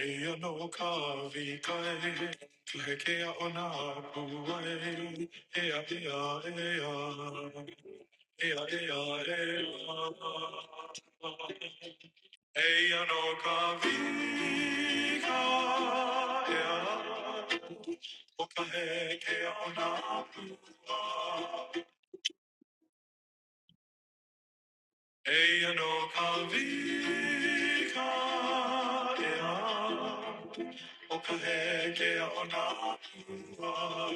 Eyo no kavi kai, leke a ona kuai, ea ea ea, ea ea ea. Eyo no kavi kai, ea, oka heke a ona kuai. Eino kavika ea, o kahekea o nā ua.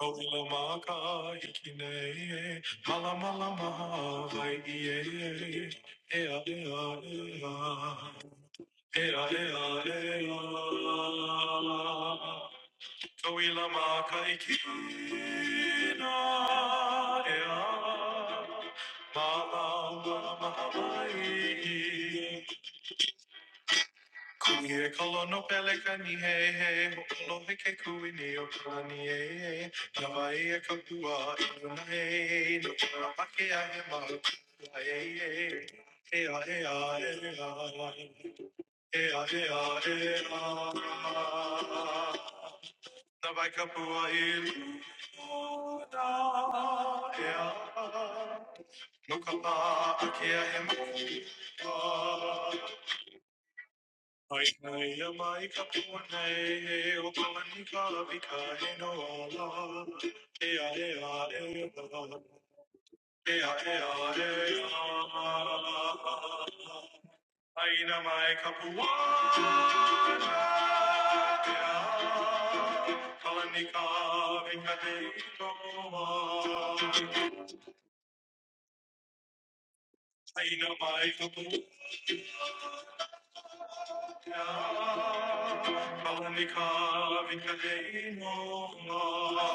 Kauhila mā ka hiki nei, ma Hey, Tawilama kaikina ea Mama mahamai Kuie kalono pelekani hei hei Hokolohe ke kuini o kalani e e Nawai e kapua inuna hei No kura pake ahe mau kua e e Ea ea ea Ea ea ea ea Na Nabakapua iluda ea. Nukapa akea hemu. Aina mai kapua nei he o kalani ka vika he no ala. Ea ea ea. Ea ea ea. ea Aina mai kapuana pea, kalanika vikate toa. Aina mai kapuana, kalanika vikate noa.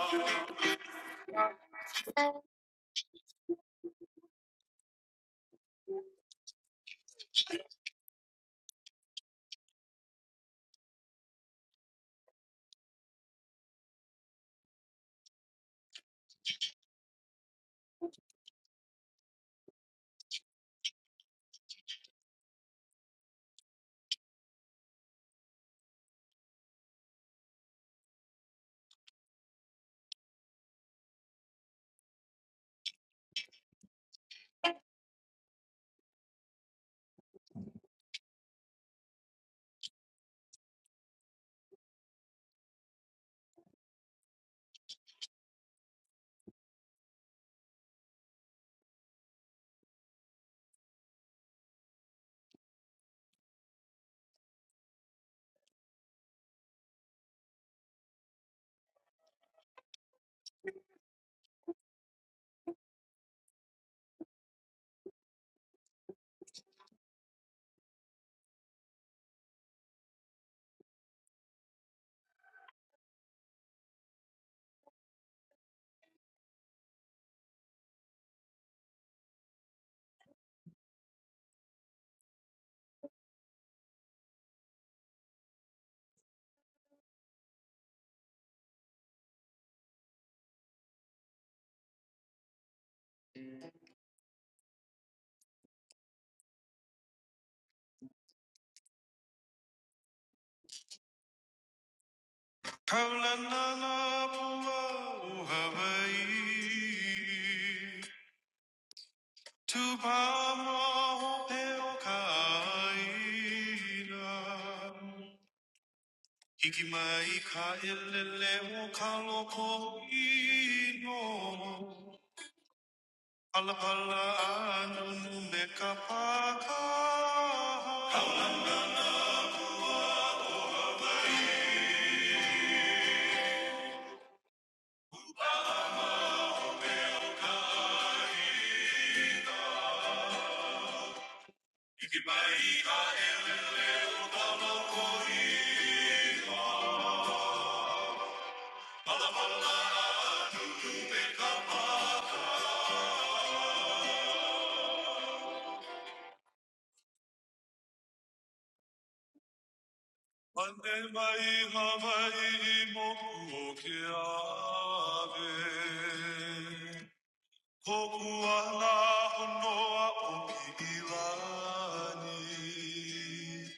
Kaulana na pua o Hawaii, tupama o te o ka Ikimaika ilele ukaloko ino. Alapala anu numbe kapaka. Ikimaika ilele ukaloko mai havai moku o ke ave. Koku ala honoa o ki ilani.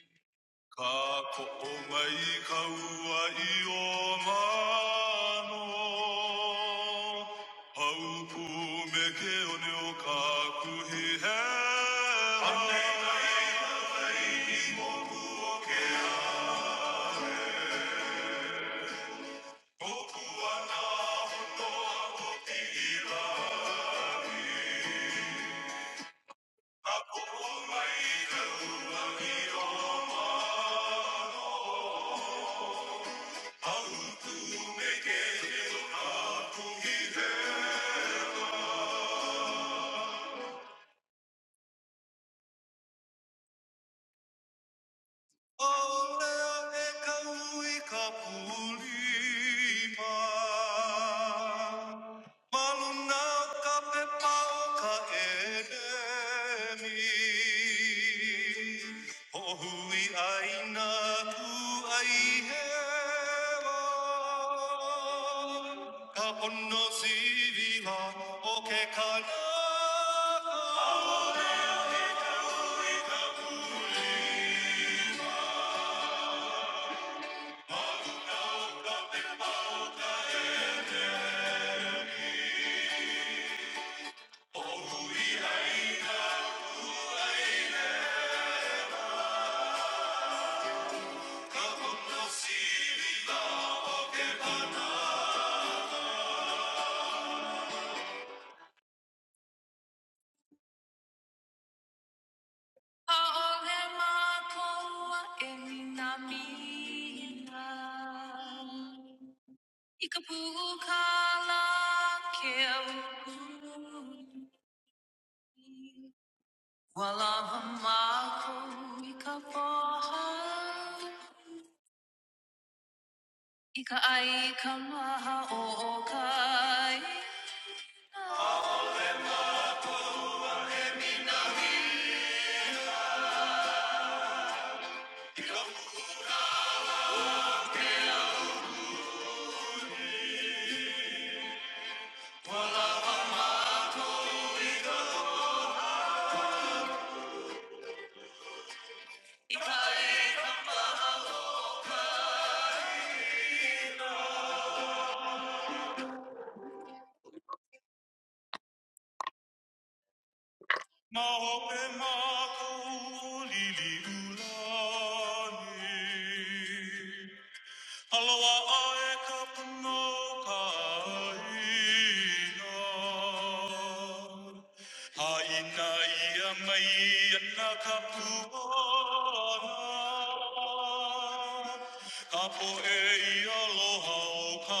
Kakou mai ka wai o mana, haupu me ke oniu kakuhi e a. Olea ekau ikapulima. Malunau ka pe pau ka enemi. Ohui aina ku ai hewa. Ka pono sivila o ke kanaka. Aolemakoa eminamina. Ikapukala keukuni. Walamamako ikapaha. Ika aikamaha o kai. Ika ai Na opemaku lili ulani. Aloha ae ka puno Haina ia mai ana ka puana. Ka e aloha o ka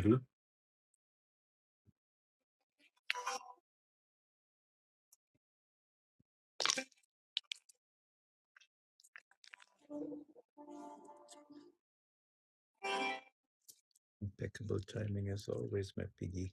ina. Impeccable timing as always, my piggy.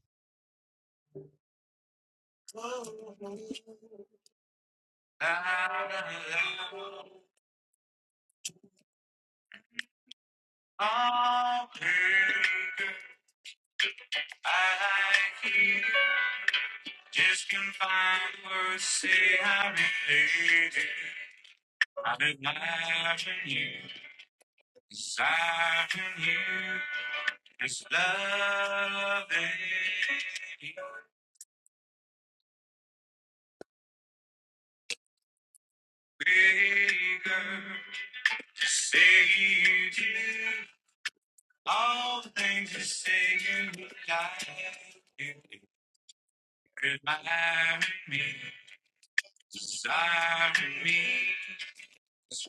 Just can find words, say I relate it. I'm imagining you, desiring you, this love bigger. Just say you do all the things you say you would like. Remind me, desiring me,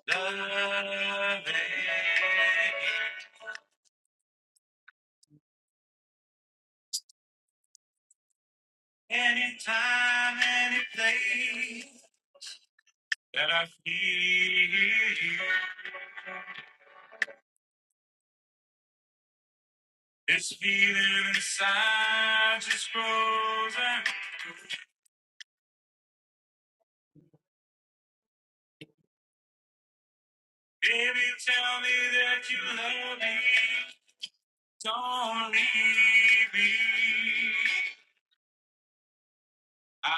loving. Anytime, any place that I feel you, this feeling inside just grows. And baby, tell me that you love me. Don't leave me. I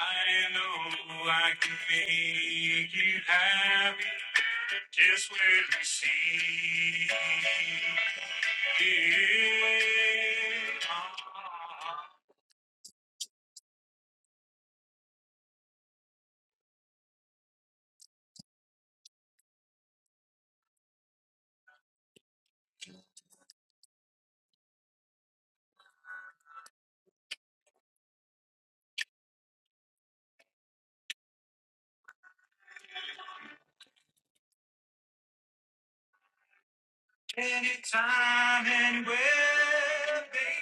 know I can make you happy just when you see it. Anytime and where they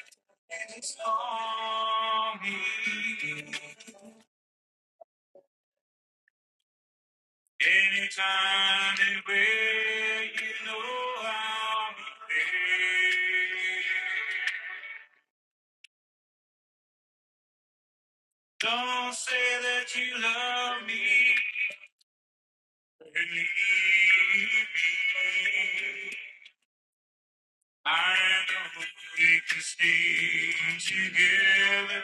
just call me. Anytime and where you know I'll be there. Don't say that you love me I know we can stay together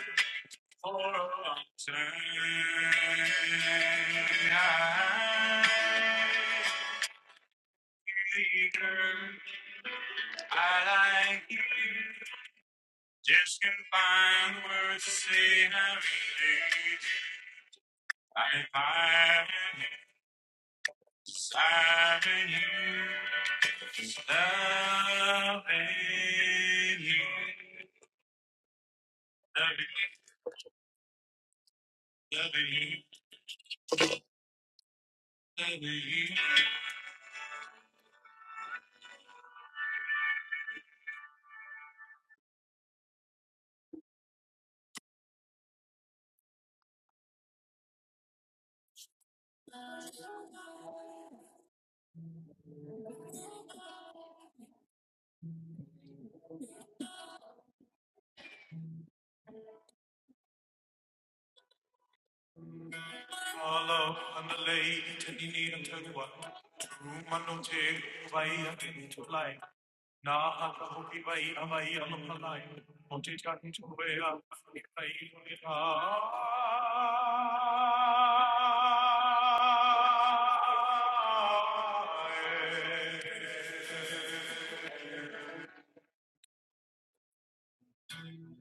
for a long time. Hey, girl, I like you. Just can not find words to say how it is. I'm finding it, desiring you, loving you. Follow on the lady, tending need and tell you what. Truma no te, vai a te ni to lai. Na ha ta ho ki vai a vai a no palai. O te tahi to we a, i vai o ni a.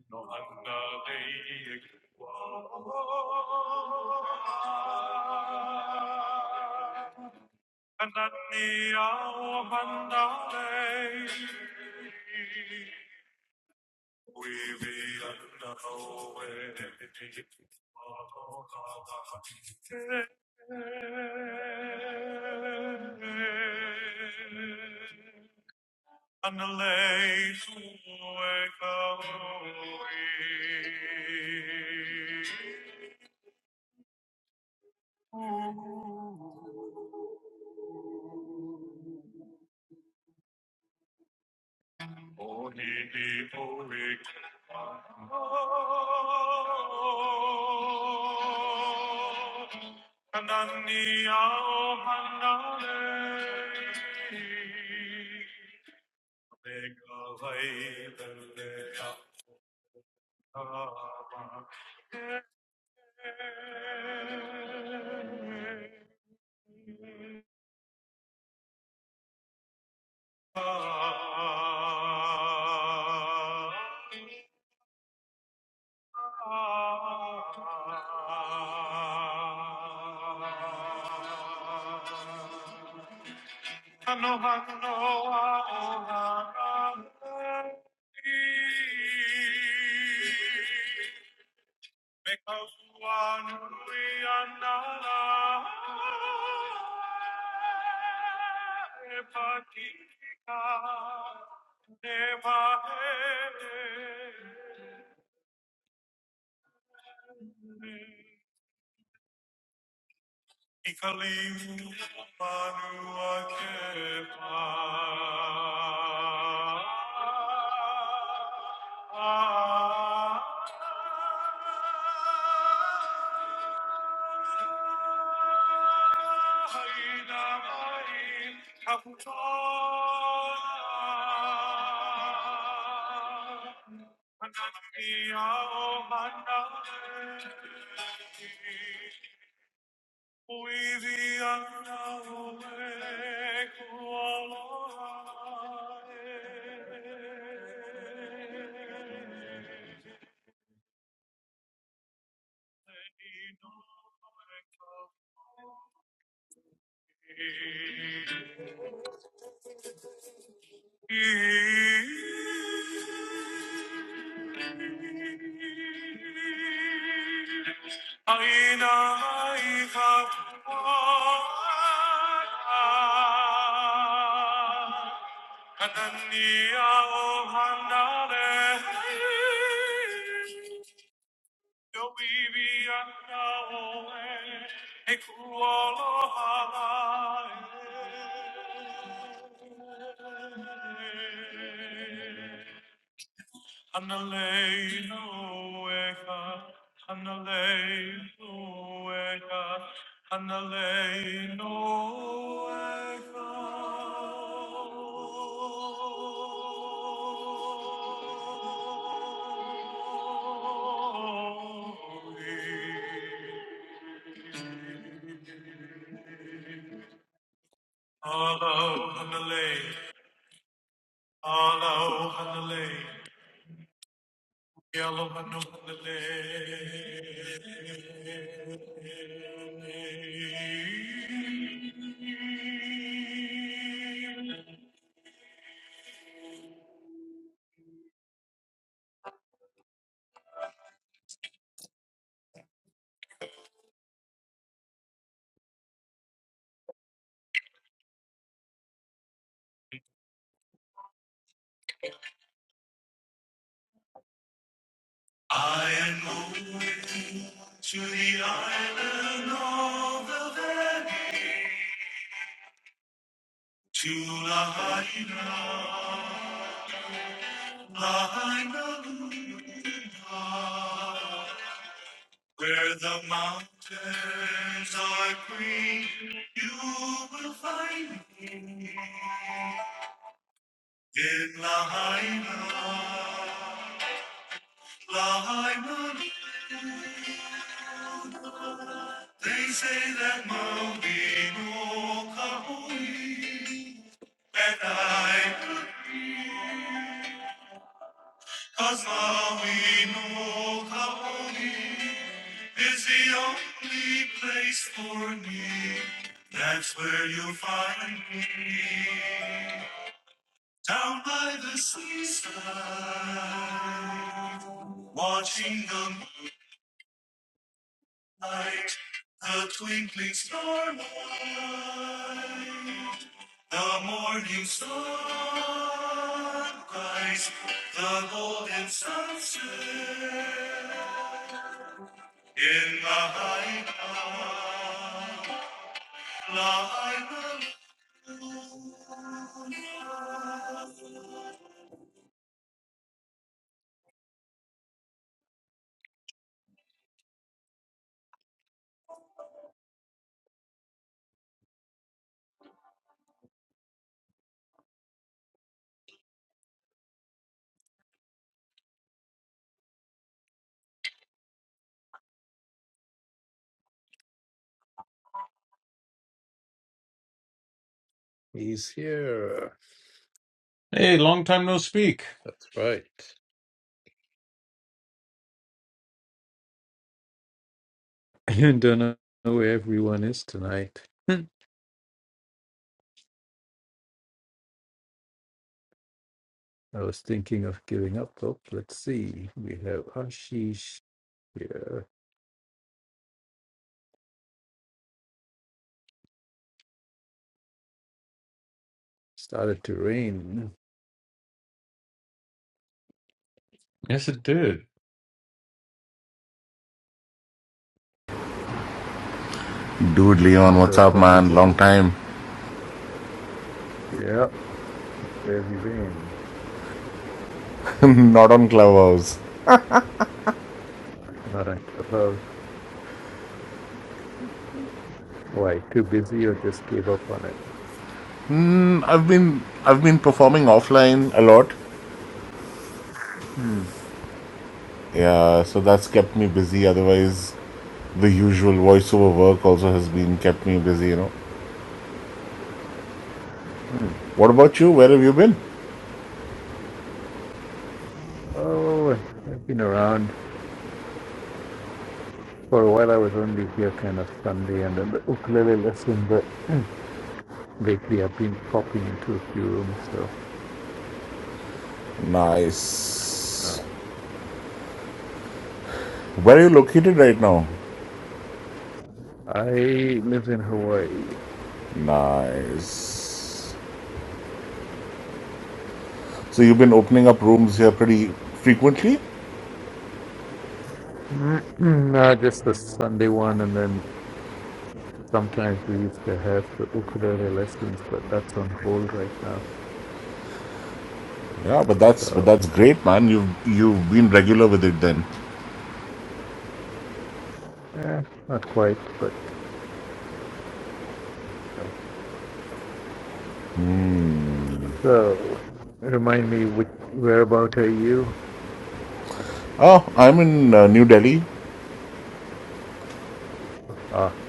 Hallelujah and the lay to wake up we. Oh, he be for we. Kanania o manale. Mega vai, mega Anohanoa Because one we are not Epatica Never Ikalimu manua kepa. Haida mai kaputa. Manana a o oh manana. Thank you. I know I have to walk, but can you hold on a little? Io vivi a Naoe e cuolo halare. Hanaleilueka, Hanaleilueka, Hanaleilueka. Alo, Hanalei, Alo, Hanalei. Yellow and no the I am going to the island of the valley, to Lahaina, Lahaina, Lahaina, Where the mountains are green, you will find me. In Lahaina, Lahaina, they say that Maui no kahui, and I could be, 'cause Maui no kahui. is the only place for me. That's where you'll find me. Down by the seaside, watching the moonlight, the twinkling starlight, the morning sunrise, the golden sunset in the high mountains. He's here. Hey, long time no speak. That's right. I don't know where everyone is tonight. I was thinking of giving up hope. Let's see. We have Ashish here. Started to rain. Yes, it did. Hmm. Dude, Leon, what's Wonder if up, I'll be man? back. Long time. Yeah. Where have you been? Not on Clubhouse. Not on above. Why? Too busy or just gave up on it? Mm, I've been I've been performing offline a lot. Hmm. Yeah, so that's kept me busy. Otherwise, the usual voiceover work also has been kept me busy. You know. Hmm. What about you? Where have you been? Oh, I've been around. For a while, I was only here kind of Sunday and then the ukulele lesson, but lately I've been popping into a few rooms. So uh, Nice. Where are you located right now? I live in Hawaii. Nice. So you've been opening up rooms here pretty frequently. No, just the Sunday one, and then sometimes we used to have the ukulele lessons, but that's on hold right now. Yeah, but that's but So that's great, man. You've you've been regular with it then. eh, not quite, but you know. So remind me, which whereabout are you? Oh, I'm in uh, New Delhi. Ah,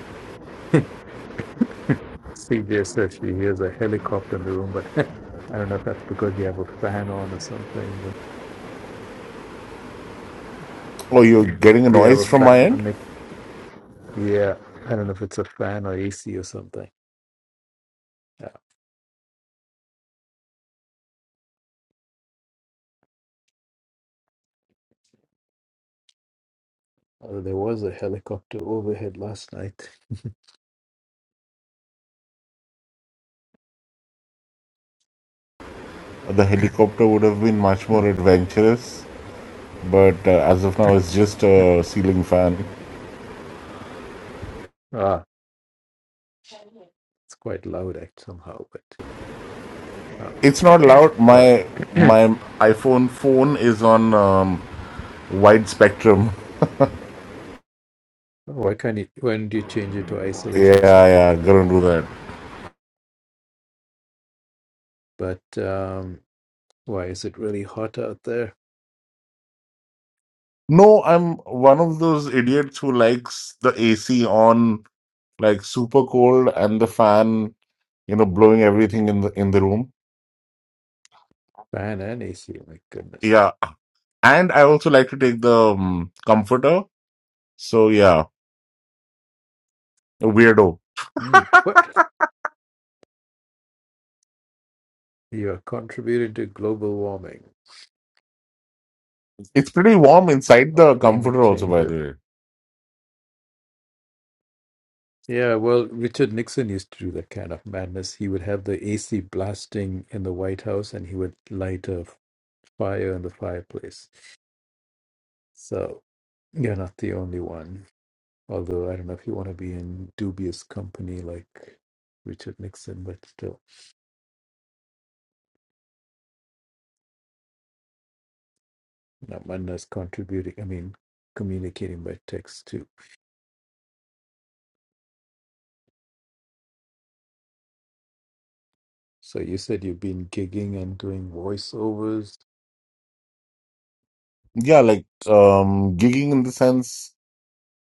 CJ says she hears a helicopter in the room, but I don't know if that's because you have a fan on or something. But Oh, you're getting a do you have noise a from my fan on? end? Nick? Yeah, I don't know if it's a fan or AC or something. Yeah. Uh, there was a helicopter overhead last night. The helicopter would have been much more Hmm. adventurous, but uh, as of now, it's just a ceiling fan. ah, it's quite loud act somehow, but oh, It's not loud. all My right. my iPhone phone is on um, wide spectrum. why can't you? When do you change it to isolation Yeah, or something? yeah, Then that gonna won't do that. happen. But um, why is it really hot out there? No, I'm one of those idiots who likes the AC on like super cold and the fan, you know, blowing everything in the in the room. Fan and AC. My goodness. Yeah, and I also like to take the um, comforter. So yeah, A weirdo. Hmm. What? You have contributed to global warming It's pretty warm inside or the climate comforter also, change. by the way. Yeah, well, Richard Nixon used to do that kind of madness. He would have the AC blasting in the White House and he would light a fire in the fireplace. So you're not the only one. Although I don't know if you want to be in dubious company like Richard Nixon, but still, you know, madness contributing, I mean, communicating by text too. So you said you've been gigging and doing voiceovers. Yeah, like um gigging in the sense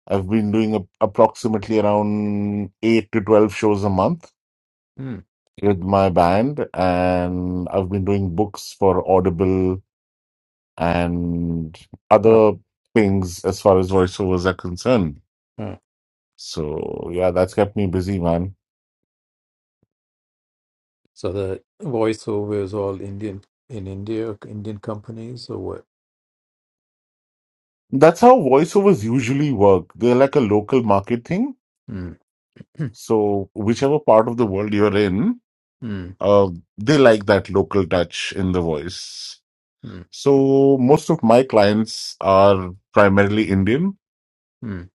I've been doing a, approximately around eight to twelve shows a month Hmm. with my band, and I've been doing books for Audible and Huh. other things as far as voiceovers are concerned. Huh. So yeah, that's kept me busy, man. So the voiceover is all Indian in India, Indian companies or what? That's how voiceovers usually work. They're like a local market thing. Mm, So whichever part of the world you're in, mm, uh, they like that local touch in the voice. mm, So most of my clients are primarily Indian, mm,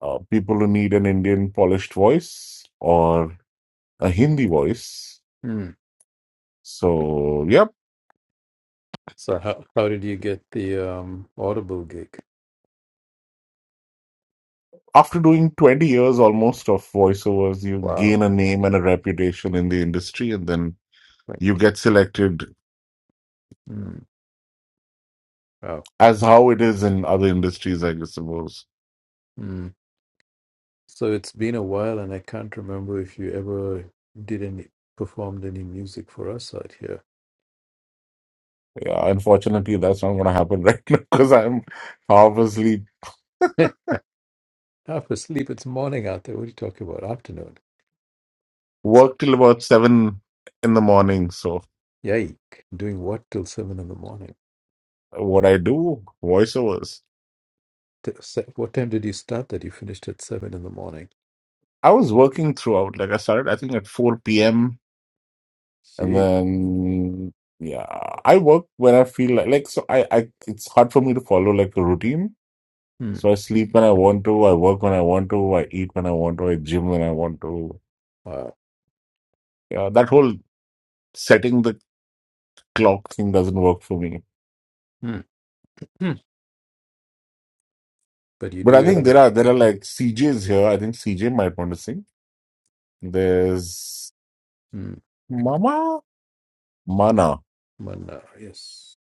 uh, people who need an Indian polished voice or a Hindi voice. mm. So, yep. So how how did you get the um Audible gig? After doing 20 years almost of voiceovers, you Wow, gain a name and a reputation in the industry, and then you twenty. get selected Mm, wow. as how it is in other industries, I guess, suppose. Mm. So it's been a while, and I can't remember if you ever did any performed any music for us out here. Yeah, unfortunately, that's not going to happen right now because I'm half asleep Half asleep. It's morning out there. What are you talking about? Afternoon. It's work till about seven in the morning. So yike. Doing what till seven in the morning? what I do, voiceovers. t- se- what time did you start that you finished at seven in the morning? I was working throughout. Like I started, I think at four p.m. and See, then yeah, I work when I feel like. Like so, I, I it's hard for me to follow like a routine. Hmm. So I sleep when I want to. I work when I want to. I eat when I want to. I gym when I want to. Wow. Yeah, that whole setting the clock thing doesn't work for me. Hmm. Hmm. But you do But I think there your are there are like CJs here. I think CJ might want to sing. There's hmm. Mama. Mana one now, yes.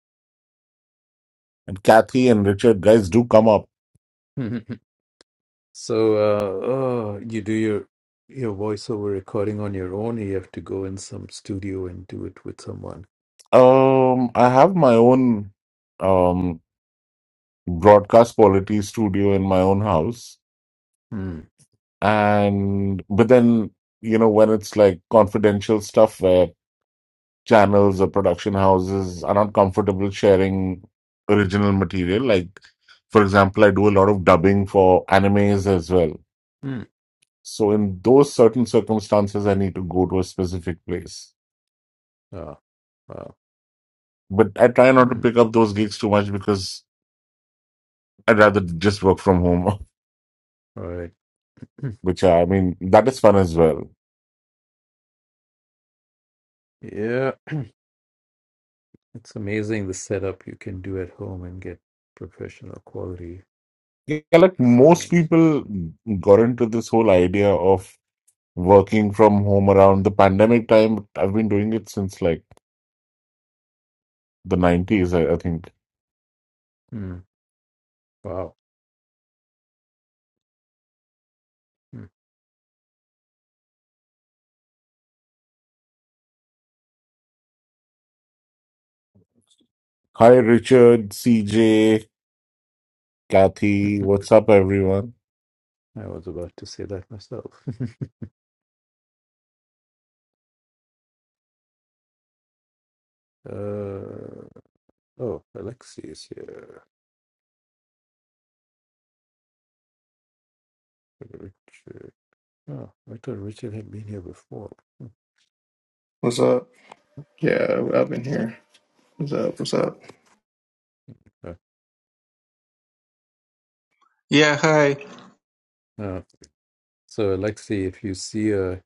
and Kathy and Richard, guys, do come up. Hmm, hmm, hmm. so uh, oh, you do your your voiceover recording on your own. Or you have to go in some studio and do it with someone. Um, I have my own um broadcast quality studio in my own house, Hmm. and but then you know when it's like confidential stuff where channels or production houses are not comfortable sharing original material. Like, for example, I do a lot of dubbing for animes as well. Hmm. So in those certain circumstances, I need to go to a specific place. Oh, wow. But I try not to Hmm. pick up those gigs too much because I'd rather just work from home, All right. Hmm. which uh, I mean, that is fun as well. Yeah, it's amazing the setup you can do at home and get professional quality Yeah, like most sound. So, people got into this whole idea of working from home around the pandemic time. I've been doing it since like the 90s, I, I think. hmm. Wow. Hi, Richard, CJ, Hmm. Kathy. What's up, everyone? I was about to say that myself. Uh, oh, Alexi is here. Richard. Oh, I thought Richard had been here before. Hmm. What's up? Yeah, I've been here. What's up? What's up? Uh, Yeah, hi. uh, so, Alexi, if you see a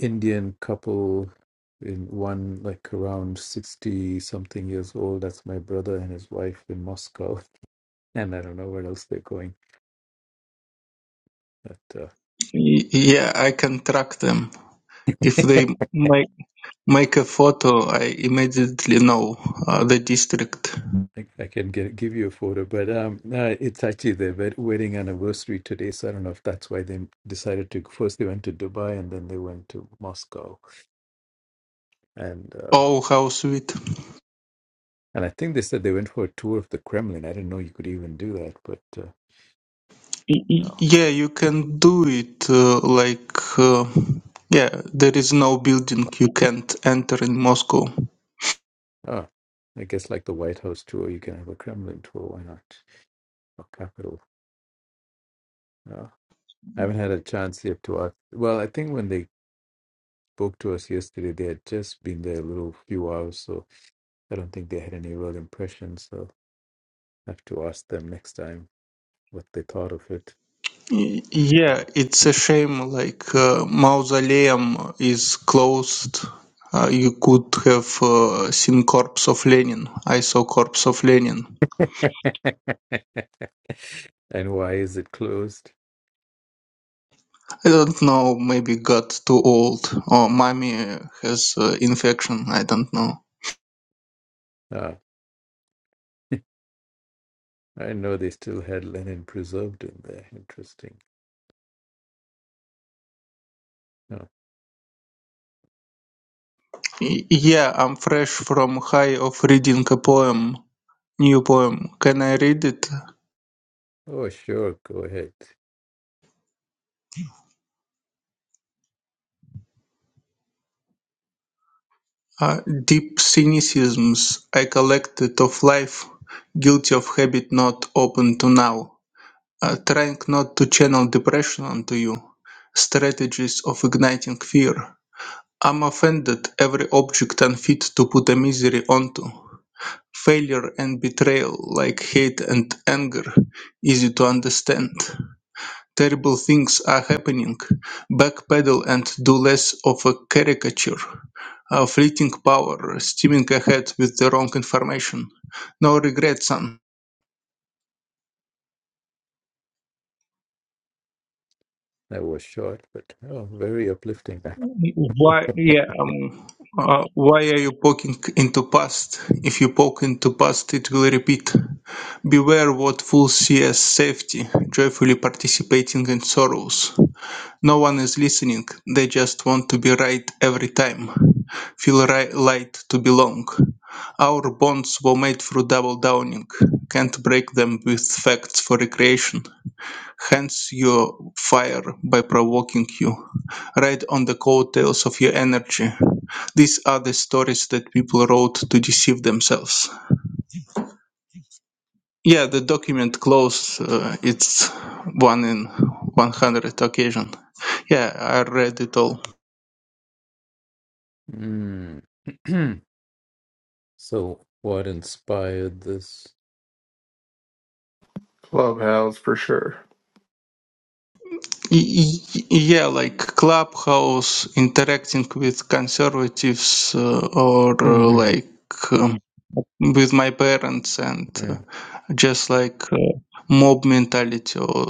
Indian couple in one like around 60 something years old, that's my brother and his wife in Moscow. And I don't know where else they're going. But uh, Y- Yeah, I can track them. If they make make a photo, I immediately know uh, the district. I, I can get give you a photo, but um, no, it's actually their wed- wedding anniversary today. So I don't know if that's why they decided to. First, they went to Dubai, and then they went to Moscow, and uh, Oh, how sweet! and I think they said they went for a tour of the Kremlin. I didn't know you could even do that, but uh, Y- y- oh, Yeah, you can do it. Uh, like, uh, yeah, there is no building you can't enter in Moscow. oh, I guess like the White House tour, you can have a Kremlin tour. Why not? Or Capitol. Oh, I haven't had a chance yet to ask. Well, I think when they spoke to us yesterday, they had just been there a little few hours, so I don't think they had any real impressions. So. have to ask them next time what they thought of it. Y- Yeah, Uh, it's a shame. Like, uh, mausoleum is closed. Uh, you could have uh, seen corpse of Lenin. I saw corpse of Lenin and why is it closed? I don't know, maybe got too old, or mommy has uh, infection, I don't know. Uh, I know they still had Lenin preserved in there. Interesting. Uh, Y- yeah, I'm fresh from high of reading a poem, new poem. Can I read it? oh, sure, go ahead. Uh, deep cynicisms I collected of life, guilty of habit not open to now. Uh, trying not to channel depression onto you. Strategies of igniting fear. I'm offended every object unfit to put a misery onto. Failure and betrayal, like hate and anger, easy to understand. Terrible things are happening. Backpedal and do less of a caricature. A fleeting power, steaming ahead with the wrong information. No regret, son. That was short, but oh, very uplifting. Why? Yeah. Um, uh, why are you poking into past? If you poke into past, it will repeat. Beware what fools see as safety, joyfully participating in sorrows. No one is listening, they just want to be right every time, feel ri- light to belong. Our bonds were made through double downing, can't break them with facts for recreation. Hence your fire by provoking you, ride on the coattails of your energy. These are the stories that people wrote to deceive themselves. Yeah, the document close, uh, it's one in 100 occasion. Yeah, I read it all. Mm. so, what inspired this? Clubhouse for sure. Y- y- Yeah, like Clubhouse interacting with conservatives uh, or uh, like um, with my parents and uh, just like uh, mob mentality or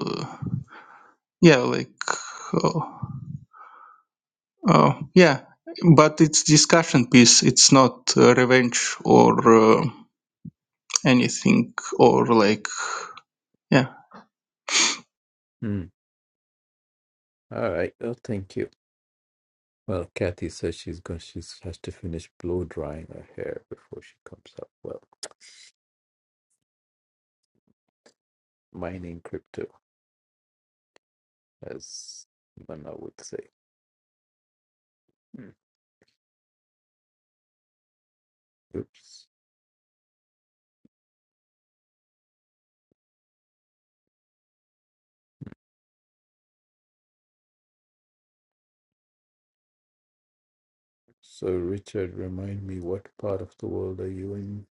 yeah, like uh, uh, yeah, but it's discussion piece. It's not uh, revenge or uh, anything or like yeah. mm. All right. Oh, thank you. Well, Kathy says she's going. She has to finish blow drying her hair before she comes up. Well, mining crypto, as Mana would say. Hmm. Oops. So, Richard, remind me, what part of the world are you in?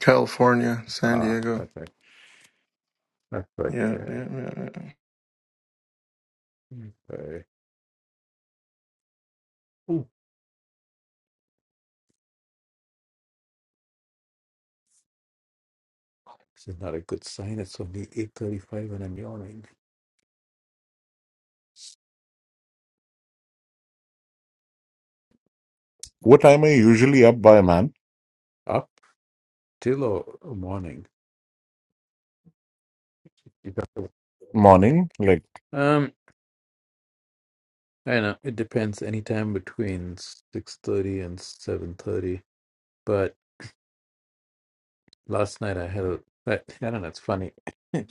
California, San Ah, Diego. that's right. That's right Yeah, there. yeah, yeah. Hmm. Okay. Ooh, this is not a good sign. It's only eight thirty-five, and I'm yawning. What time are you usually up by, man? Up till or or morning. You got the- Morning? Like, Um, I know it depends. Anytime between six thirty and seven thirty, Last night I had a, I, I don't know, it's funny. For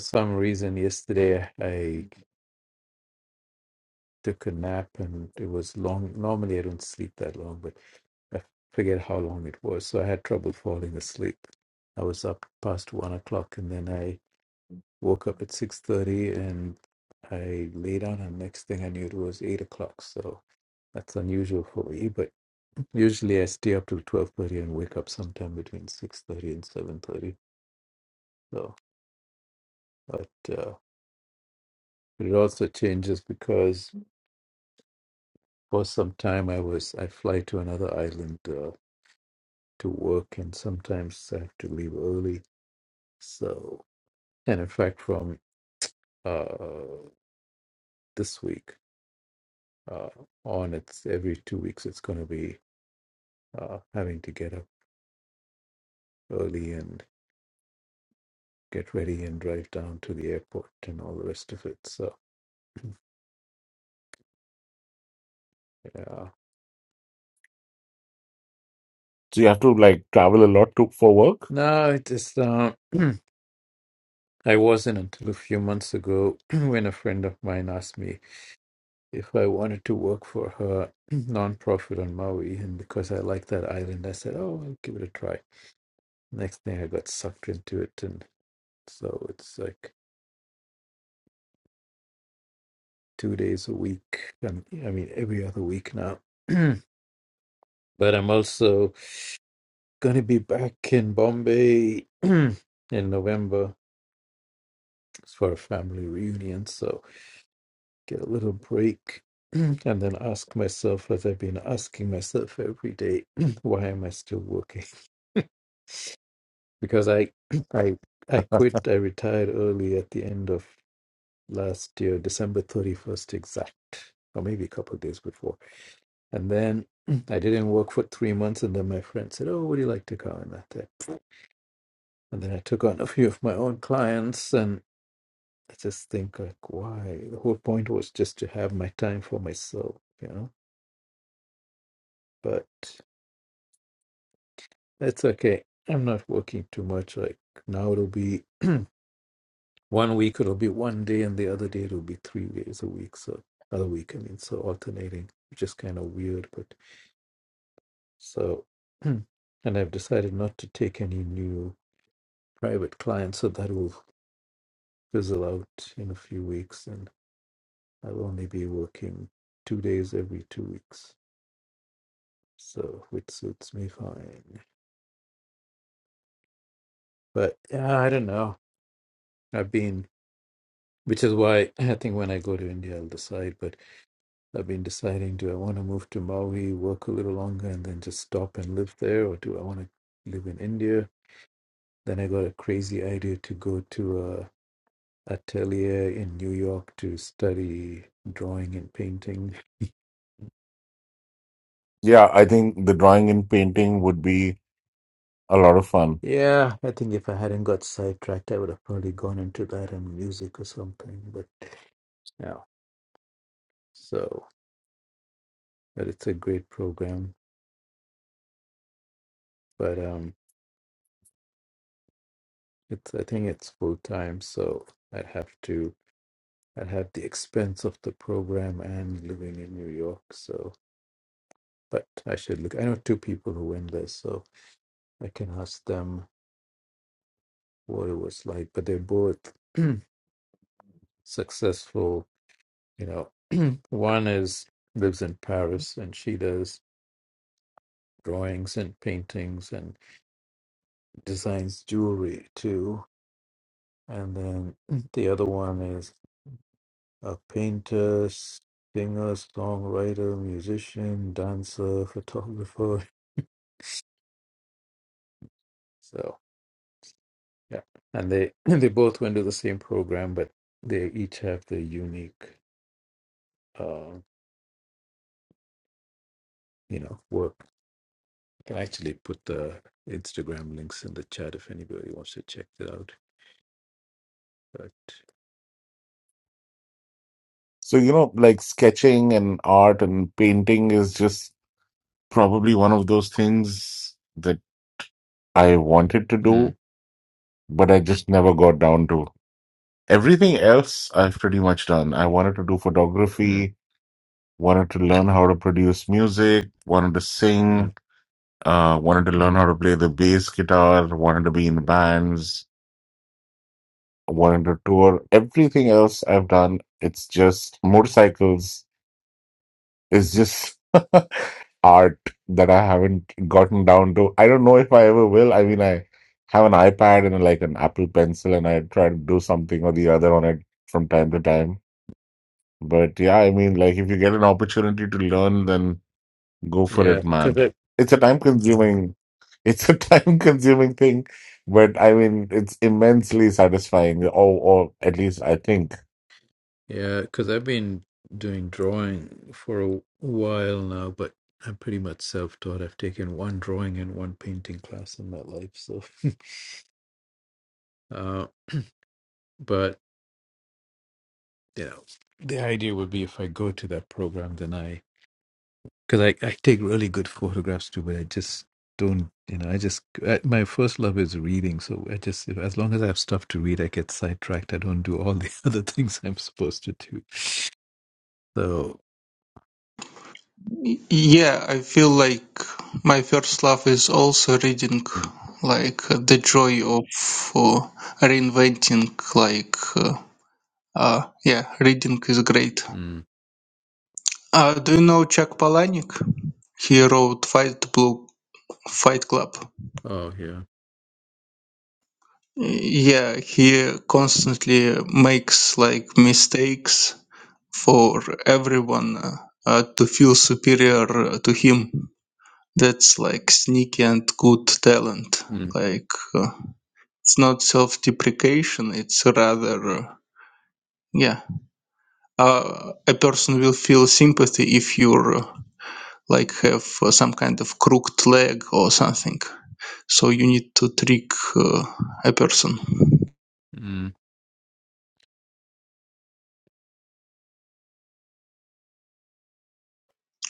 some reason, yesterday I took a nap and it was long. Normally I don't sleep that long, but I forget how long it was. So I had trouble falling asleep. I was up past one o'clock and then I woke up at 6.30 and I lay down and next thing I knew it was eight o'clock. So that's unusual for me, but usually I stay up till 12.30 and wake up sometime between 6.30 and 7.30. So, but, uh, But it also changes because for some time I was I fly to another island uh, to work, and sometimes I have to leave early. So, and in fact, from uh, this week uh, on, it's every two weeks it's going to be uh, having to get up early and get ready and drive down to the airport and all the rest of it. So, yeah. so you have to like travel a lot to for work? No, it is. Um, I wasn't until a few months ago when a friend of mine asked me if I wanted to work for her nonprofit on Maui, and because I like that island, I said, "Oh, I'll give it a try." Next thing, I got sucked into it, and so it's like two days a week. And I mean, every other week now. but I'm also gonna be back in Bombay in November for a family reunion, so get a little break. And then ask myself, as I've been asking myself every day, why am I still working? because I I I quit. I retired early at the end of last year, December thirty first exact, or maybe a couple of days before. And then I didn't work for three months, and then my friend said, "Oh, would you like to come?" And I said, "Pfft." and then I took on a few of my own clients, and I just think like, why? The whole point was just to have my time for myself, you know. But that's okay. I'm not working too much. Like now, it'll be. one week it'll be one day and the other day it'll be three days a week so other week i mean so alternating which is kind of weird but so and i've decided not to take any new private clients so that will fizzle out in a few weeks and i'll only be working two days every two weeks so which suits me fine but yeah i don't know i've been which is why i think when i go to india i'll decide But. I've been deciding do I want to move to Maui, work a little longer, and then just stop and live there, or do I want to live in India? Then I got a crazy idea to go to a atelier in New York to study drawing and painting. Yeah, I think the drawing and painting would be a lot of fun. Yeah, I think if I hadn't got sidetracked, I would have probably gone into that and music or something. But yeah, so but it's a great program. But um, it's I think it's full time, so I'd have to. I'd have the expense of the program and living in New York. So, but I should look. I know two people who went there, so I can ask them what it was like. But they're both successful. You know, one is lives in Paris and she does drawings and paintings and designs jewelry too. And then the other one is a painter, singer, songwriter, musician, dancer, photographer. So Yeah. And they they both went to the same program, but they each have their unique uh, you know, work. I can actually put the Instagram links in the chat if anybody wants to check it out. But So, you know, like sketching and art and painting is just probably one of those things that I wanted to mm, do, but I just never got down to. Everything else I've pretty much done. I wanted to do mm, photography, wanted to learn how to produce music, wanted to sing, mm. uh, wanted to learn how to play the bass guitar, wanted to be in bands wanted to tour. Everything else I've done, it's just motorcycles. It's just art that I haven't gotten down to. I don't know if I ever will. I mean, I have an iPad and like an Apple Pencil, and I try to do something or the other on it from time to time. But yeah, I mean, like if you get an opportunity to learn, then go for yeah, it, because man. I It's a time consuming. It's a time consuming thing, but I mean, it's immensely satisfying. Or, or at least I think yeah, because I've been doing drawing for a while now, but I'm pretty much self-taught. I've taken one drawing and one painting class in my life, so uh, but you know, the idea would be if I go to that program, then I because I, I take really good photographs too, but I just don't, you know, I just, I, my first love is reading. So I just, if, as long as I have stuff to read, I get sidetracked. I don't do all the other things I'm supposed to do. So, Yeah, I feel like my first love is also reading, mm, like uh, the joy of uh, reinventing, like, uh, uh, yeah, reading is great. mm, Uh, do you know Chuck Palahniuk? He wrote Fight Blue Fight Club. oh, yeah. Yeah, he constantly makes like mistakes for everyone uh, uh, to feel superior uh, to him. that's like sneaky and good talent. Mm, Like uh, it's not self-deprecation. It's rather uh, yeah. Uh, a person will feel sympathy if you're uh, like have uh, some kind of crooked leg or something. So you need to trick uh, a person. mm.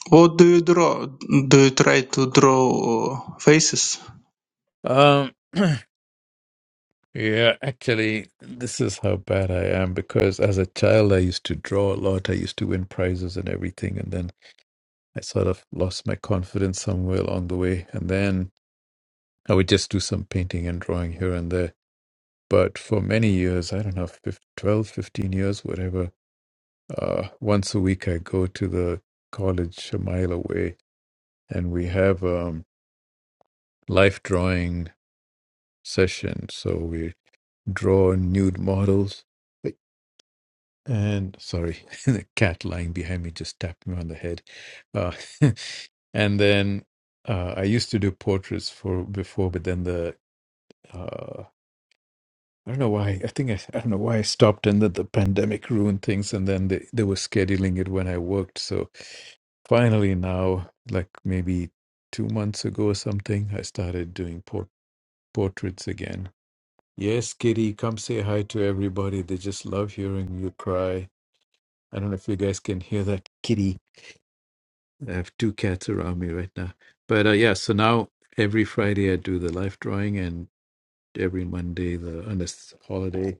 What do you draw? Do you try to draw uh, faces? Um, yeah, actually, this is how bad I am because as a child, I used to draw a lot. I used to win prizes and everything. And then I sort of lost my confidence somewhere along the way. And then I would just do some painting and drawing here and there But for many years, I don't know, 15, 12, fifteen years, whatever, uh, once a week I go to the college a mile away and we have um, life drawing session. So we draw nude models. And sorry, the cat lying behind me just tapped me on the head. Uh, and then uh, I used to do portraits for before, but then the uh, I don't know why. I think I, I don't know why I stopped and that the pandemic ruined things and then they, they were scheduling it when I worked. So finally now, like maybe two months ago or something, I started doing por- portraits again. Yes, Kitty, come say hi to everybody. They just love hearing you cry. I don't know if you guys can hear that kitty. I have two cats around me right now. But uh, yeah, so now every Friday I do the life drawing and every Monday the on this holiday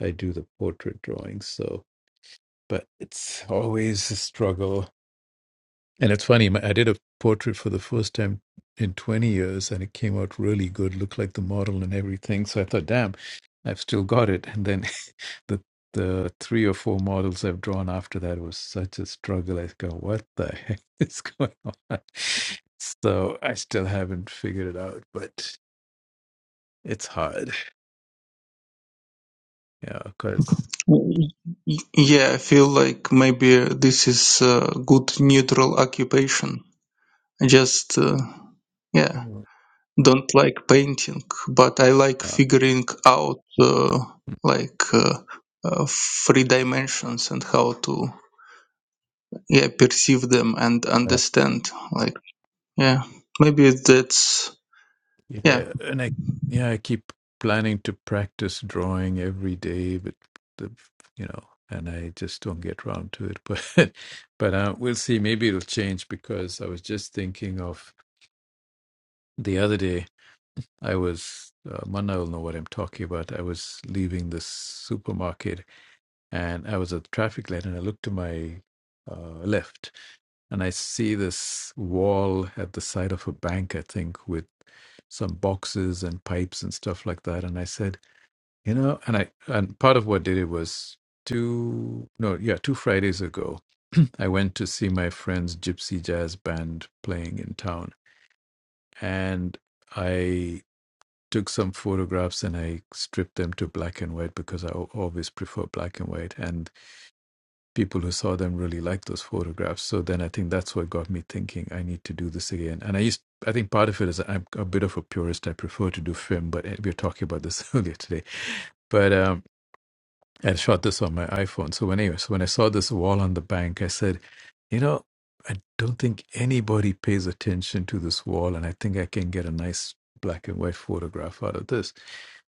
I do the portrait drawing. So but it's always a struggle. And it's funny, my- I did a portrait for the first time in 20 years and it came out really good, looked like the model and everything. So I thought, damn, I've still got it. And then the the three or four models I've drawn after that was such a struggle. I go, what the heck is going on? So I still haven't figured it out, but it's hard. Yeah, of course. Y- y- Yeah, I feel like maybe this is a good neutral occupation. Just uh, yeah don't like painting, but I like figuring out uh, like uh, uh, three dimensions and how to yeah perceive them and understand. Like yeah, maybe that's yeah. Yeah, and I yeah, I keep planning to practice drawing every day, but the you know, and I just don't get round to it. But but uh, we'll see. Maybe it'll change because I was just thinking of the other day. I was uh, Manna will know what I'm talking about. I was leaving the supermarket and I was at the traffic light, and I looked to my uh, left, and I see this wall at the side of a bank, I think, with some boxes and pipes and stuff like that. And I said, you know, and I and part of what did it was two no yeah two Fridays ago, I went to see my friend's gypsy jazz band playing in town, and I took some photographs and I stripped them to black and white because I al- always prefer black and white. And people who saw them really liked those photographs. So then I think that's what got me thinking I need to do this again. And I used, I think part of it is I'm a bit of a purist. I prefer to do film, but we were talking about this earlier today. But um, I shot this on my iPhone. So when anyway, so when I saw this wall on the bank, I said, you know, I don't think anybody pays attention to this wall, and I think I can get a nice black and white photograph out of this.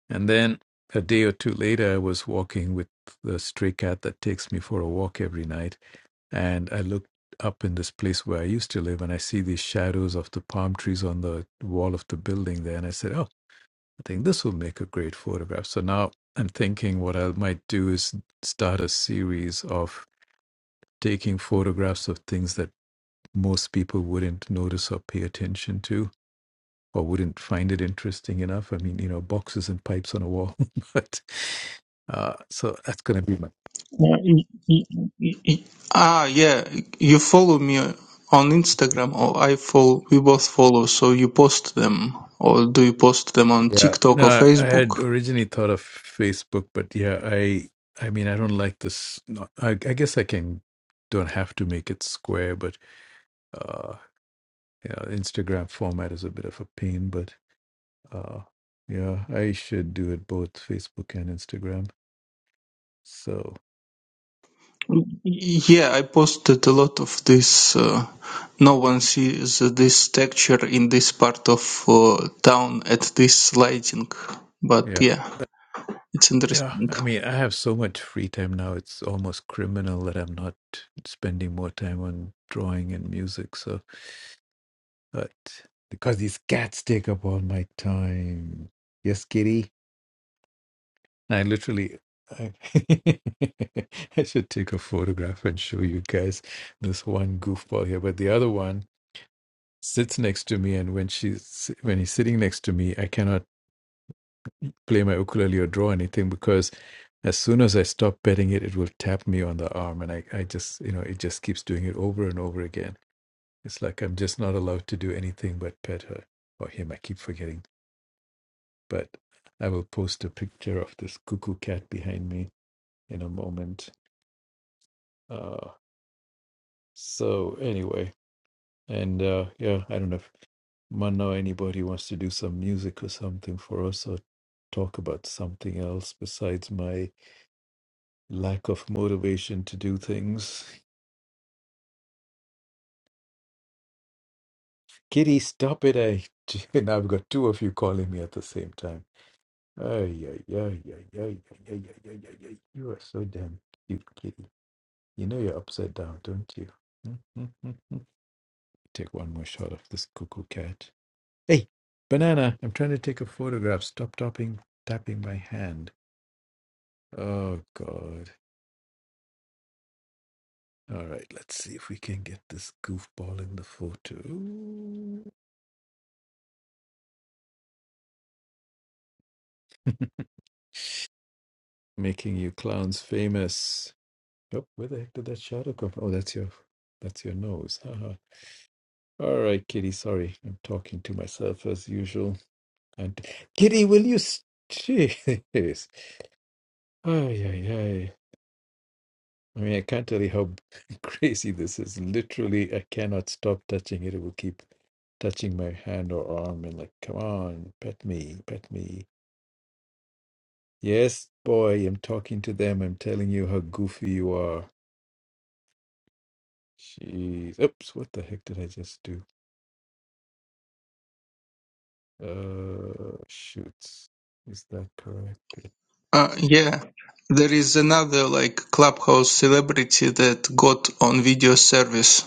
And then a day or two later, I was walking with the stray cat that takes me for a walk every night and I looked up in this place where I used to live and I see these shadows of the palm trees on the wall of the building there. And I said, Oh, I think this will make a great photograph. So now I'm thinking what I might do is start a series of taking photographs of things that most people wouldn't notice or pay attention to or wouldn't find it interesting enough. I mean, you know, boxes and pipes on a wall. but uh, so that's going to be my. yeah y- y- y- y- ah yeah, you follow me on Instagram or I follow. We both follow, so you post them or do you post them on Yeah, TikTok or no, I had Facebook? originally thought of Facebook, but yeah, I I mean, I don't like this. Not, I, I guess I can don't have to make it square, but uh, you know, Instagram format is a bit of a pain. But uh, yeah, I should do it both Facebook and Instagram. So Yeah, I posted a lot of this. Uh, no one sees this texture in this part of uh, town at this lighting, but yeah, yeah, it's Yeah, interesting. I mean, I have so much free time now. It's almost criminal that I'm not spending more time on drawing and music. So, but because these cats take up all my time. Yes, kitty. I literally, I, I should take a photograph and show you guys this one goofball here. But the other one sits next to me, and when she's when he's sitting next to me, I cannot. play my ukulele or draw anything because as soon as I stop petting it, it will tap me on the arm. And I, I just, you know, it just keeps doing it over and over again. It's like I'm just not allowed to do anything but pet her or him. I keep forgetting. But I will post a picture of this cuckoo cat behind me in a moment. Uh, so, anyway, and uh, yeah, I don't know if Manna or anybody wants to do some music or something for us or talk about something else besides my lack of motivation to do things. Kitty, stop it. I and I've got two of you calling me at the same time. Ay, ay, ay, ay, ay, ay, ay, ay, ay, ay, ay. You are so damn cute, Kitty. You know you're upside down, don't you? Take one more shot of this cuckoo cat. Hey, banana, I'm trying to take a photograph. Stop tapping tapping my hand. Oh god. All right, let's see if we can get this goofball in the photo. making you clowns famous. Oh, where the heck did that shadow come from? Oh, that's your that's your nose. Haha. All right, Kitty. Sorry, I'm talking to myself as usual. And Kitty, will you? s- Jeez. Ay, ay, ay. I mean, I can't tell you how crazy this is. Literally, I cannot stop touching it. It will keep touching my hand or arm and like, come on, pet me, pet me. Yes, boy, I'm talking to them. I'm telling you how goofy you are. Jeez. Oops, what the heck did I just do? Uh, shoots. Is that correct? Uh, yeah, there is another like clubhouse celebrity that got on video service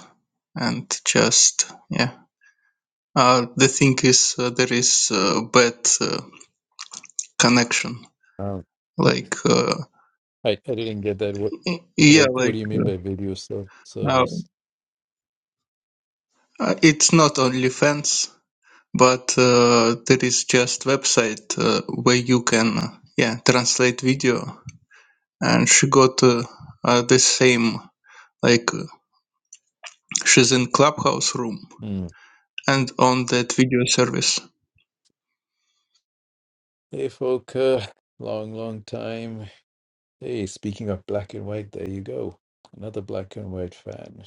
and just yeah. Uh, the thing is, uh, there is uh, bad uh, connection. Oh. Like uh, I, I didn't get that. What y- yeah, what what like do you mean by video ser- uh, service? uh, it's not only fans. but uh, there is just website uh, where you can uh, yeah translate video and she got uh, uh, the same like uh, she's in clubhouse room Hmm. and on that video service Hey, Folker. Long, long time. Hey, speaking of black and white, there you go. Another black and white fan.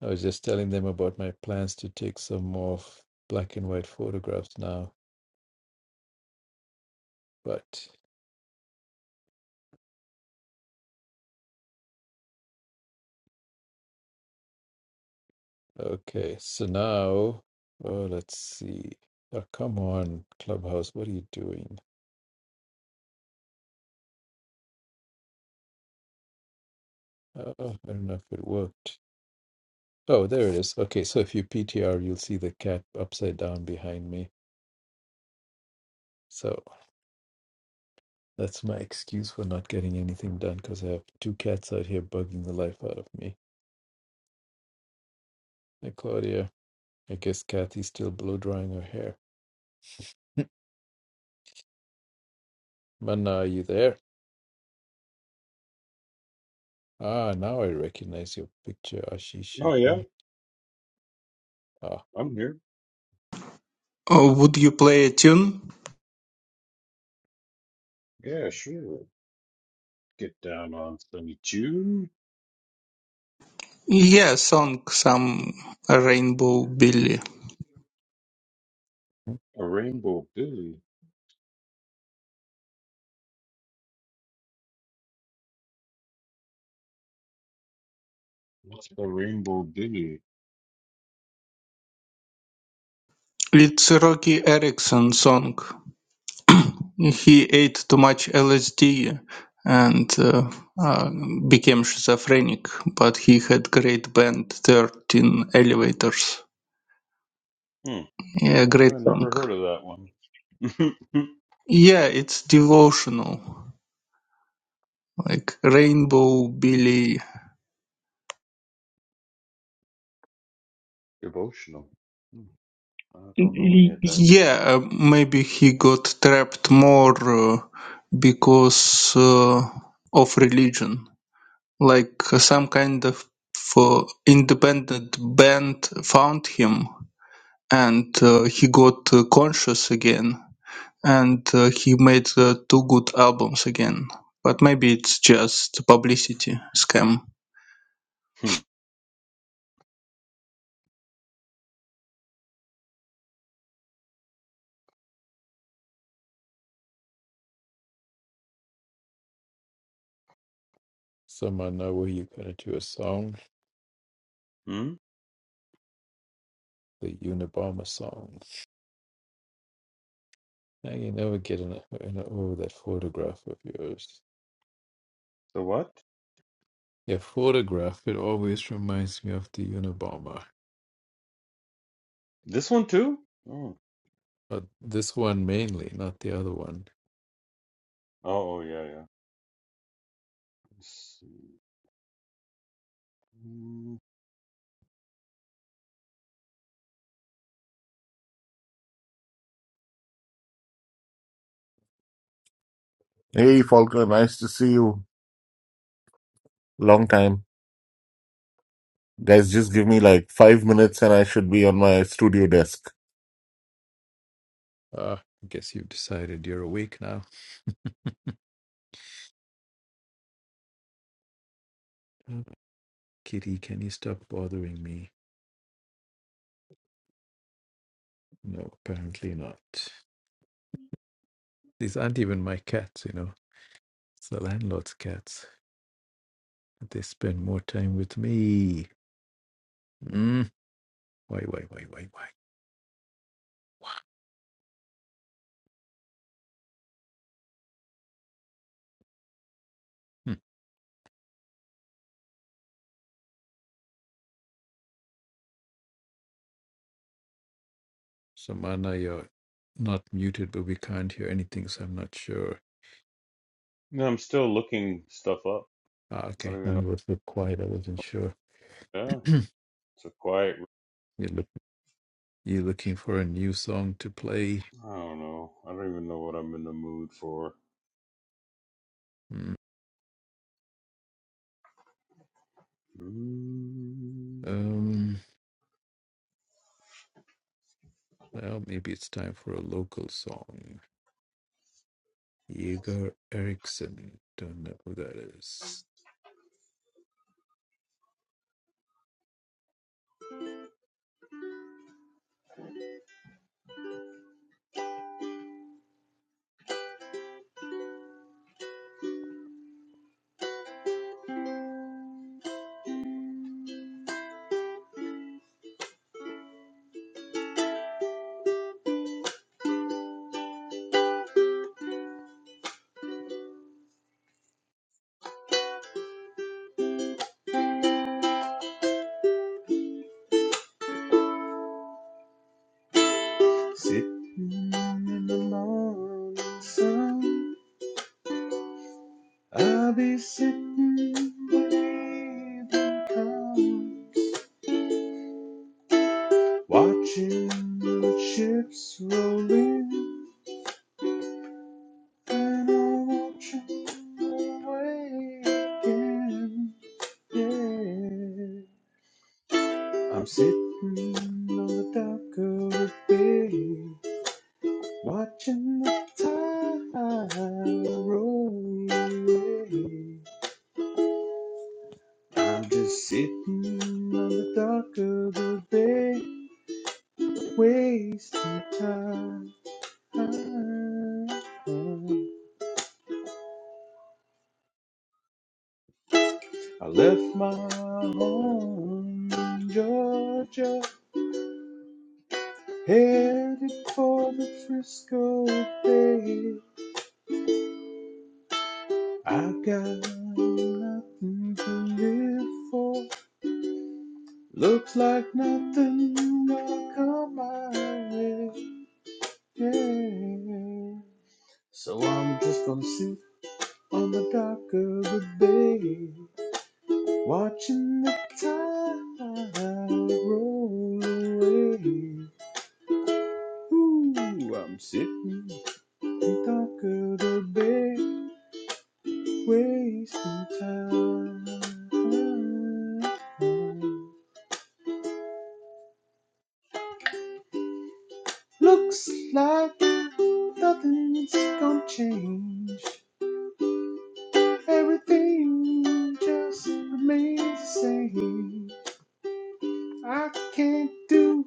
I was just telling them about my plans to take some more f- black and white photographs now, but. Okay, so now, oh, let's see. Oh, come on, Clubhouse, what are you doing? Uh, I don't know if it worked. Oh, there it is. Okay, so if you PTR, you'll see the cat upside down behind me. So that's my excuse for not getting anything done because I have two cats out here bugging the life out of me. Hey, Claudia, I guess Kathy's still blow drying her hair. Manna, are you there? Ah, now I recognize your picture, Ashish. Oh yeah, Ah, I'm here. oh, would you play a tune Yeah, sure. Get down on some Jew, yeah song some rainbow billy a rainbow billy. What's a rainbow billy? it's rocky erickson song He ate too much LSD and uh, uh, became schizophrenic, but he had great band 13 Elevators. Hmm. Yeah, great No, I song. never heard of that one. Yeah, it's devotional, like Rainbow Billy. Devotional. Hmm. I don't know any Y- of that. Yeah, uh, maybe he got trapped more uh, because uh, of religion, like uh, some kind of uh, independent band found him and uh, he got uh, conscious again and uh, he made uh, two good albums again but maybe it's just publicity scam Hmm. Someone know where you got into a song, Hmm. the Unabomber song. Now you never get an, an oh that photograph of yours. The what? Your photograph it always reminds me of the Unabomber, This one too? Hmm. Oh. but this one mainly, not the other one. Oh yeah, yeah. Let's see. Hmm. Hey, Faulkner, nice to see you. Long time. Guys, just give me like five minutes and I should be on my studio desk. Ah, I guess you've decided you're awake now. Mm. Kitty, can you stop bothering me? No, apparently not. These aren't even my cats, you know. It's the landlord's cats. They spend more time with me. Mm. Why, why, why, why, why? Hmm. Samana, you're not muted, but we can't hear anything, so I'm not sure. No, I'm still looking stuff up. Ah, I okay. don't Now even know. it was look quiet. I wasn't sure. Yeah, you're, it's a quiet look, you're looking for a new song to play. I don't know. I don't even know what I'm in the mood for. Hmm. Mm, Um. Well, maybe it's time for a local song. Igor Erickson. Don't know who that is. sitting in the morning sun, I'll be sitting when evening comes, watching the ships roll in, and I'll watch 'em away again. Yeah, I'm sitting on the dock of the bay. Watching the time roll away. I'm just sitting on the dock of the bay, wasting time. I left my home in Georgia, headed for the Frisco Bay. I got nothing to live for. Looks like nothing gonna come my way. Yeah. So I'm just gonna sit on the dock of the bay, watching the tide roll away. Ooh, I'm sitting on the dock of the bay, wasting time. Looks like nothing's gonna change. Everything just remains the same. I can't do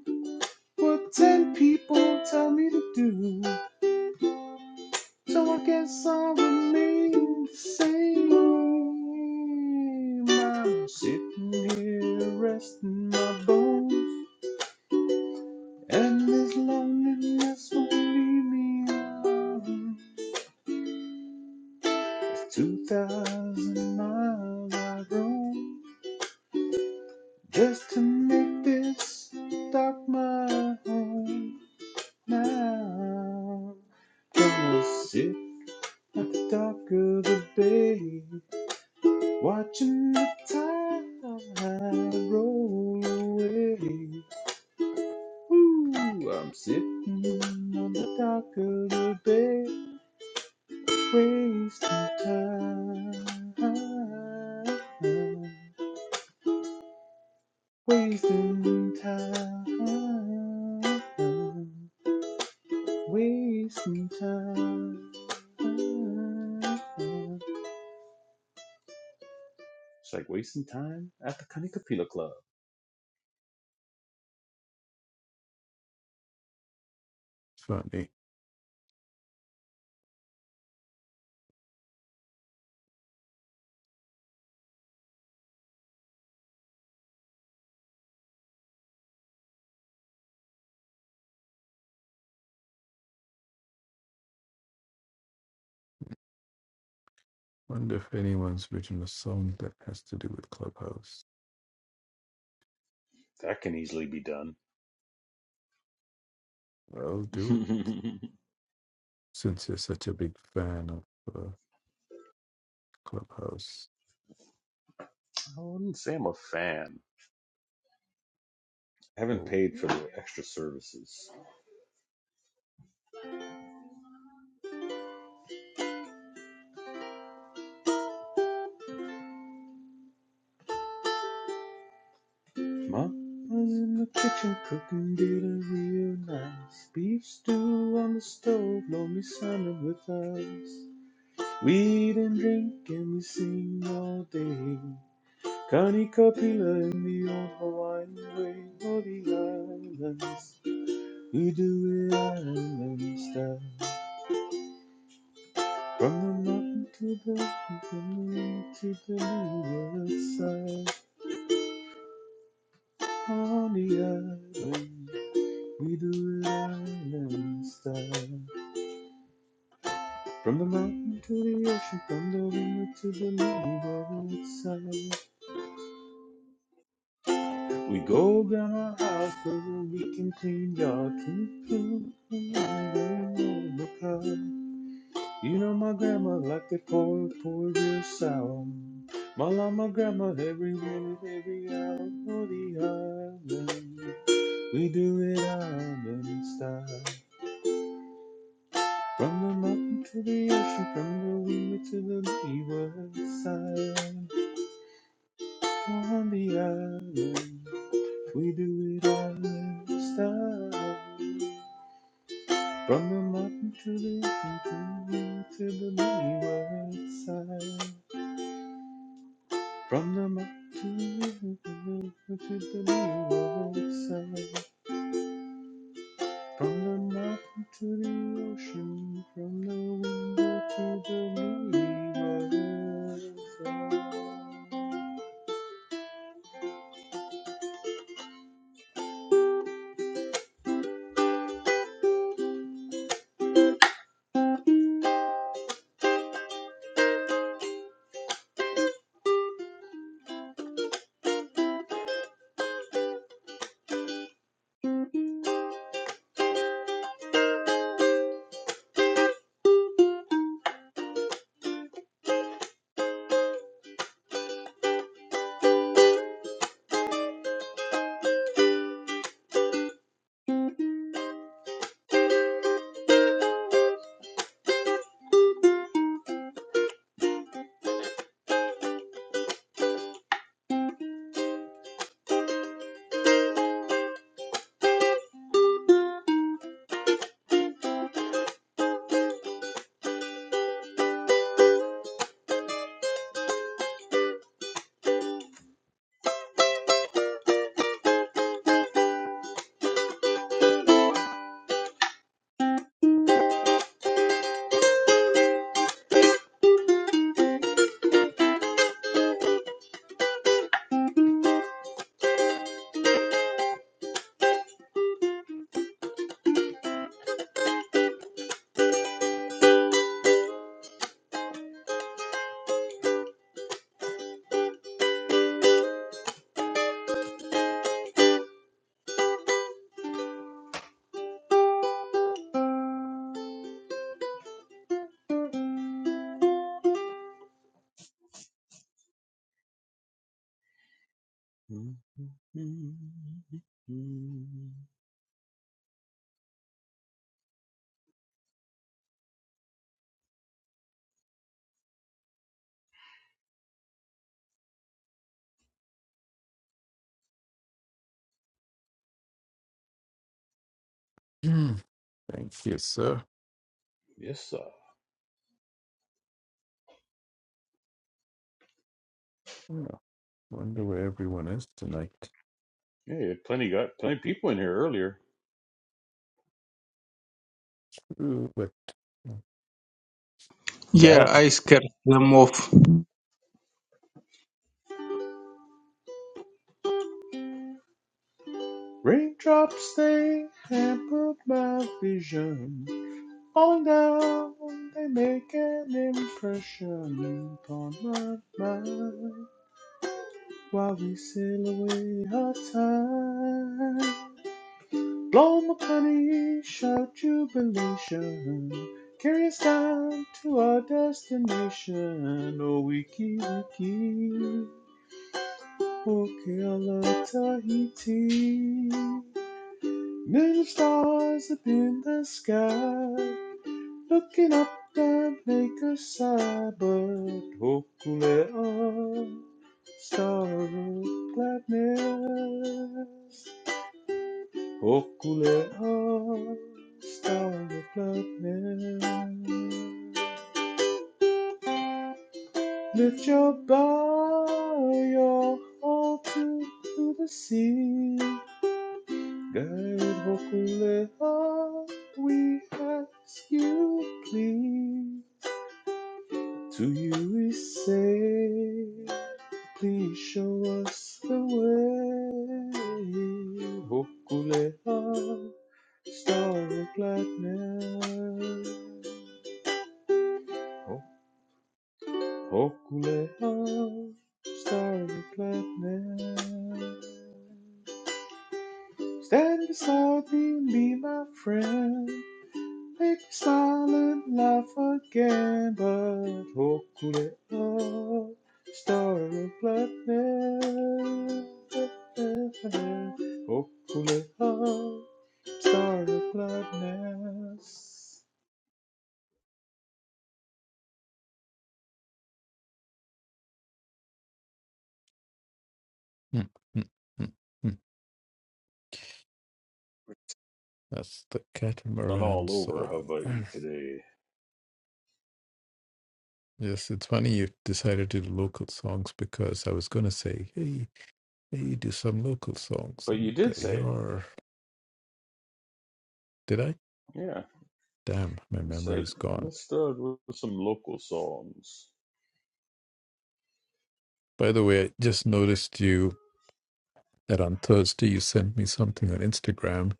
what ten people tell me to do, so I guess I'll remain the same. I'm sitting here resting my bones, and this loneliness won't leave me alone. It's 2,000 miles I have roam. Just to make this dark my home now. Gonna sit at the dark of the bay, watching the tide roll away. Ooh, I'm sitting on the dock of the bay, wasting time, wasting time. Wasting time. It's like wasting time at the Kanikapila Club. Funny. Wonder if anyone's written a song that has to do with Clubhouse. That can easily be done. I'll do it I since you're such a big fan of uh, Clubhouse. wouldn't say I'm a fan. I haven't Oh, paid for the extra services. Mom was in the kitchen cooking dinner real nice. Beef stew on the stove, lonely summer with us. We didn't drink and we sing all day. Kani Kapila in the old Hawaiian way, or the islands, we do it island style. From the mountain to the sea, from the lake to the leeward side, on the island, we do it island style. From the mountain to the ocean, from the river to the leeward side, We go down our house so we can clean y'all can food in You know my grandma like to pour, pour real sour. My llama grandma every minute, every hour for the island. We do it island style. From the mountain to the ocean, from the river to the leeward side. On the island, we do it island style. From the mountain to the hill to the leeward side. From the mountain to the hill to the leeward side. From the mountain to the ocean, from the window to the leeward side. Mm-hmm. thank you, sir. Yes, sir. Yeah. Wonder where everyone is tonight. Yeah, you had plenty got plenty of people in here earlier. Ooh, but hmm, yeah Darren. i scared them off Raindrops they hampered my vision. Falling down, they make an impression upon my mind while we sail away our time. Blow my honey, shout jubilation, carry us down to our destination. Oh, wiki wiki, okeala Tahiti. Million stars up in the sky. looking up the Lakers suburb, Hokulea, star of gladness, Hokulea, star of gladness. Lift your bow, your heart to, to the sea. Guide Hokulea, we ask you please. To you we say, please show us the way. Hokulea, star of gladness. Ho- Hokulea, star of gladness. Stand beside me and be my friend. make silent laugh again, but hopefully a star of gladness. Hopefully a star of gladness. Mm, mm, mm, mm. That's the Been catamaran all over song. Hawaii today, Yes, it's funny you decided to do local songs because I was going to say, hey, hey, do some local songs. but And you did they say it. are. Did I? Yeah, Damn, my you memory said is gone. let's start with some local songs. By the way, I just noticed you that on Thursday you sent me something on Instagram,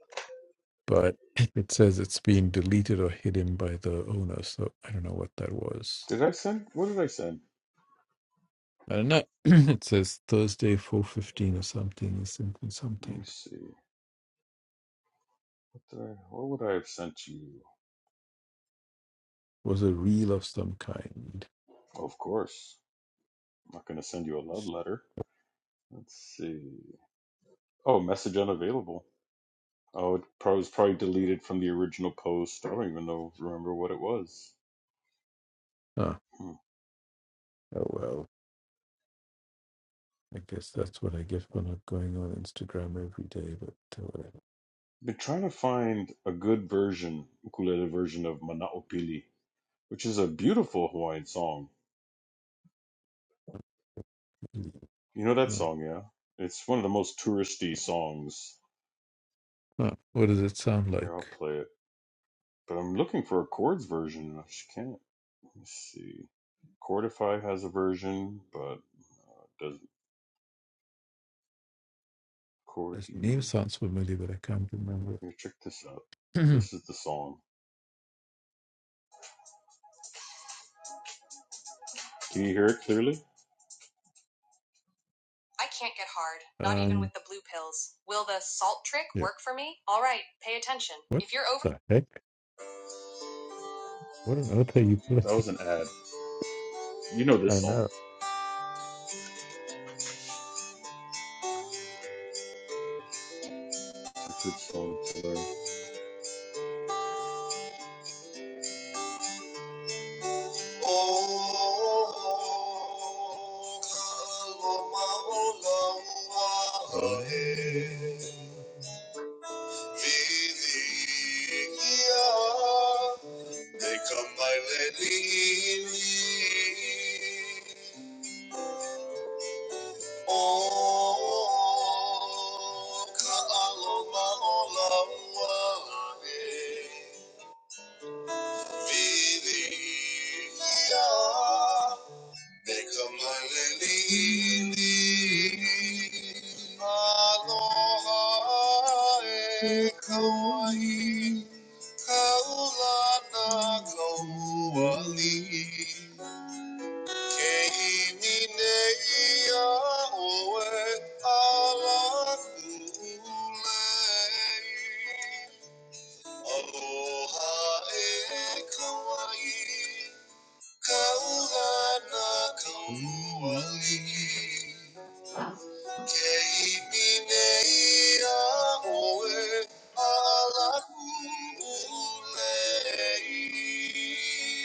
but it says it's being deleted or hidden by the owner. So I don't know what that was. Did I send? What did I send? I don't know. it says Thursday 4.15 or something, something, Let something. me see. What did I? What would I have sent you? It was a reel of some kind. Of course. I'm not going to send you a love letter. Let's see. Oh, message unavailable. Oh, it probably was probably deleted from the original post. I don't even know remember what it was. Ah, Hmm. oh well. I guess that's what I get for not going on Instagram every day, but uh, whatever. Been trying to find a good version, ukulele version of Manaopili, which is a beautiful Hawaiian song. really, You know that no. song, yeah? It's one of the most touristy songs. Huh, What does it sound Here, I'll like? play it. But I'm looking for a chords version, and I just can't. Let's see. Chordify has a version, but uh, it doesn't chord This name you. sounds familiar, but I can't remember. Here, check this out. This is the song. Can you hear it clearly? um, yeah. What the heck? What on earth are you playing? That was an ad. You know I this song. know. It's a good song. It's Viviría de come by letting in. Oh, ka'aloma olawale. Vivía de Kamalini Aloha e Kauai Kaulana Kauali e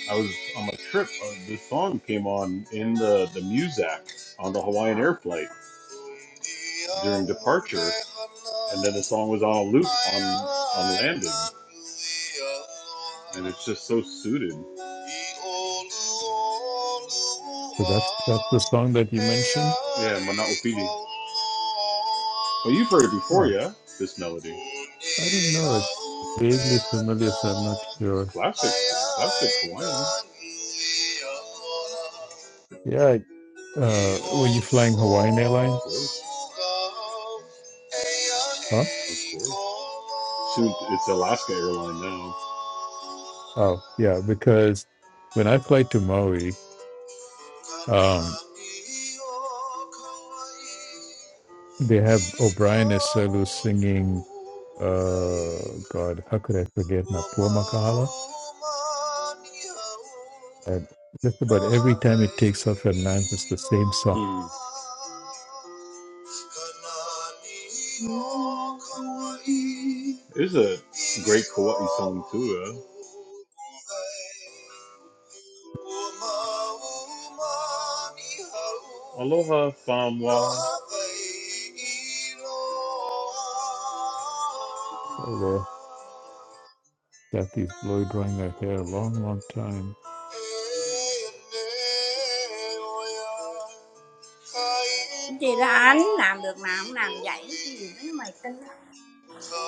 I was on my trip. uh, This song came on in the the Muzak on the Hawaiian air flight during departure, and then the song was on a loop on on landing, and it's just so suited. So that's that's the song that you mentioned. Yeah, Manaupidi. Well, you've heard it before, Huh. yeah? This melody. I don't It's know. It's vaguely familiar, so I'm not sure. classic, classic Hawaiian. Yeah. I- Of Uh, were you flying Hawaiian airline? course. Huh? It's Alaska Airlines now. Oh, yeah. Because when I fly to Maui, um, They have O'Brien as Selu singing, uh, God, how could I forget Napua Makahala? And just about every time it takes off and lands, it's the same song. Mm. It's a great Kauai song too, huh? Aloha Famwa. Right there. Kathy's blow drying her hair a long, long time. Eneoya, Thì là kainoa anh làm được nào không làm vậy umiloli gì mấy mày tin nó ka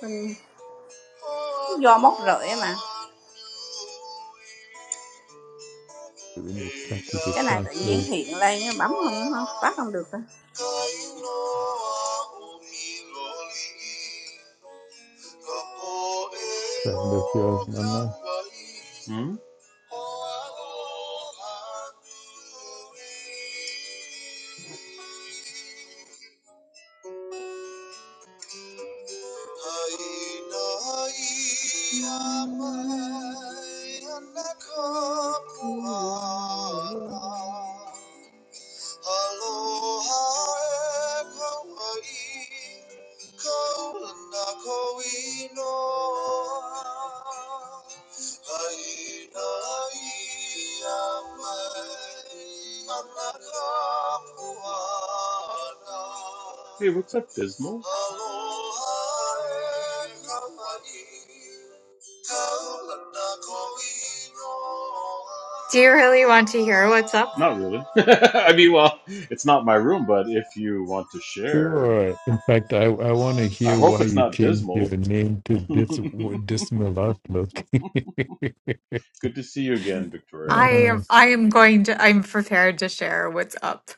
tin do móc rưỡi mà Do We need Kathy to cái này tự translate nhiên hiện lên bấm không bắt không được thôi. that of yours, Nana. Hmm? amai anakapuana. Aloha e Kauai, kaula na koinoa. Haina ia mai ana ka Hey, what's up, Dismal? Aloha e Kauai, Do you really want to hear what's up? not really. I mean, well, it's not my room, but if you want to share, Sure. In fact, I, I want to I hear hope why it's you not changed your dismal. name to this dismal outlook. Good to see you again, Victoria. I uh, am I am going to I'm prepared to share what's up.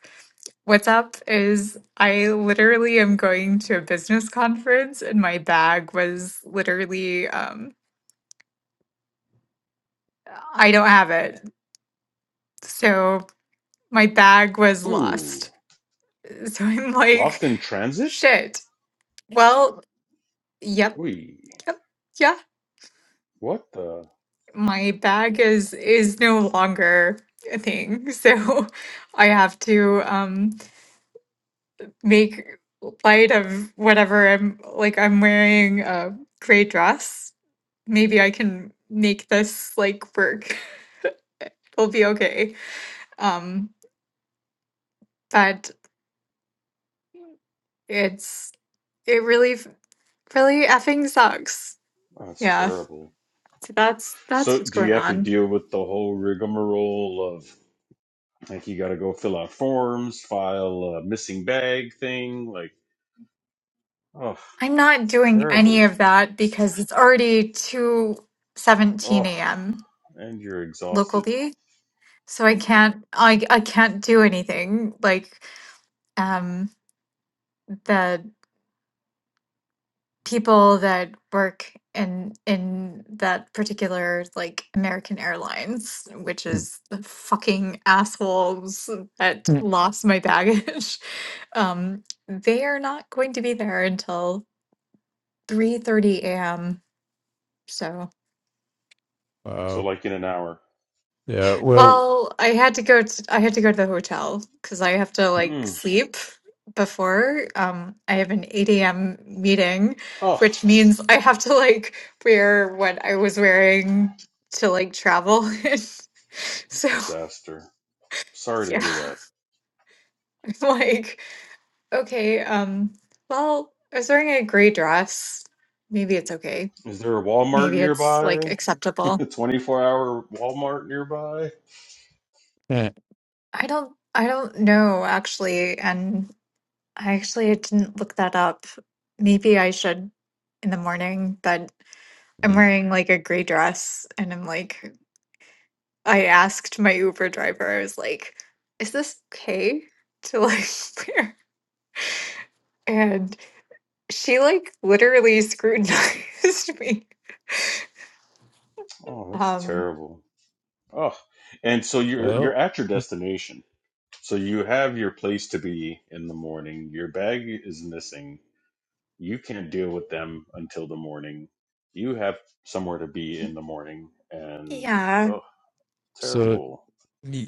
What's up is I literally am going to a business conference and my bag was literally um I don't have it. So my bag was Ooh, lost. So I'm like, lost in transit? shit. Well, yep, Wee, yep, yeah. what the? My bag is is no longer a thing. So I have to um make light of whatever I'm like I'm wearing a gray dress. Maybe I can make this like work. It'll be okay. Um but it's it really f- really effing sucks. That's Yeah. terrible. So that's that's So, what's do going you have to on. deal with the whole rigmarole of like you got to go fill out forms, file a missing bag thing? Like, Oh, I'm not it's doing any terrible. of that because it's already 2 seventeen Oh, a.m. and you're exhausted. locally. So I can't I I can't do anything. Like um the people that work in in that particular like American Airlines, which is the fucking assholes that Mm. lost my baggage. Um, they are not going to be there until 3:30 a.m. So So, Wow. like in an hour. Yeah. Well. Well, I had to go to, I had to go to the hotel because I have to like Mm. sleep before. Um, I have an 8 a.m. meeting, Oh, which means I have to like wear what I was wearing to like travel. So, disaster. Sorry to yeah, hear that. I'm like, okay, um, well, I was wearing a gray dress. Maybe it's okay. Is there a Walmart Maybe it's like nearby? acceptable. A 24 hour Walmart nearby? eh, I don't I don't know actually, and I actually didn't look that up. Maybe I should in the morning, but I'm mm. wearing like a gray dress and I'm like, I asked my Uber driver, I was like, is this okay to like wear? And she like literally scrutinized me. Oh, that's Um, terrible. Oh, and so you're you're Well. at your destination. So you have your place to be in the morning. Your bag is missing. you can't deal with them until the morning. You have somewhere to be in the morning, and yeah, oh, So terrible.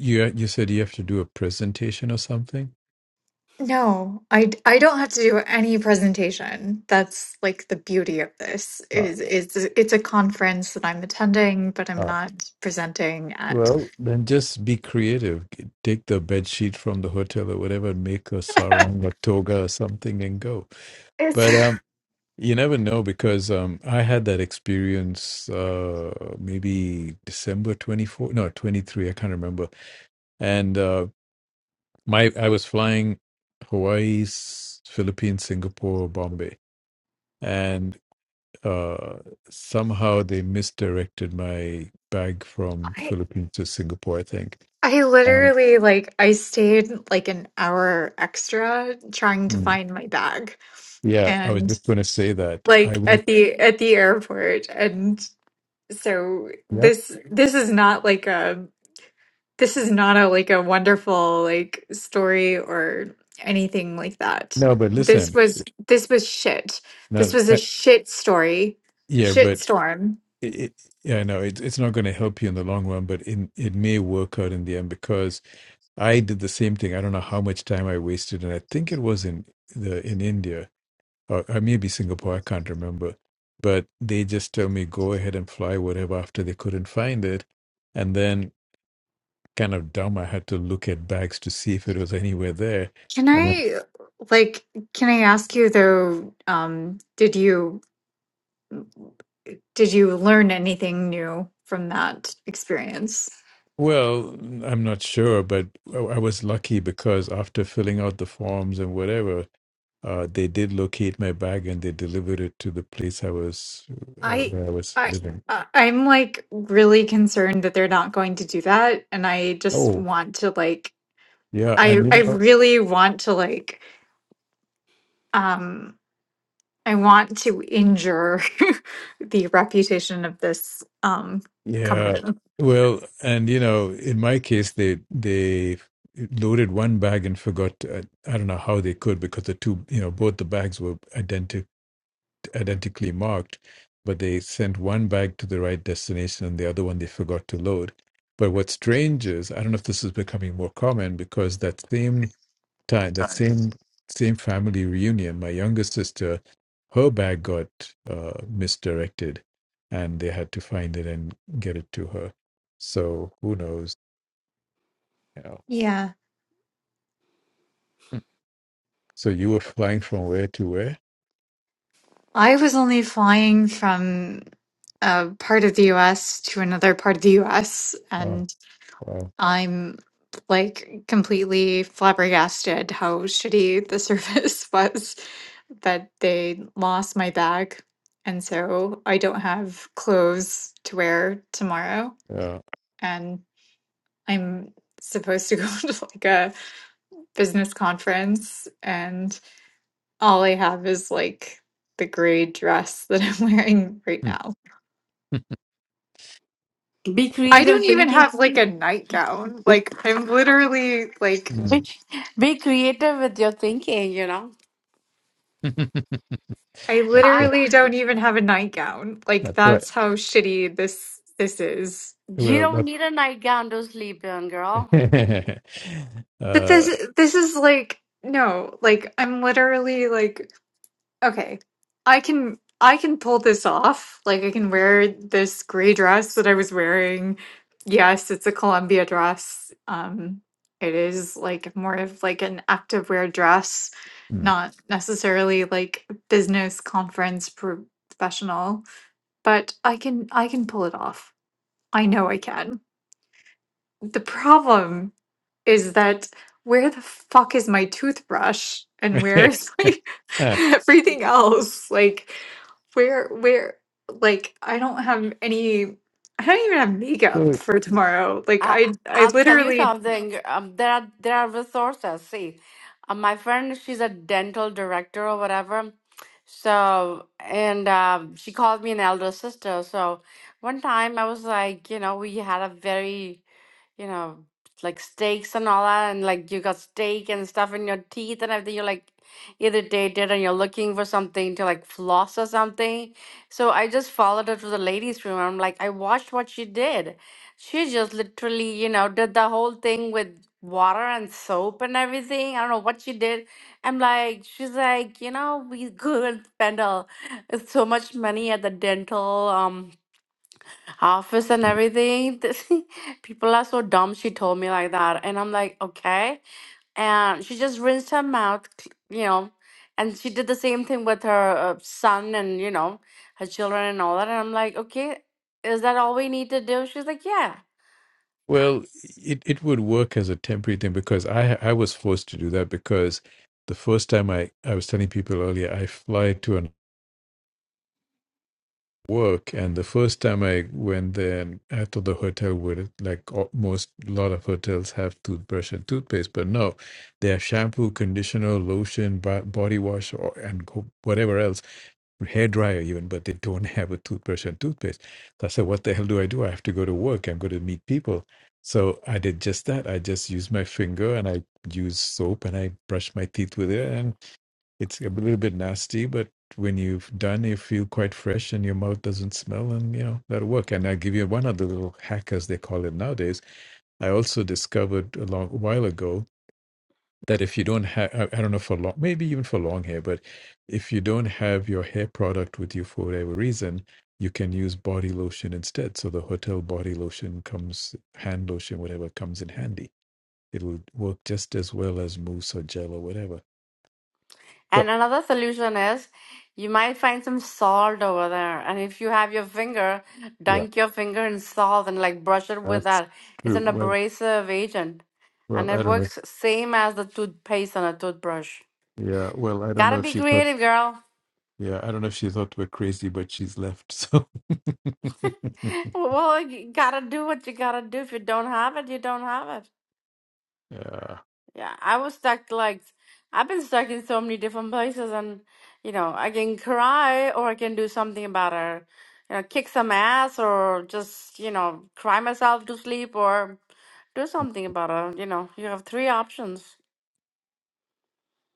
you uh, you said you have to do a presentation or something. no, I d- I don't have to do any presentation. That's like the beauty of this Uh, is is it's a conference that I'm attending, but I'm uh, not presenting at. well, then just be creative. G- Take the bed sheet from the hotel or whatever, and make a sarong, a toga, or something, and go. It's But um, you never know because um, I had that experience uh, maybe December twenty four, no twenty three. I can't remember. and uh, My I was flying Hawaii, S- Philippines, Singapore, Bombay, and uh, somehow they misdirected my bag from I Philippines to Singapore. I think. I And literally like I stayed like an hour extra trying to mm, find my bag yeah, I was and just going to say that I like went. at the at the airport and so Yep. this this is not like a this is not a like a wonderful like story or anything like that. No, but This listen. was this was shit. This No. was a I, shit story. yeah, Shit but. storm. It, it, yeah, I know it's it's not going to help you in the long run, but in, it may work out in the end because I did the same thing. I don't know how much time I wasted, and I think it was in the in India or, or maybe Singapore, I can't remember. But they just tell me go ahead and fly whatever after they couldn't find it. And then kind of dumb, I had to look at bags to see if it was anywhere there. Can And then, I like can I ask you though, um, did you? Did you learn anything new from that experience? well, I'm not sure, but I I was lucky because after filling out the forms and whatever, uh, they did locate my bag and they delivered it to the place I was uh, I where I was I living. I- I'm like really concerned that they're not going to do that and I just Oh, want to like yeah, I and you I know really want to like um I want to injure the reputation of this um Yeah. company. Well, and you know, in my case, they they loaded one bag and forgot. Uh, I don't know how they could because the two, you know, both the bags were identi- identically marked, but they sent one bag to the right destination and the other one they forgot to load. But what's strange is, I don't know if this is becoming more common because that same time, that same same family reunion, my younger sister, her bag got uh, misdirected, and they had to find it and get it to her. So who knows? You know. Yeah. Hmm. So you were flying from where to where? I was only flying from a part of the US to another part of the US and. Oh, wow. I'm like completely flabbergasted how shitty the service was that they lost my bag. And so I don't have clothes to wear tomorrow. Yeah. And I'm supposed to go to like a business conference, and all I have is like the gray dress that I'm wearing right Hmm. now. Be I Uh, don't creative even thinking. have like a nightgown. Like, I'm literally like Be, mm. be creative with your thinking, you know. I that's I what. literally don't even have a nightgown. Like That's what. that's how shitty this this is. you Well, don't that's. need a nightgown to sleep in, girl. But uh, this this is like no, like I'm literally like okay, I can I can pull this off. Like I can wear this gray dress that I was wearing. Yes, it's a Columbia dress. Um it is like more of like an activewear dress, mm. not necessarily like business conference professional, but I can I can pull it off. I know I can. The problem is that where the fuck is my toothbrush and where is like Ah, everything else? Like where where like I don't have any I don't even have so makeup for tomorrow. Like I I I I'll tell you literally something. Um, there are there are resources. See, uh, my friend, she's a dental director or whatever. So and um, she called me an elder sister. So one time I was like, you know, we had a very you know, like steaks and all that, and like you got steak and stuff in your teeth and everything. You're like irritated and you're looking for something to like floss or something. So I just followed her to the ladies' room. I'm like, I watched what she did. She just literally, you know, did the whole thing with water and soap and everything. I don't know what she did. I'm like, she's like, you know, we could and spend a, so much money at the dental. um office and everything. People are so dumb. She told me like that. And I'm like, okay. And she just rinsed her mouth, c- you know. And she did the same thing with her uh, son and, you know, her children and all that. And I'm like, okay, is that all we need to do? She's like, yeah. Well, it, it would work as a temporary thing because I I was forced to do that because the first time I, I was telling people earlier, I fly to an work and the first time i went there and i thought the hotel would like al- most a lot of hotels have toothbrush and toothpaste but no they have shampoo conditioner lotion bo- body wash or, and co- whatever else hair dryer even but they don't have a toothbrush and toothpaste so i said what the hell do i do i have to go to work i'm going to meet people so i did just that i just used my finger and i used soap and i brushed my teeth with it and. It's a little bit nasty, but when you've done, you feel quite fresh and your mouth doesn't smell, and you know, that'll work. And I'll give you one other little hack, as they call it nowadays. I also discovered a long while ago that if you don't have, I I don't know for long, maybe even for long hair, but if you don't have your hair product with you for whatever reason, you can use body lotion instead. So the hotel body lotion comes, hand lotion, whatever comes in handy. It'll work just as well as mousse or gel or whatever. So, And another solution is you might find some salt over there. And if you have your finger, yeah. dunk your finger in salt and like brush it with That's that. It's true. an Well, abrasive agent. well, And it I don't know. works same as the toothpaste on a toothbrush. Yeah, well, I don't know Gotta if be she thought. creative, girl. Yeah, I don't know if she thought we're crazy, but she's left. So, Well, you gotta do what you gotta do. If you don't have it, you don't have it. yeah, Yeah, I was stuck like I've been stuck in so many different places and you know, I can cry or I can do something about it. You know, kick some ass or just, you know, cry myself to sleep or do something about it. You know, you have three options.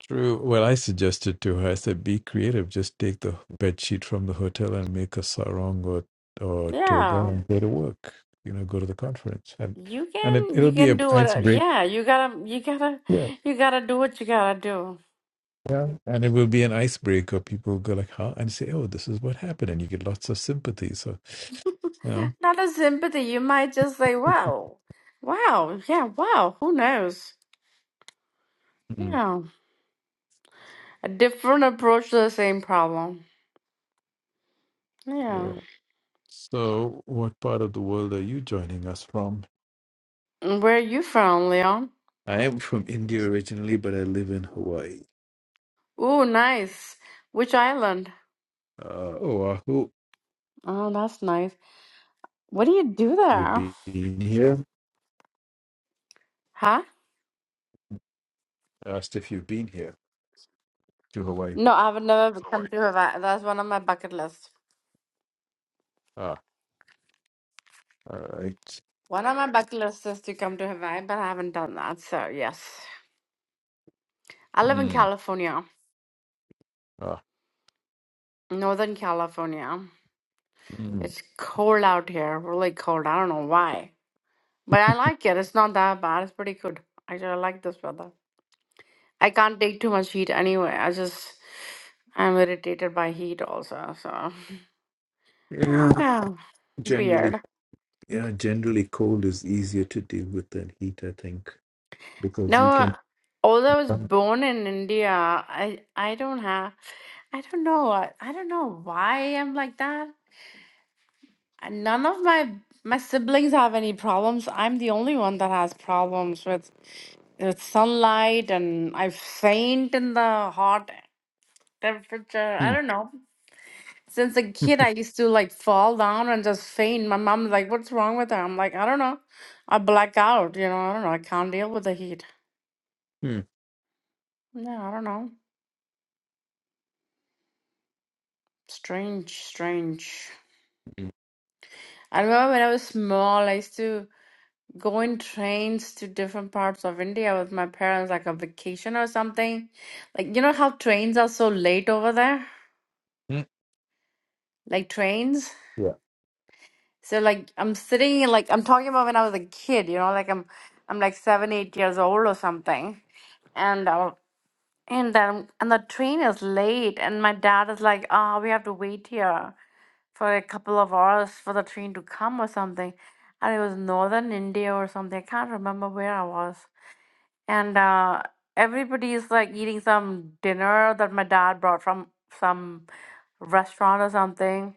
true. Well, I suggested to her. I said, "Be creative. Just take the bed sheet from the hotel and make a sarong or or toga Yeah. and go to work. You know, go to the conference, and You and it can it'll you be can a do what uh, icebreaker. yeah, you gotta you gotta Yeah, you gotta do what you gotta do. yeah, and it will be an icebreaker. People go like, "Huh?" and say, "Oh, this is what happened," and you get lots of sympathy. So, you know. Not a sympathy. You might just say, Wow, wow, yeah, wow, who knows? Mm. Yeah. A different approach to the same problem. yeah. Yeah. So, what part of the world are you joining us from? And Where are you from, Leon? I am from India originally, but I live in Hawaii. Ooh, nice. Which island? Uh, Oahu, Oh, that's nice. What do you do you've there? been here? Huh? I asked if you've been here to Hawaii. No, I've never come to Hawaii. That's one of my bucket lists. Ah, all right. One of my bucket lists is to come to Hawaii, but I haven't done that. So, yes. I live in Hmm. California, Ah, Northern California. mm. It's cold out here, really cold. I don't know why. But I like it. It's not that bad. It's pretty good. Actually, I like this weather. I can't take too much heat anyway. I just I'm irritated by heat also, so I Yeah, don't know. generally, Weird. yeah, generally, cold is easier to deal with than heat, I think, because you No, can. although I was Hmm. born in India, I I don't have I don't know I, I don't know why I'm like that. Uh, None of my my siblings have any problems. I'm the only one that has problems with with sunlight, and I faint in the hot temperature. I don't know. Since a kid, I used to like fall down and just faint. My mom's like, "What's wrong with her?" I'm like, "I don't know. I black out. You know, I don't know. I can't deal with the heat. Hmm. Yeah, I don't know. Strange, strange." Hmm. I remember when I was small, I used to go in trains to different parts of India with my parents, like a vacation or something. Like, you know how trains are so late over there? Hmm. Like trains? Yeah, So like I'm sitting in, like I'm talking about when I was a kid, you know, like I'm I'm like seven, eight years old or something, and I, and then and the train is late, and my dad is like, ah, we have to wait here for a couple of hours for the train to come or something, and it was northern India or something. I can't remember where I was, and uh, everybody is like eating some dinner that my dad brought from some restaurant or something.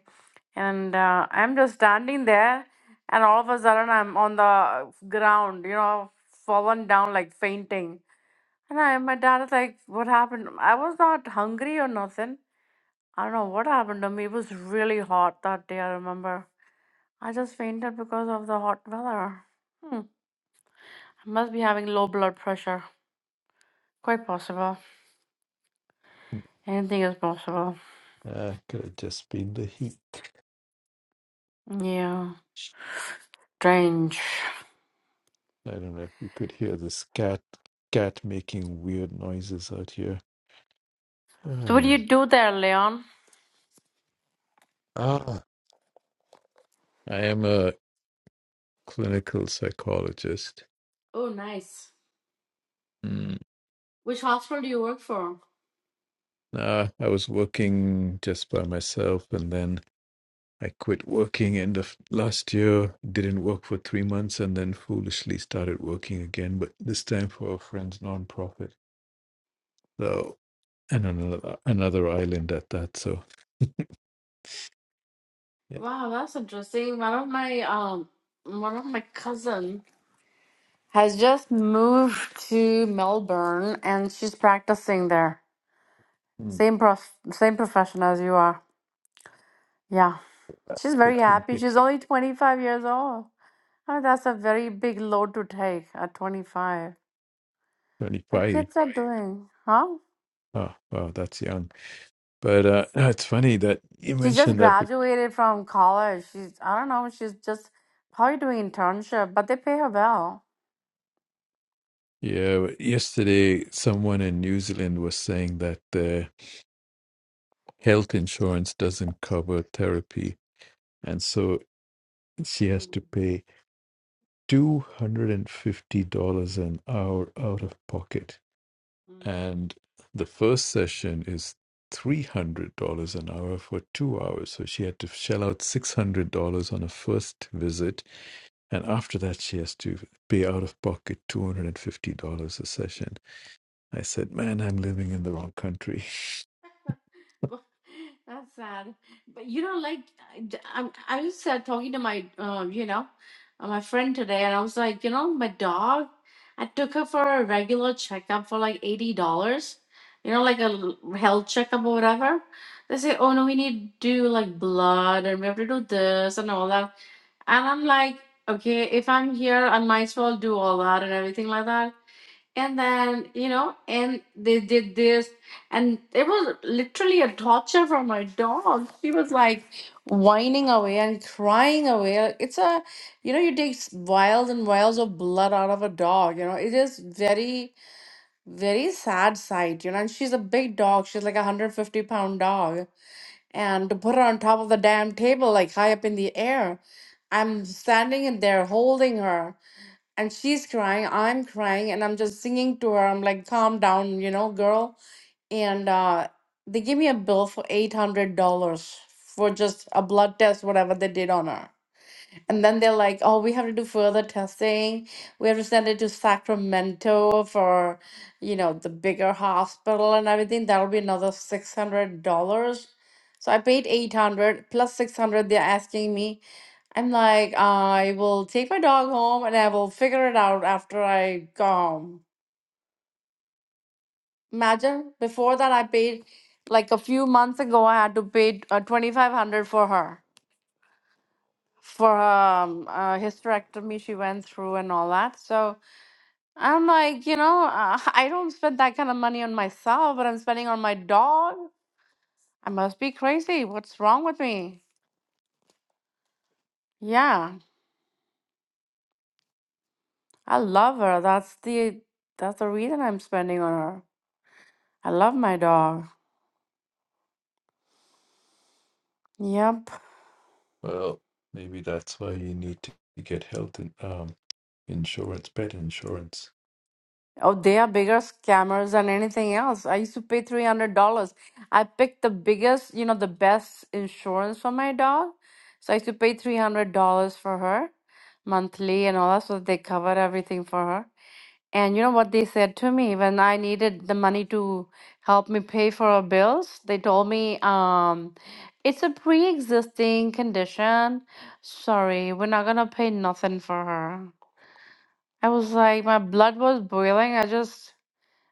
And uh, I'm just standing there, and all of a sudden I'm on the ground, you know, fallen down like fainting. And I, my dad is like, "What happened?" I was not hungry or nothing. I don't know what happened to me. It was really hot that day. I remember. I just fainted because of the hot weather. Hmm. I must be having low blood pressure. Quite possible. Anything is possible. uh, could have just been the heat. Yeah. Strange. I don't know if you could hear this cat cat making weird noises out here. So what do Hmm. you do there, Leon? Ah, I am a clinical psychologist. Oh, nice. Mm. Which hospital do you work for? Nah, I was working just by myself, and then I quit working end of last year. Didn't work for three months, and then foolishly started working again, but this time for a friend's nonprofit. So, and another another island at that. So, yeah, Wow, that's interesting. One of my um one of my cousin has just moved to Melbourne and she's practicing there. mm. Same prof same profession as you are. Yeah. She's very it's happy. She's only 25 years old. Oh, that's a very big load to take at 25. But 25. kids are doing, huh? Ah, wow, that's young. But uh, no, it's funny that you She just mentioned that. be- graduated from college. She's, I don't know, she's just probably doing internship, but they pay her well. Yeah, yesterday someone in New Zealand was saying that the health insurance doesn't cover therapy, and so she has to pay two hundred and fifty dollars an hour out of pocket. And the first session is $300 an hour for two hours. So she had to shell out $600 on a first visit. And after that, she has to pay out of pocket $250 a session. I said, Man, I'm living in the wrong country. Well, That's sad. But you know, like I, I'm- I was uh, talking to my, uh, you know, uh, my friend today, and I was like, you know, my dog, I took her for a regular checkup for like $80, you know, like a l- health checkup or whatever. They say, oh no, we need to do like blood and we have to do this and all that. And I'm like, okay, if I'm here, I might as well do all that and everything like that and then you know and they did this and it was literally a torture for my dog she was like whining away and crying away it's a you know you take s- vials and vials of blood out of a dog you know it is very very sad sight you know and she's a big dog she's like a 150 pound dog and to put her on top of the damn table like high up in the air i'm standing in there holding her and she's crying i'm crying and i'm just singing to her i'm like calm down you know girl and uh they give me a bill for $800 for just a blood test whatever they did on her and then they're like oh we have to do further testing we have to send it to sacramento for you know the bigger hospital and everything that'll be another $600 so i paid 800 plus 600 they're asking me I'm like, I will take my dog home and I will figure it out after I go home. Imagine before that, I paid like a few months ago, I had to pay uh, 2500 for her, for her um, uh, hysterectomy she went through and all that. So I'm like, you know, uh, I don't spend that kind of money on myself, but I'm spending on my dog. I must be crazy. What's wrong with me? Yeah, I love her. That's the that's the reason I'm spending on her. I love my dog. Yep. Well, maybe that's why you need to get health in, um, insurance, pet insurance. Oh, they are bigger scammers than anything else. I used to pay $300. I picked the biggest, you know, the best insurance for my dog. So I used to pay $300 for her monthly and all that. So they covered everything for her. And you know what they said to me when I needed the money to help me pay for her bills? They told me, um, it's a pre-existing condition. Sorry, we're not gonna pay nothing for her. I was like, my blood was boiling. I just,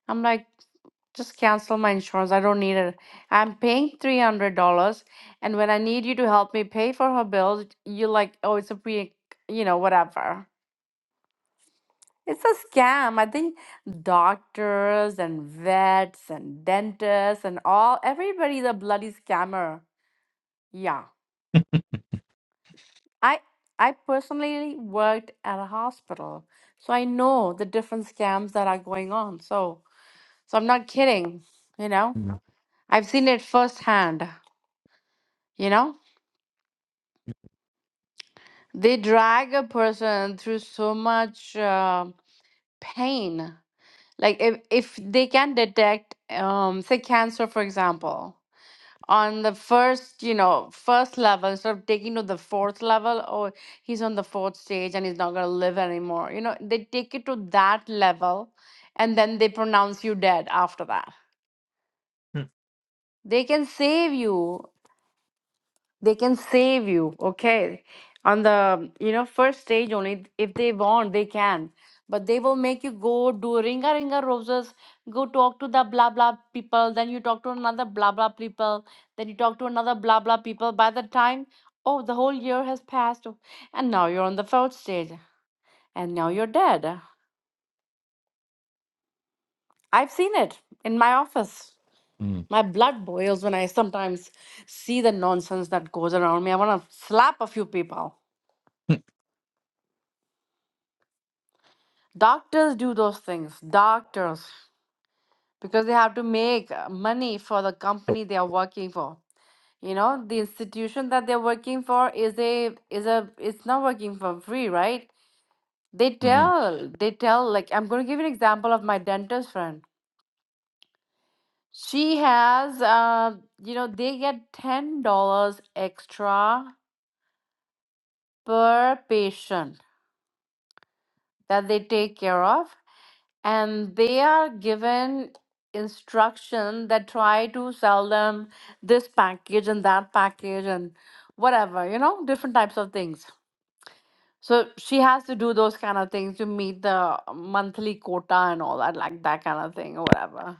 I'm like, just cancel my insurance. I don't need it. I'm paying $300. And when I need you to help me pay for her bills, you're like, oh, it's a pre, you know, whatever. It's a scam. I think doctors and vets and dentists and all, everybody's a bloody scammer. Yeah. I, I personally worked at a hospital, so I know the different scams that are going on. So, So I'm not kidding, you know. I've seen it firsthand, you know. They drag a person through so much uh, pain. Like if, if they can detect, um, say, cancer, for example, on the first, you know, first level, instead of taking to the fourth level, or he's on the fourth stage and he's not going to live anymore. You know, they take it to that level and then they pronounce you dead after that they can save you they can save you okay on the you know first stage only if they want they can but they will make you go do ringa ringa roses go talk to the blah blah people then you talk to another blah blah people then you talk to another blah blah people by the time oh the whole year has passed oh, and now you're on the fourth stage and now you're dead i've seen it in my office Mm. my blood boils when i sometimes see the nonsense that goes around me i want to slap a few people Mm, Doctors do those things, doctors, because they have to make uh, money for the company they are working for. You know, the institution that they're working for is a is a it's not working for free, right? They mm, tell they tell like I'm going to give you an example of my dentist friend. She has uh, you know, they get ten dollars extra per patient that they take care of and they are given instruction that try to sell them this package and that package and whatever you know different types of things so she has to do those kind of things to meet the monthly quota and all that like that kind of thing or whatever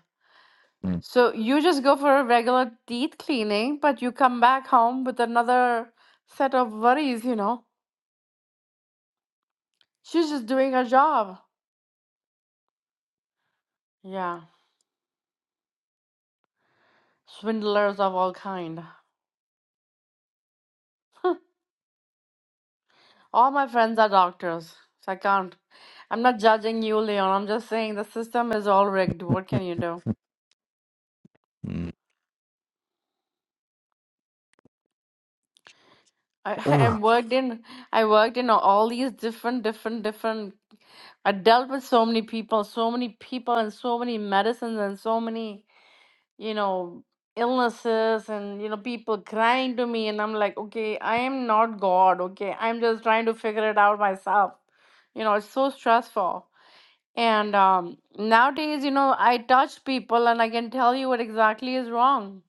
mm. so you just go for a regular teeth cleaning but you come back home with another set of worries you know she's just doing her job yeah swindlers of all kind All my friends are doctors, so I can't. I'm not judging you, Leon. I'm just saying the system is all rigged. What can you do? Ugh. Mm. mm. I, I Ah, worked in I worked in all these different, different, different. I dealt with so many people, so many people, and so many medicines, and so many you know illnesses, and you know people crying to me, and I'm like, okay, I am not God. Okay, I'm just trying to figure it out myself. You know, it's so stressful. And um, nowadays, you know, I touch people and I can tell you what exactly is wrong.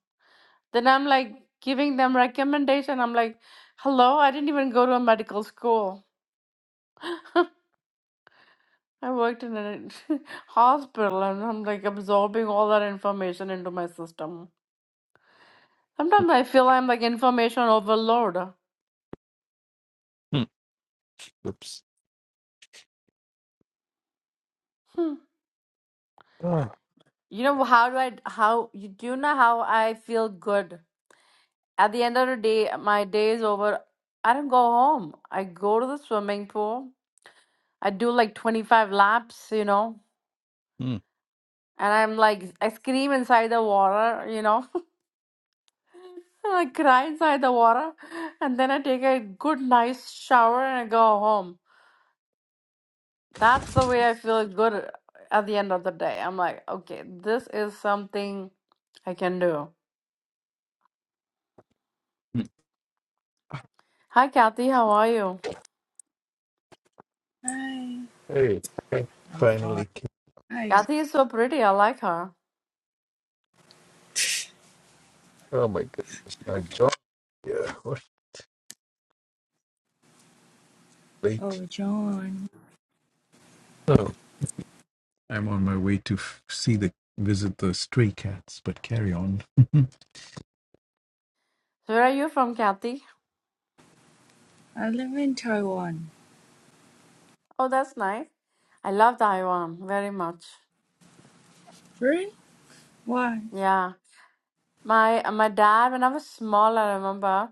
Then I'm like giving them recommendation. I'm like, hello, I didn't even go to a medical school. I worked in a hospital and I'm like absorbing all that information into my system. Sometimes I feel I'm like information overload. mm, Oops. Hmm. Ugh. You know how do I how you do you know how I feel good? At the end of the day, my day is over. I don't go home. I go to the swimming pool. I do like 25 laps, you know, Mm, and I'm like, I scream inside the water, you know, I cry inside the water, and then I take a good, nice shower and I go home. That's the way I feel good at the end of the day. I'm like, okay, this is something I can do. mm. Hi, Kathy, how are you? Hi, Hey, I I'm fine. finally came. Hi, Kathy is so pretty. I like her. Oh my goodness. I joined. Yeah, what late. oh John, So I'm on my way to f- see the visit the stray cats, but carry on. So Where are you from, Kathy? I live in Taiwan. Oh, that's nice. I love Taiwan very much. Really? Why? Yeah. My my dad, when I was small, I remember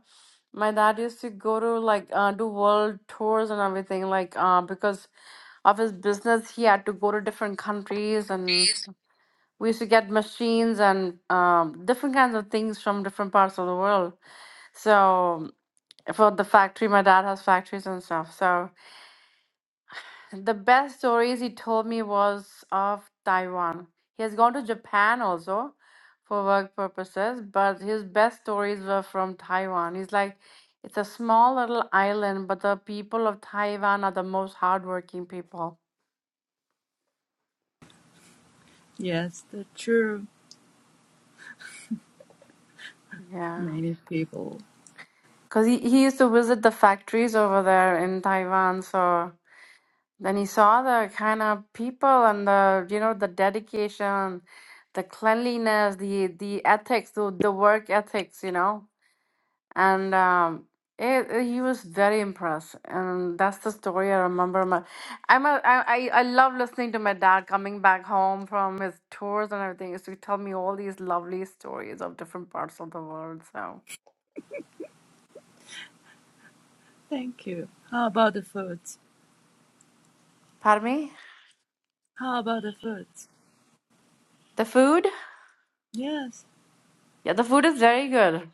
my dad used to go to like uh, do world tours and everything. Like uh, because of his business, he had to go to different countries, and we used to get machines and um, different kinds of things from different parts of the world. So for the factory, my dad has factories and stuff. So. The best stories he told me was of Taiwan. He has gone to Japan also for work purposes, but his best stories were from Taiwan. He's like, it's a small little island, but the people of Taiwan are the most hardworking people. Yes, the true. Yeah. Many people. Because he, he used to visit the factories over there in Taiwan. So then he saw the kind of people and the, you know, the dedication, the cleanliness, the, the ethics, the, the work ethics, you know. and um, it, it- he was very impressed and that's the story i remember my i'm a, I, I I love listening to my dad coming back home from his tours and everything so he used to tell me all these lovely stories of different parts of the world so Thank you. How about the food? pardon me How about the food? the food Yes. yeah the food is very good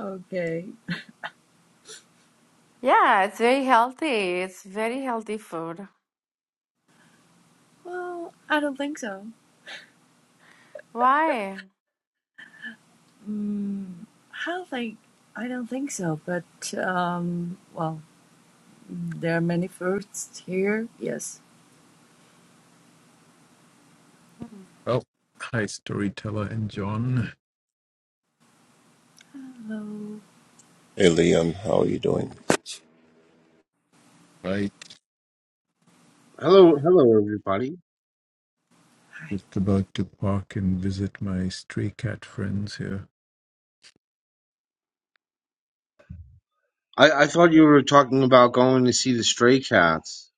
Okay. yeah it's very healthy it's very healthy food Well, I don't think so. why Mm, how like? I don't think so. But um, well, mm, there are many fruits here. Yes. Hmm. Well, Hi, storyteller and John. Hello. Hey Liam, how are you doing? right. Hello, hello, everybody. Just about to park and visit my stray cat friends here. I, I thought you were talking about going to see the Stray Cats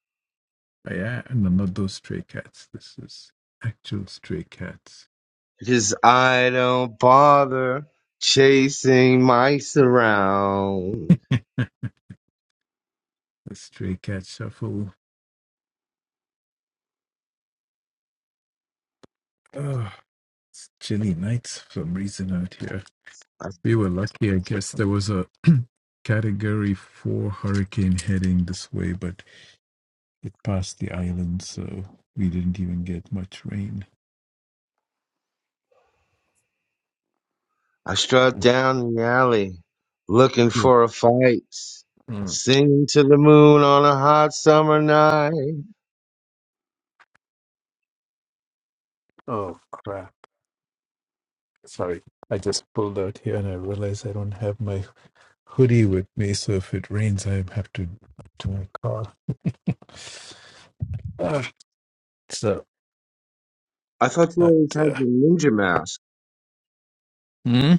Oh, yeah, no, not those stray cats. This is actual stray cats. because I don't bother chasing mice around. The stray cat shuffle. Oh, it's chilly nights for some reason out here. I, We were lucky, I guess. There was a category four hurricane heading this way, but it passed the island, so we didn't even get much rain. I strut Mm, down the alley looking Yeah. for a fight, Mm. singing to the moon on a hot summer night. Oh crap! Sorry, I just pulled out here and I realized I don't have my hoodie with me, so if it rains, I have to to my car. Ah, so, I thought you but always had uh, your ninja mask. Hmm?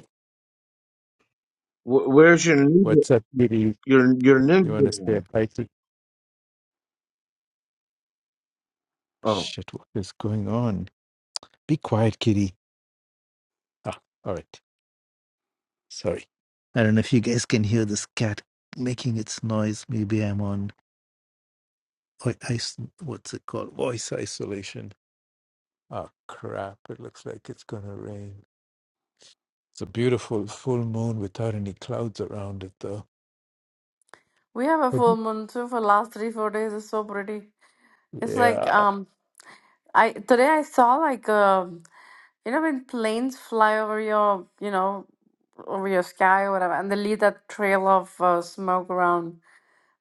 Wh where's your ninja? what's up, kitty? Your your You ninja want to stay mask? a Pikey? Oh. Shit, what is going on? Be quiet, kitty. Ah, all right. Sorry. I don't know if you guys can hear this cat making its noise. Maybe I'm on oi- ice. What's it called? Voice isolation. Ah, crap. It looks like it's going to rain. It's a beautiful full moon without any clouds around it, though. we have a full Mhm. moon too for last three four days it's so pretty it's like Yeah. um i today i saw like a You know, when planes fly over your, you know, over your sky or whatever, and they leave that trail of uh, smoke around.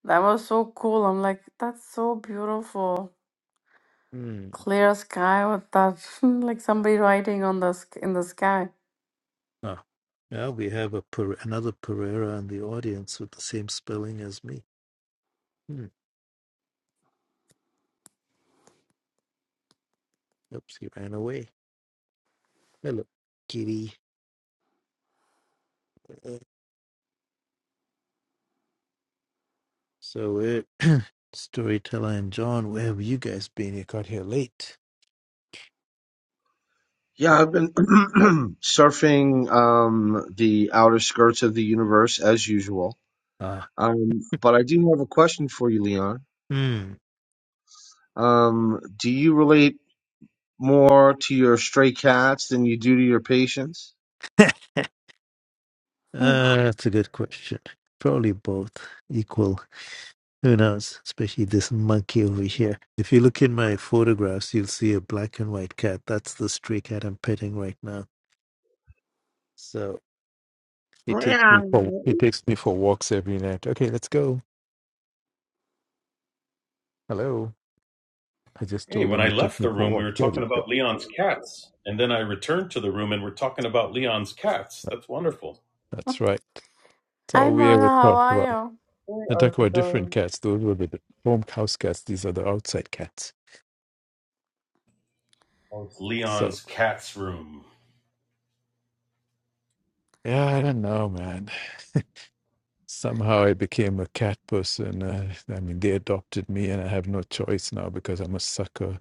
That was so cool. I'm like, that's so beautiful. Hmm. Clear sky with that, like somebody writing on the sk in the sky. Ah. Now we have a per- another Pereira in the audience with the same spelling as me. Hmm. Oops, he ran away. Hello, Kitty. Uh, So, uh, storyteller and John, where have you guys been? You got here late. Yeah, I've been surfing um, the outer skirts of the universe as usual. Ah, Um, but I do have a question for you, Leon. hmm. Um, do you relate more to your stray cats than you do to your patients? Hmm. Uh, that's a good question. Probably both equal. Who knows? Especially this monkey over here. If you look in my photographs, you'll see a black and white cat. That's the stray cat I'm petting right now. So he takes Meow. me for he takes me for walks every night. Okay, let's go. Hello. I just Hey, told when him I you take left me the for a room, we walk. were There talking we about go. Leon's cats, and then I returned to the room and we're talking about Leon's cats. That's wonderful. That's right. So Hi, we Mona, ever how talk are about you? Hey, Nataka Arthur. were different Oh, cats. Those were the home house cats. These are the outside cats. it's So Leon's cats room. yeah, I don't know, man. Somehow I became a cat person. Uh, I mean, they adopted me, and I have no choice now because I'm a sucker.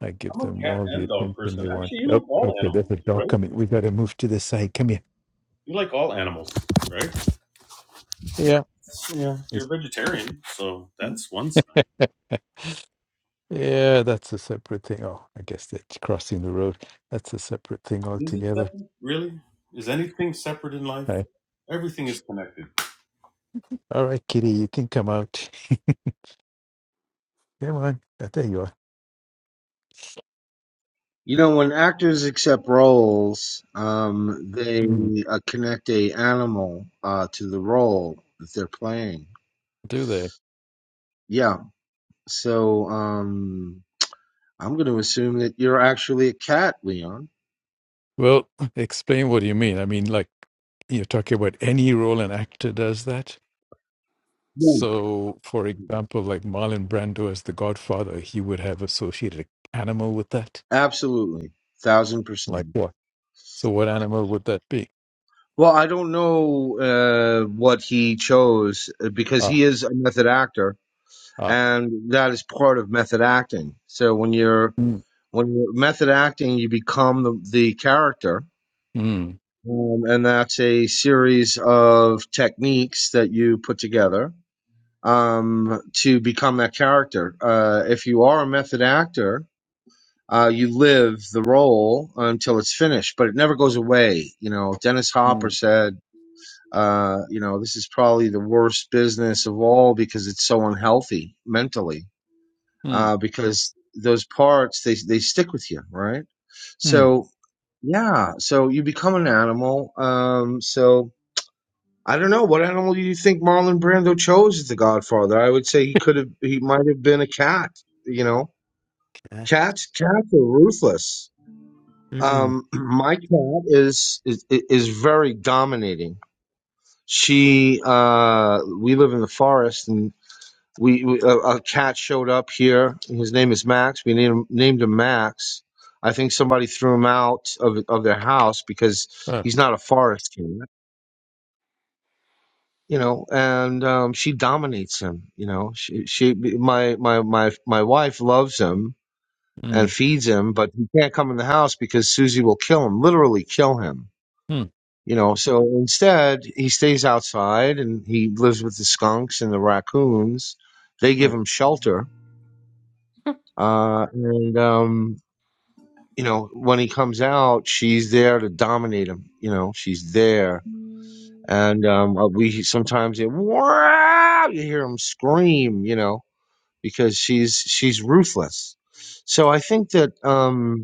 I give I'm a them cat all the and dog attention person. they want. Actually, you Oh, like all okay, there's animals, a dog right? coming. We gotta move to the side. Come here. You like all animals, right? Yeah. Yeah. It's- You're a vegetarian, so that's one sign. yeah, that's a separate thing. Oh, I guess that's crossing the road. That's a separate thing Is it altogether. separate? Really? Is anything separate in life? Everything is connected. All right, Kitty, you can come out. come on. Uh, There you are. You know, when actors accept roles, um, they Mm. uh, connect a animal uh, to the role that they're playing. Do they? Yeah. So um, I'm going to assume that you're actually a cat, Leon. Well, explain what you mean. I mean, like you're talking about any role an actor does that. Yeah. So, for example, like Marlon Brando as the Godfather, he would have associated animal with that. Absolutely, thousand Like percent. what? So, what animal would that be? Well, I don't know uh, what he chose uh, because Ah, he is a method actor, ah. and that is part of method acting. So when you're Mm, when you're method acting, you become the, the character, Mm. um, and that's a series of techniques that you put together um, to become that character. Uh, if you are a method actor, uh, you live the role until it's finished, but it never goes away. You know, Dennis Hopper mm, said, uh, you know, this is probably the worst business of all because it's so unhealthy mentally, Mm. uh, because those parts, they, they stick with you, right? Mm. So, yeah, so you become an animal. Um, so I don't know. What animal do you think Marlon Brando chose as the godfather? I would say he could have, he might have been a cat, you know, cat. cats, cats are ruthless. Mm. Um, my cat is is is very dominating. She, uh, we live in the forest, and we, we a, a cat showed up here. His name is Max. We named named him Max. I think somebody threw him out of of their house because Ah, he's not a forest cat, you know. And um, she dominates him, you know. She, she, my my my my wife loves him and mm. feeds him, but he can't come in the house because Susie will kill him, literally kill him Mm. You know, so instead he stays outside and he lives with the skunks and the raccoons. They Ah. give him shelter. Uh, and, um, you know, when he comes out, she's there to dominate him. You know, she's there. And um, uh, we sometimes hear, wow, you hear him scream, you know, because she's she's ruthless. So I think that um,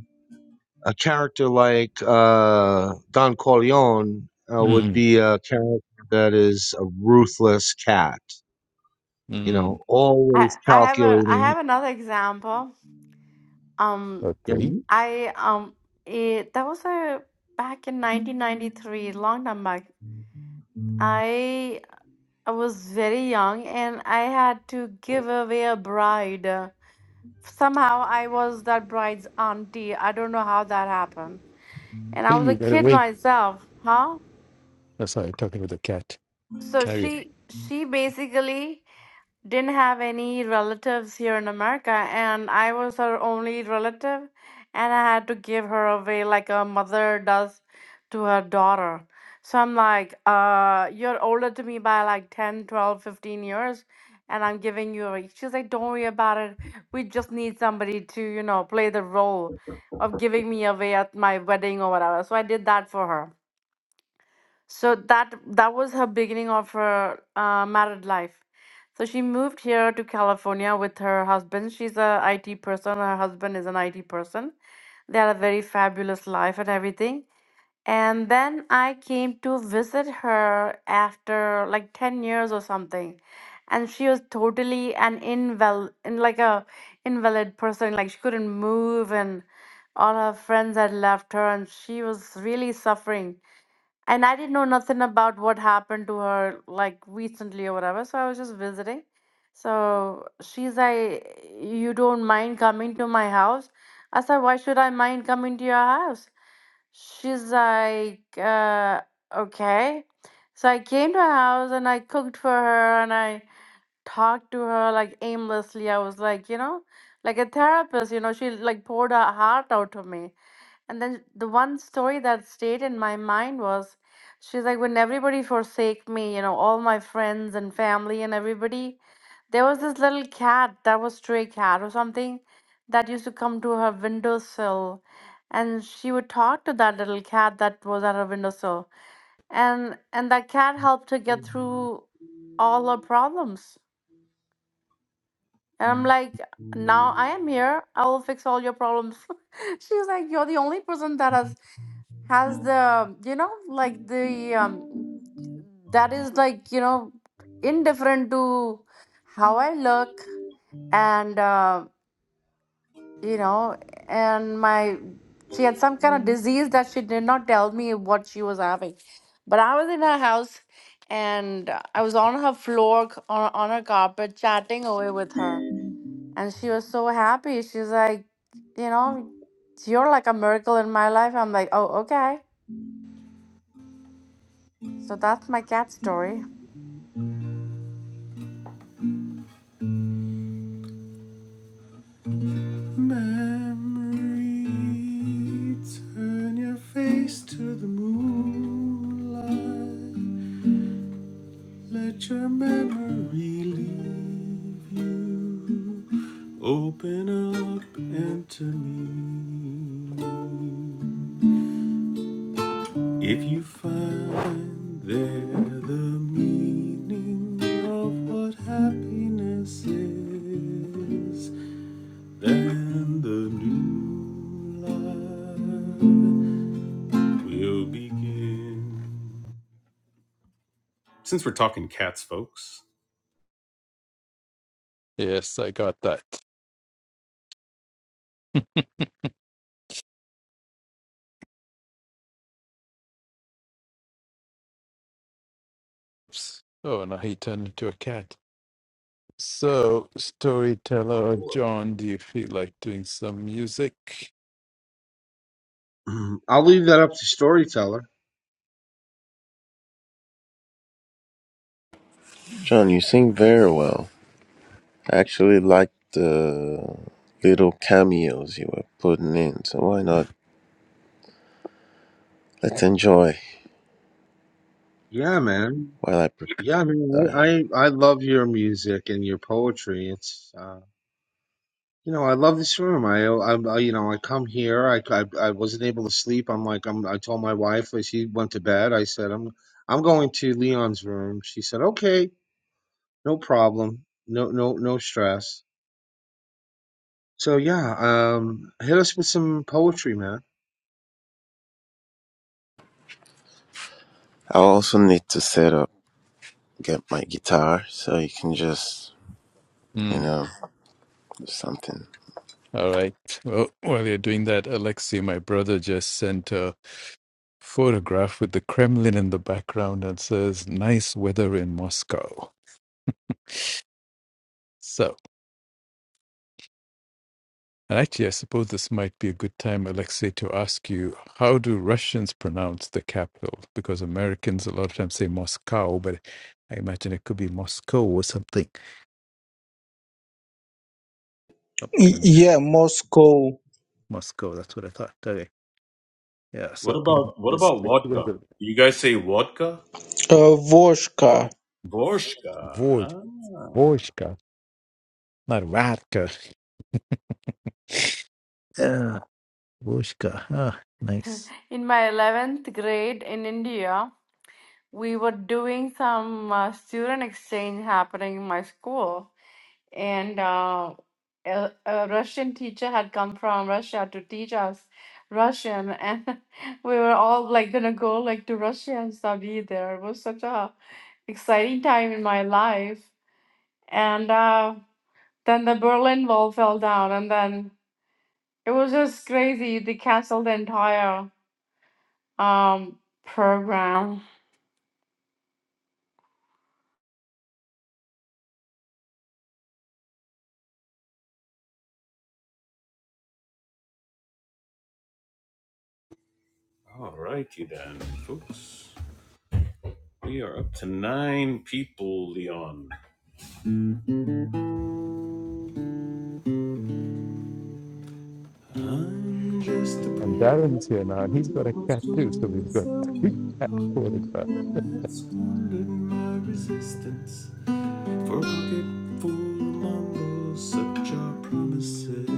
a character like uh, Don Corleone uh, would Mm. be a character that is a ruthless cat, you know, Mm. I always I have a I calculating. have another example. Um, Yeah, Okay. I um, it, that was a back in 1993, long time back. I. I was very young and I had to give away a bride. Uh, Somehow I was that bride's auntie. I don't know how that happened. And I Hey, was a you got kid away. myself, huh? Oh, sorry, talking with a cat So carrier. she she basically didn't have any relatives here in America, and I was her only relative, and I had to give her away like a mother does to her daughter. So I'm like, uh, you're older to me by like 10, 12, 15 years, and I'm giving you away. She's like, don't worry about it. We just need somebody to, you know, play the role of giving me away at my wedding or whatever. So I did that for her. So that that was her beginning of her uh, married life. So she moved here to California with her husband. She's a IT person. Her husband is an IT person. They had a very fabulous life and everything. And then I came to visit her after like 10 years or something. And she was totally an invalid, in like a invalid person. Like she couldn't move and all her friends had left her and she was really suffering and I didn't know nothing about what happened to her like recently or whatever. So I was just visiting. So she's like, You don't mind coming to my house? I said, Why should I mind coming to your house? She's like, uh, Okay. So I came to her house and I cooked for her and I talked to her like aimlessly. I was like, You know, like a therapist, you know, she like poured her heart out to me. And then the one story that stayed in my mind was she's like, when everybody forsake me, you know, all my friends and family and everybody, there was this little cat that was stray cat or something that used to come to her windowsill and she would talk to that little cat that was at her windowsill. And and that cat helped her get through all her problems. And I'm like, now I am here. I will fix all your problems. She's like, you're the only person that has has the you know like the um that is like you know indifferent to how i look and uh, you know and my she had some kind of disease that she did not tell me what she was having but i was in her house and uh, i was on her floor c- on, on her carpet chatting away with her and she was so happy she's like you know you're like a miracle in my life i'm like oh okay So that's my cat story. Memory, turn your face to the moonlight. Let your memory leave you. Open up into me. If you find there the meaning of what happiness is, then the new life will begin. Since we're talking cats, folks, Yes, I got that. Oops. Oh, now he turned into a cat. So, storyteller what John, do you feel like doing some music? Mhm. I'll leave that up to storyteller. John, you sing very well. I actually like the little cameos you were putting in, so why not? Let's enjoy Yeah, man. while I prepare. Yeah, I mean, I I, I love your music and your poetry. It's uh, you know, I love this room. I, I, I you know, I come here. I, I, I wasn't able to sleep. I'm like, I'm, I told my wife. like, She went to bed. I said, I'm, I'm going to Leon's room. She said, okay. No problem. No, no, no stress. So yeah, um, hit us with some poetry, man. I also need to set up, get my guitar, so you can just, you Hmm. know, do something. All right. Well, while you're doing that, Alexei, my brother, just sent a photograph with the Kremlin in the background and says, "Nice weather in Moscow." So, And actually, I suppose this might be a good time, Alexei, to ask you how do Russians pronounce the capital? Because Americans a lot of times say Moscow, but I imagine it could be Moscow or something. Oh, Y- pardon me, yeah moscow Moscow, that's what I thought. Okay. Yeah, so apparently about what there's about an vodka? equivalent. you guys say vodka? uh, voshka Vo- Borshka. Vo- Ah, Vojka, not Vatka. Yeah, Vojka. Ah, nice. In my 11th grade in India, we were doing some uh, student exchange happening in my school. And uh, a, a Russian teacher had come from Russia to teach us Russian. And we were all like gonna go like to Russia and study there. It was such a exciting time in my life. And uh, then the Berlin Wall fell down, and then it was just crazy. They canceled the entire um program all righty then, folks. We are up to nine people, Leon. I'm just a And poor Darren's here now, and he's got a old cat too, so soul we've got three from the cat pole photographs. that's squandered my resistance for a pocket full of mumbles, such are promises.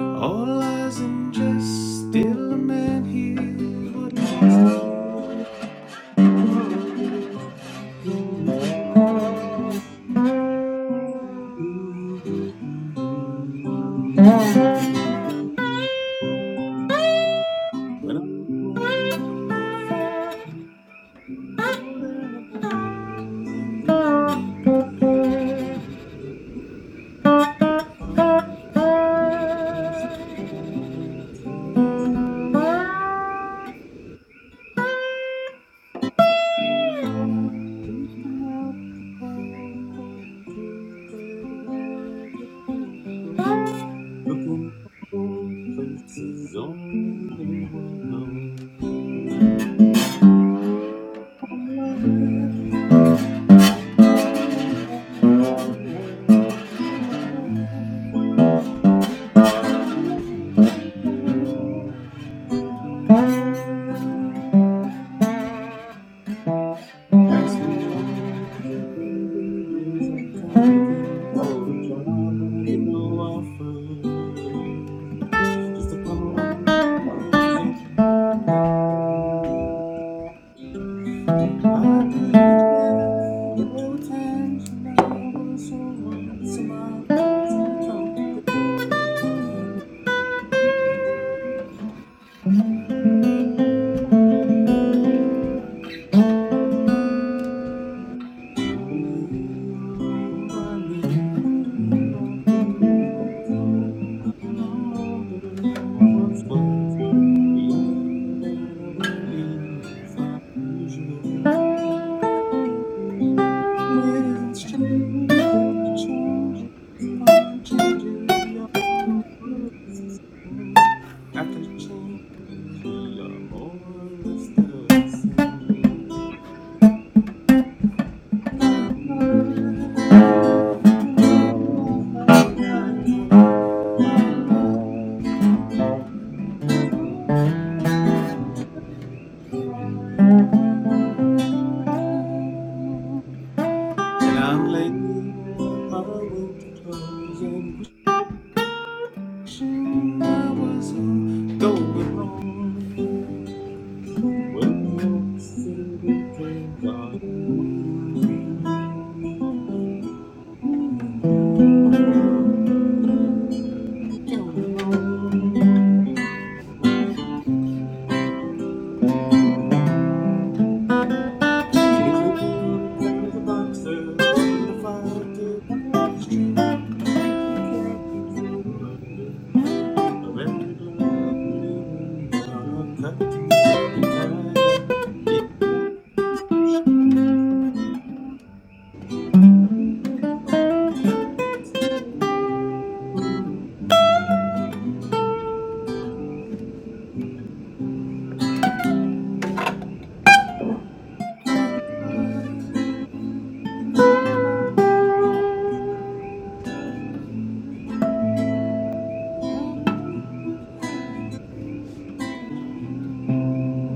All lies and jest, still a man hears what he wants to hear. The dark When I'm looking for places only one knows. As the moments and I'm looking for the trouble you know I Just a couple of miles on that road. I do declare there were times when I was so lost and I took some time to get over me. But I knew I was older than once was. When strange after change, upon changes, your memory is the same. After change, we are more or less the same. And I'm laying my winter clothes and wishing I was home, going home. Well, I'm in the garden, going home. In the clean of the boxer and the fire to what is true. You can't be so right. Of every blood bleeding down, I cut to each other tied up in the tide of it.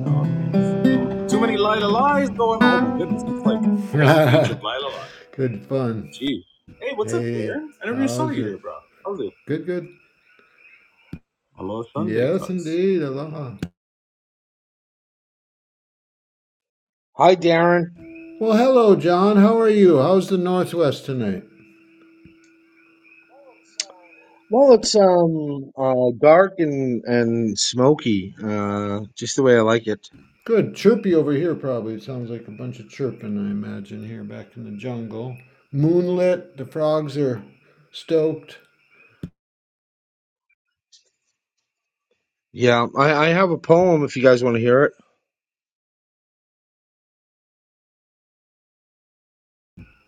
Oh man, this is going too many Lila lies going. Oh my goodness, it's like a whole page of Lila lies. good fun. Gee, hey, what's up, Hey, Darren? I never even saw how's you it? there, bro. How's it? Good, good. Hello, Sunday, Yes, cuz. indeed. Aloha. Hi, Darren. Well, hello, John. How are you? How's the Northwest tonight? Well, it's um uh dark and and smoky, uh, just the way I like it. Good. Chirpy over here, probably. It sounds like a bunch of chirping, I imagine, here back in the jungle. Moonlit. The frogs are stoked. Yeah, I I have a poem if you guys want to hear it.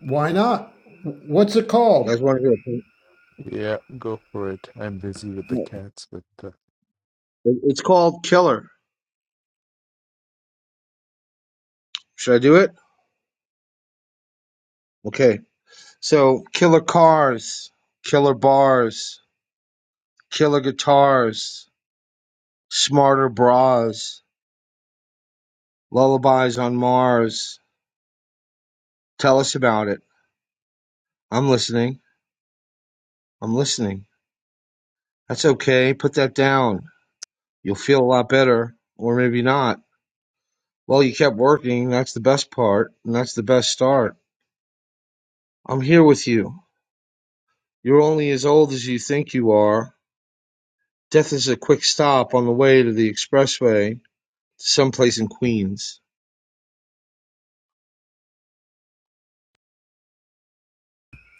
Why not? What's it You called? guys want to hear it? Yeah, go for it. I'm busy with the No. cats, but It- It's called Killer. Should I do it? Okay. So, killer cars, killer bars, killer guitars, smarter bras, lullabies on Mars. Tell us about it. I'm listening. I'm listening. That's okay. Put that down. You'll feel a lot better, or maybe not. Well, you kept working. That's the best part, and that's the best start. I'm here with you. You're only as old as you think you are. Death is a quick stop on the way to the expressway to someplace in Queens.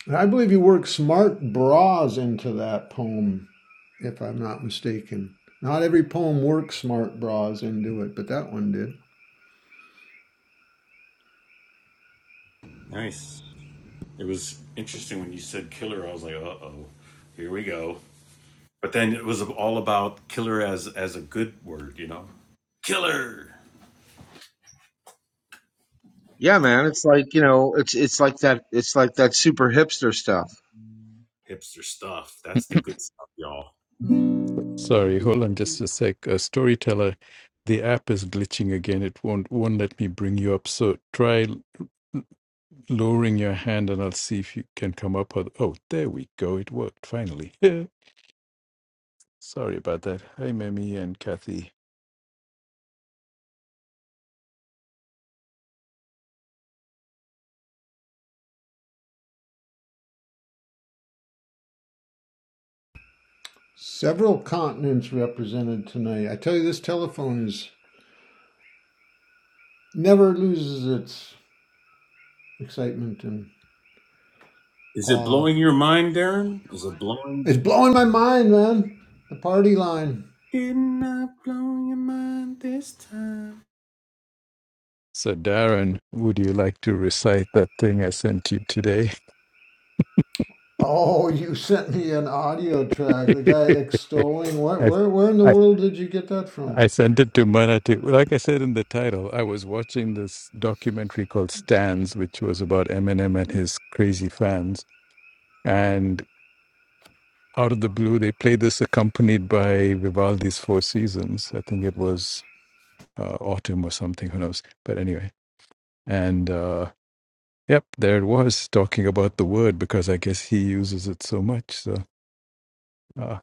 And I believe you worked smart bras into that poem, if I'm not mistaken. Not every poem works smart bras into it, but that one did. Nice. It was interesting when you said killer. I was like, uh oh, here we go. But then it was all about killer as as a good word, you know. Killer, Yeah, man. It's like you know. It's it's like that. It's like that super hipster stuff. hipster stuff. That's the uh, good stuff, y'all. Sorry, hold on just a sec. Uh, Storyteller, the app is glitching again. It won't won't let me bring you up. So try l- lowering your hand, and I'll see if you can come up. With, oh, there we go. It worked finally. Yeah. Sorry about that. Hi, Mimi and Kathy. Several continents represented tonight. I tell you, this telephone is never loses its excitement and Is it awe. blowing your mind, Darren? Is it blowing your It's blowing mind? my mind, man. The party line. Did not blow your mind this time. So, Darren, would you like to recite that thing I sent you today? Oh, you sent me an audio track. The guy extolling. What? I, where, where in the I world did you get that from? I sent it to Marathi. Like I said in the title, I was watching this documentary called Stans, which was about Eminem and his crazy fans. And out of the blue, they played this accompanied by Vivaldi's Four Seasons. I think it was uh, autumn or something, who knows. But anyway, and uh, yep, there it was talking about the word because I guess he uses it so much. So, uh,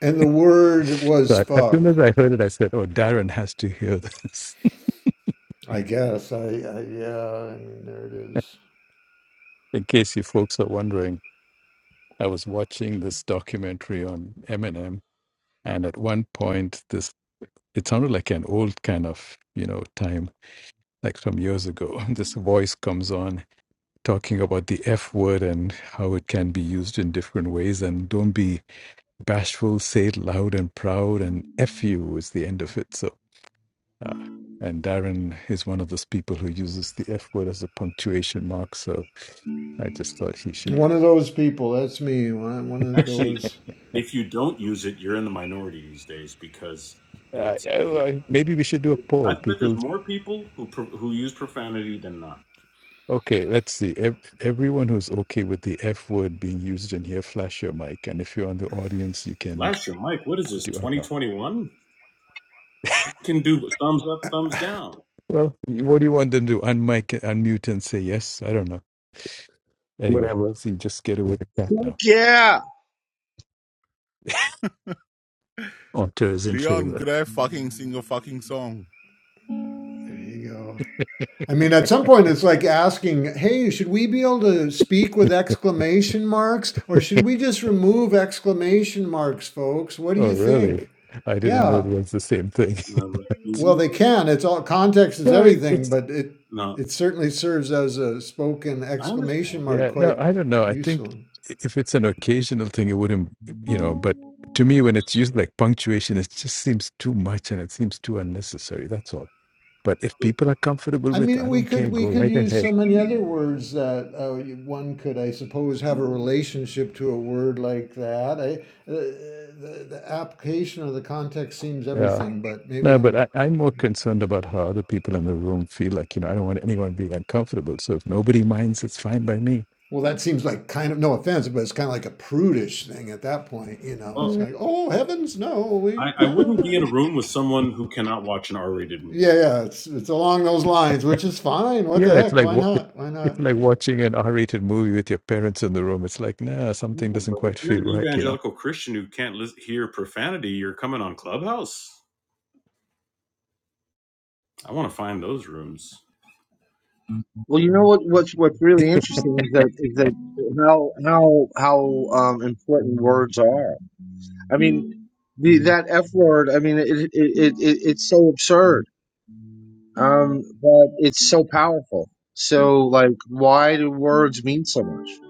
And the word so was I, as soon fuck. as I heard it, I said, "Oh, Darren has to hear this." I guess I, I yeah. I mean, there it is. In case you folks are wondering, I was watching this documentary on Eminem, and at one point, this it sounded like an old kind of you know time, like some years ago. This voice comes on talking about the F word and how it can be used in different ways, and don't be bashful, say it loud and proud, and F you is the end of it. So. Uh, and Darren is one of those people who uses the F word as a punctuation mark, so I just thought he should. One of those people. That's me. One one of Actually. those. if you don't use it, you're in the minority these days because Uh, it's. yeah, well, I- maybe we should do a I poll. bet there's People, more people who pro- who use profanity than not. okay, let's see. Ev- everyone who's okay with the F word being used in here, flash your mic. And if you're on the audience, you can Last year, Mike, what is this? do, I don't know. 2021 can do thumbs up, thumbs down. Well, what do you want them to do? Unmic, unmute and say yes? I don't know. Anyway, whatever. see, just get away with that Fuck now. yeah. Onto is in Leon, favor. could I fucking sing a fucking song? There you go. I mean, at some point, it's like asking, "Hey, should we be able to speak with exclamation marks, or should we just remove exclamation marks, folks? What do you Oh, really? think?" I didn't know it Yeah. was the same thing. And I was like, Well, they "Mhm." can. It's all context is No, it, everything, it's but it No, it certainly serves as a spoken I exclamation understand. mark, Yeah, no, quite I don't know. I think useful. if it's an occasional thing, it wouldn't, you know, but to me, when it's used like punctuation, it just seems too much and it seems too unnecessary. That's all. But if But, people are comfortable I with, mean, I we don't could care, we go could right use so ahead. many other words that uh, you- one could, I suppose, have a relationship to a word like that. I, uh, the, the application of the context seems Yeah. everything, but maybe No, but I'm. I, I'm more concerned about how other people in the room feel like, you know, I don't want anyone being uncomfortable. So if nobody minds, it's fine by me. Well, that seems like kind of no offense, but it's kind of like a prudish thing at that point. You know, it's well, like, oh heavens, no, I, we I can't have wouldn't be in a that. room with someone who cannot watch an R-rated Yeah, movie. yeah, it's it's along those lines, which is fine. What Yeah, the it's heck? like Why wa- it- not? Why it's not? like watching an R-rated movie with your parents in the room. It's like, nah, something No, doesn't but if quite you're feel an right, you know. evangelical Christian who can't lis- hear profanity, you're coming on Clubhouse. I want to find those rooms. Well, you know what? What's what's really interesting is that is that how how how um, important words are. I mean, the that F word. I mean, it, it it it it's so absurd, um, but it's so powerful. So, like, why do words mean so much?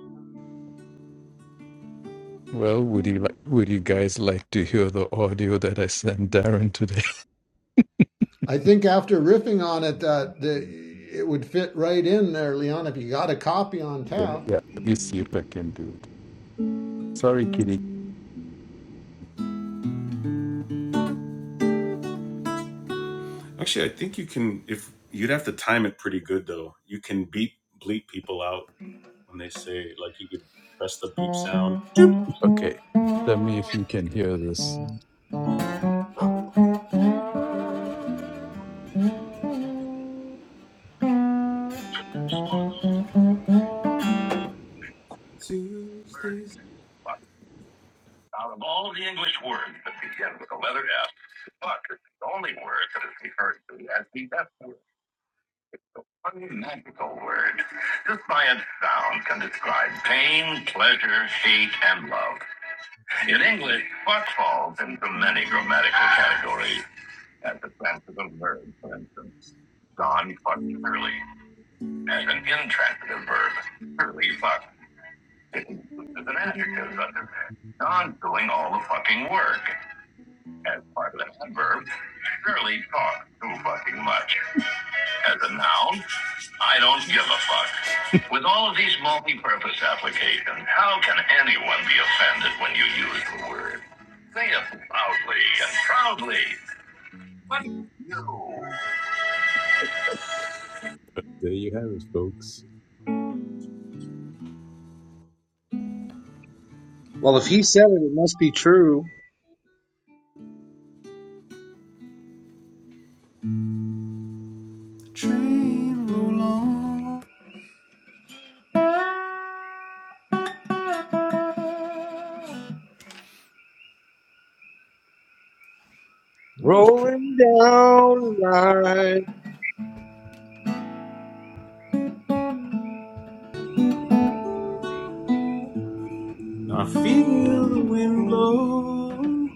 Well, would you like would you guys like to hear the audio that I sent Darren today? I think after riffing on it, that the, it would fit right in there, Leon. If you got a copy on Okay, tap, yeah, let me see if I can do it. Sorry, Kitty. Actually, I think you can. If you'd have to time it pretty good though, you can beep bleep people out when they say like you could press the beep sound. Doop. Okay. Tell me if you can hear this. Word, Tuesdays but Out of all the English words that begin with the letter F, but is the only word that is referred to as the F word. One magical word. This by its sound can describe pain, pleasure, hate, and love. In English, but falls into many grammatical categories. at the transitive verb, for instance. John fucked Curly as an intransitive verb. Curly fucked is an adjective under there. John's doing all the fucking work as part of an adverb. Curly talks too fucking much. As a noun, I don't give a fuck. With all of these multi-purpose applications, how can anyone be offended when you use the word? Say it loudly and proudly. What do you? There you have it, folks. Well, if he said it, it must be true. train roll on. that was pretty. Rolling down the line. Now I feel the wind blow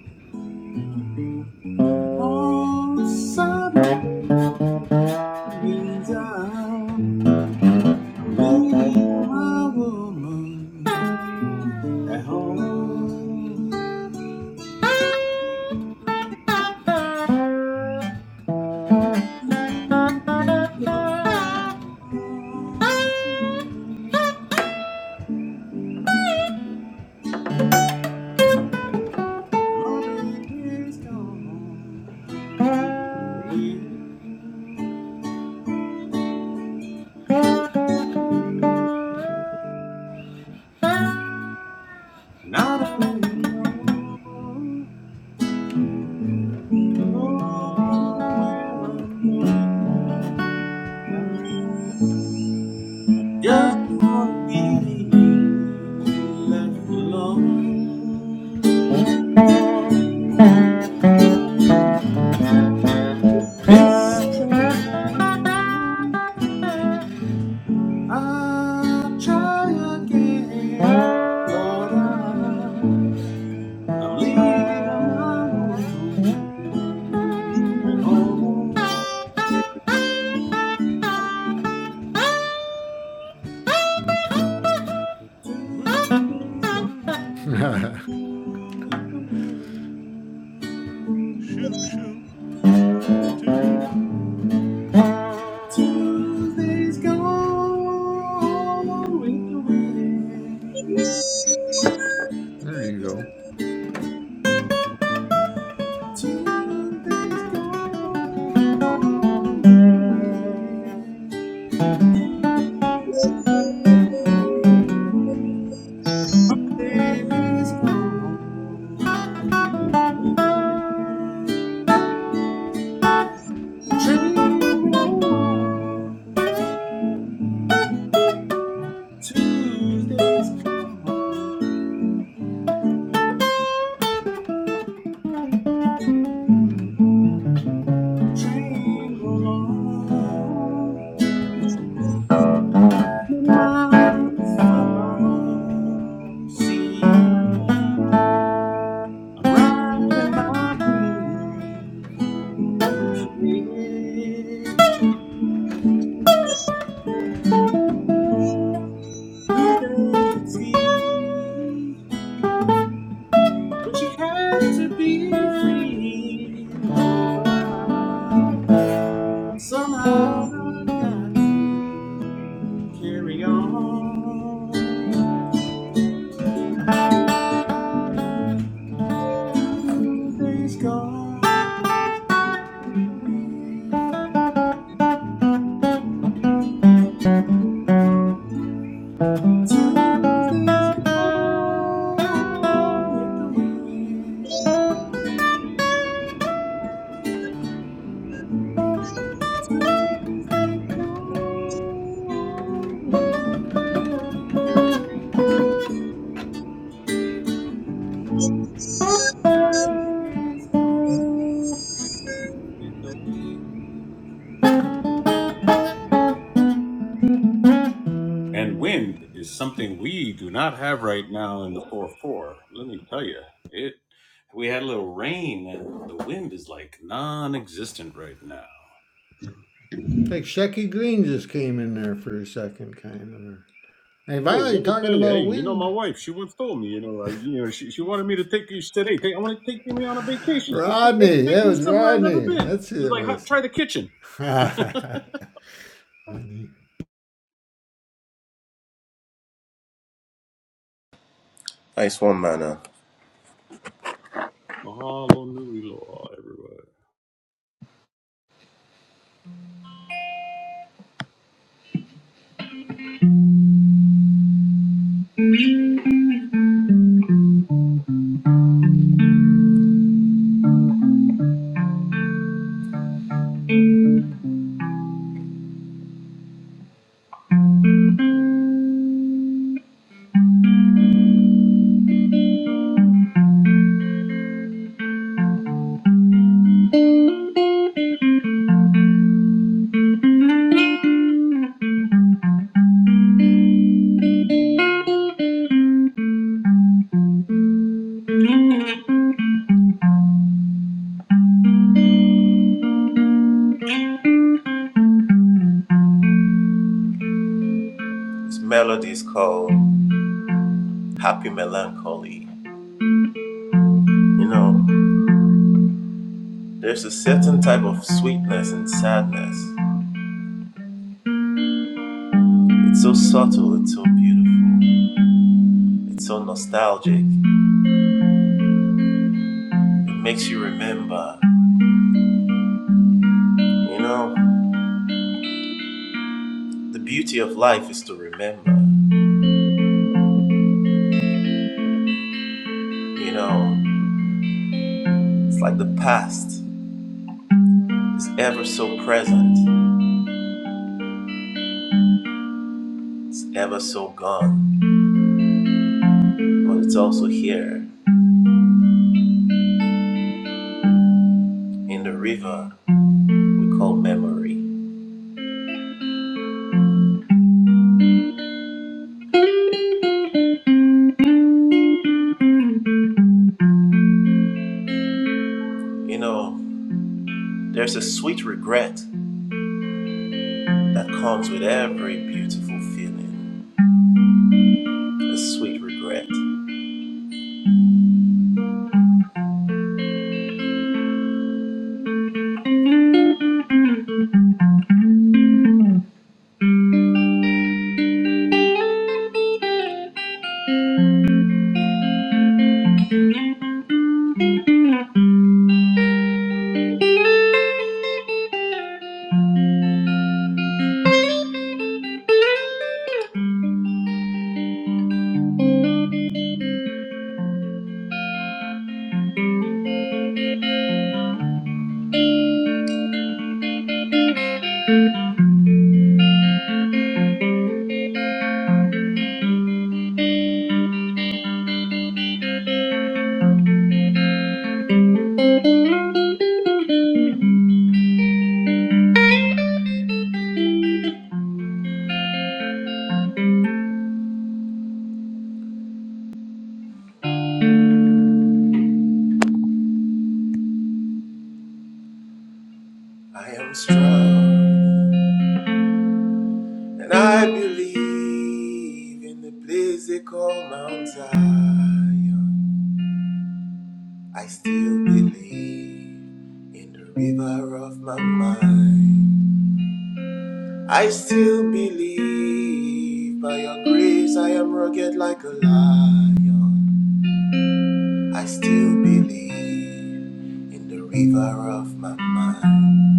outside my means I'm leaving my woman at home. And I don't know where I'm going. I just wanna be left alone. This train, I will try again, Lord. I I'm leaving my home. Home. Please go there with me. Tuesday's gone with the wind. you go. Tuesday's gone with the wind. Baby's gone with the wind. Train roll on, Tuesday's gone. Train roll on, many miles from my home. See, I'm riding my blues. Yeah, Tuesday you easy, but she had to be free, Lord. I Somehow I've got to carry on. Tuesday's gone. the wind. Tuesday's gone with the wind. Tuesday gone with the wind. Tuesday's gone with the wind. And wind is something we do not have right now in the 4 4. Let me tell you, it. we had a little rain, and the wind is like non existent right now. Like Shecky Green just came in there for a second, kind of. or- Hey, Hey, Violet, you let me talking tell you, hey, about you know, my wind. wife, she once told me, you know, uh, you know, she, she wanted me to take you, she said, hey, take, I want to take me on a vacation. She said, hey, Rodney, take yeah, it me was somewhere I've never Rodney. been. That's who It's it like, hot. was. try the kitchen. Mahalo Rodney. Nice one, Mana. nui loa, everywhere. This melody is called Happy Melancholy. You know, there's a certain type of sweetness and sadness. It's so subtle, it's so beautiful, it's so nostalgic. makes you remember. You know, the beauty of life is to remember. You know, it's like the past is ever so present, it's ever so gone, but it's also here in the river we call memory. You know, there's a sweet regret that comes with every beautiful feeling. A sweet regret. I am strong, and I believe in the place they call Mount Zion. I still believe in the river of my mind. I still believe by your grace I am rugged like a lion. I still believe in the river of my mind.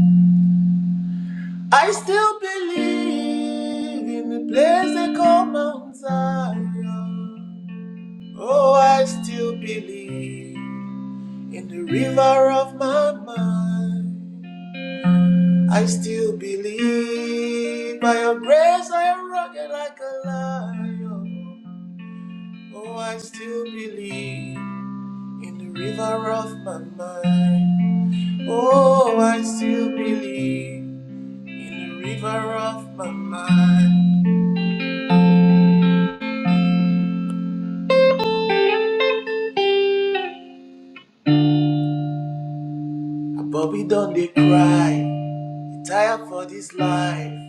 I still believe in the place they call Mount Zion. Oh, I still believe in the river of my mind. I still believe by your grace I am rugged like a lion. Oh, I still believe in the river of my mind. Oh, I still believe in the river of my mind. A Bobby done they cry, he tired for this life.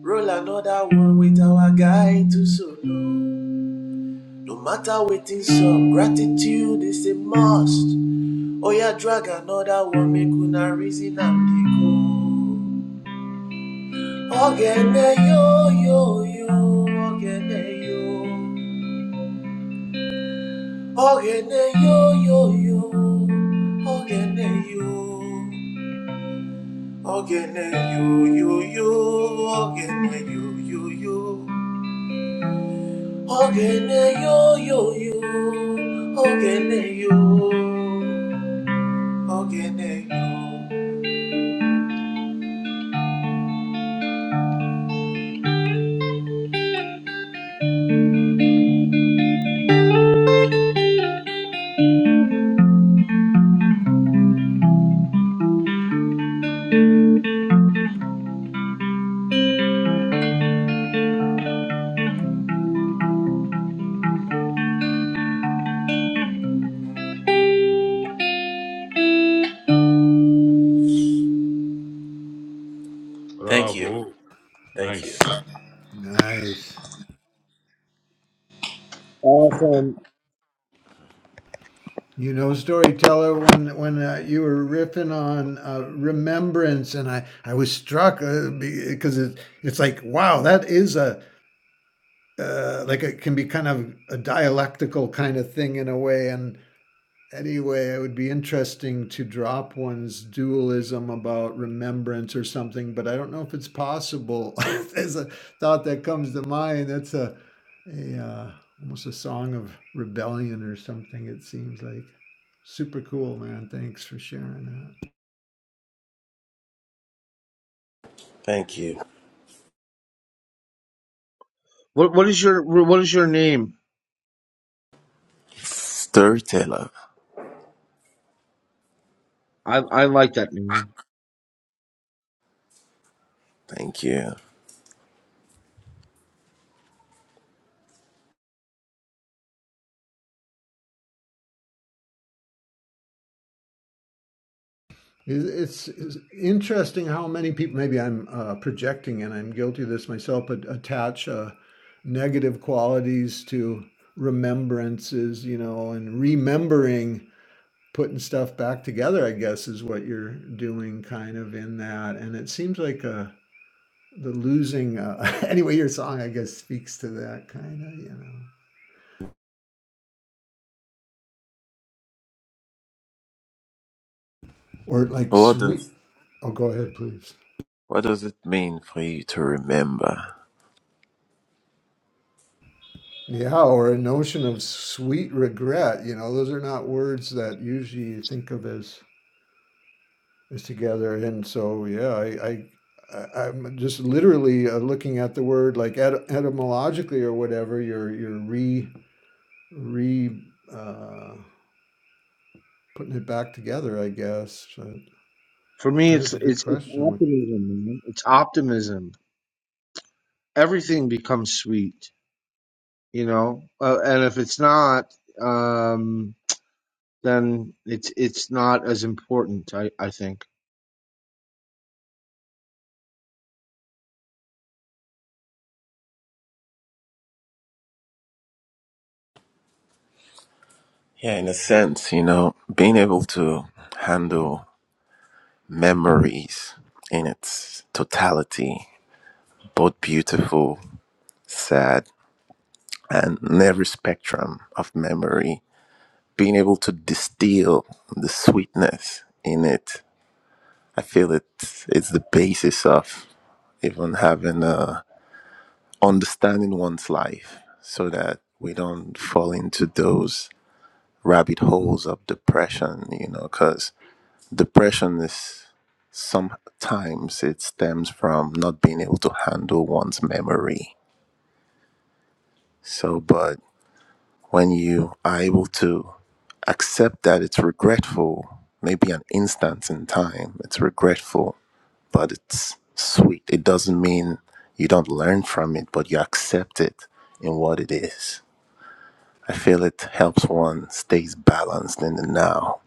Roll another one with our guy to solo. No matter waiting some gratitude is a must. Oya drag another one make una reason am dey go. Ogene yo yo yo, ogene yo, ogene yo yo yo, ogene yo, ogene yo yo yo, ogene yo yo yo, ogene yo yo yo, ogene yo, ogene yo. Thank you, Bravo. thank you, Nice. Nice. Awesome. You know, storyteller, when when uh, you were riffing on uh, remembrance, and I I was struck uh, because it, it's like wow, that is a uh, like it can be kind of a dialectical kind of thing in a way, and anyway, it would be interesting to drop one's dualism about remembrance or something, but I don't know if it's possible. There's a thought that comes to mind. That's a, a uh, almost a song of rebellion or something. It seems like super cool, man. Thanks for sharing that. thank you. What what is your what is your name? Storyteller. I I like that name. Thank you. It's, it's interesting how many people. Maybe I'm uh, projecting, and I'm guilty of this myself, but attach uh, negative qualities to remembrances you know and remembering putting stuff back together, I guess, is what you're doing kind of in that. And it seems like uh, the losing, uh, anyway, your song, I guess, speaks to that kind of, you know, or like What sweet. does Oh, go ahead, please. what does it mean for you to remember? Yeah, or a notion of sweet regret. You know, those are not words that usually you think of as, as together. And so, yeah, I, I I- I'm just literally uh, looking at the word like et- etymologically or whatever. You're you're re re uh, putting it back together, I guess. But For me, it's that's a good it's it's question. optimism, man. It's optimism everything becomes sweet, you know. Uh, and if it's not, um, then it's it's not as important. I I think. Yeah, in a sense, you know, being able to handle memories in its totality, both beautiful, sad, and in every spectrum of memory, being able to distill the sweetness in it. I feel it it's the basis of even having a understanding one's life so that we don't fall into those rabbit holes of depression you know because depression is sometimes it stems from not being able to handle one's memory so but when you are able to accept that it's regretful maybe an instance in time it's regretful but it's sweet it doesn't mean you don't learn from it but you accept it in what it is I feel it helps one stays balanced in the now.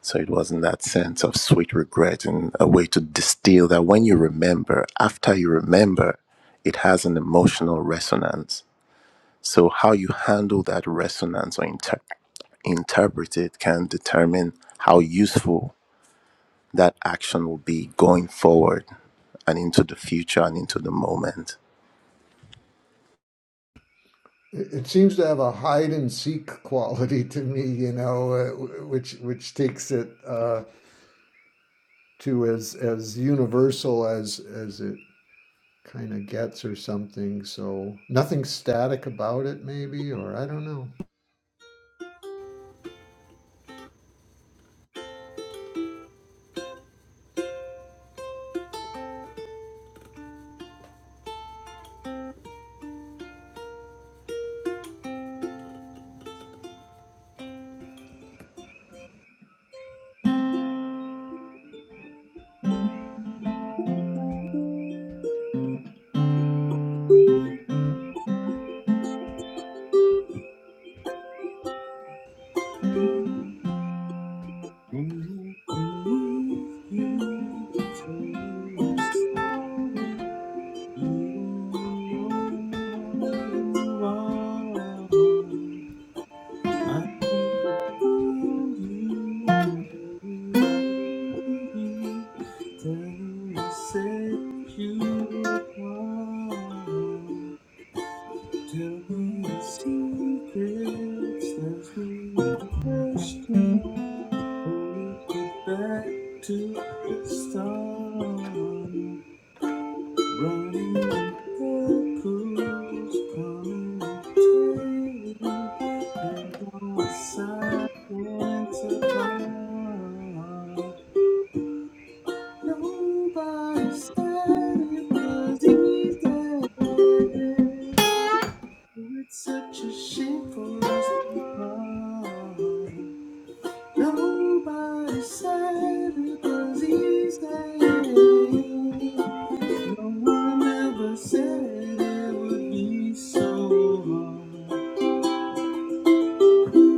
So it was in that sense of sweet regret and a way to distill that when you remember, after you remember, it has an emotional resonance. So how you handle that resonance or inter- interpret it can determine how useful that action will be going forward and into the future and into the moment. It seems to have a hide and seek quality to me, you know, uh, which which takes it uh, to as as universal as as it kind of gets or something. So nothing static about it, maybe, or I don't know. Set you apart. Tell me you said you were blind. Tell me your secrets, there's no question. We get back to the start, running in circles, coming and tail, and going silence upon. Nobody said it was easy. It's such a shame for us to part. Nobody said it was easy. No one ever said it would be so hard.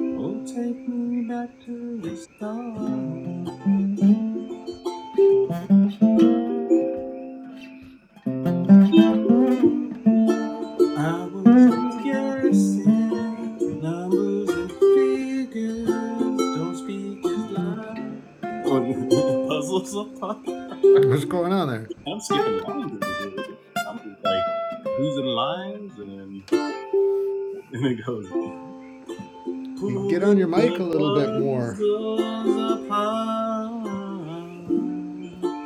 Oh, take me back to the start. I was guessing numbers and figures. Don't speak as loud. Or the puzzles apart. What's going on there? I'm skipping along over here. with it. I'm just like losing lines and, and it goes. You get on your pulling the mic a little bit more. puzzles apart.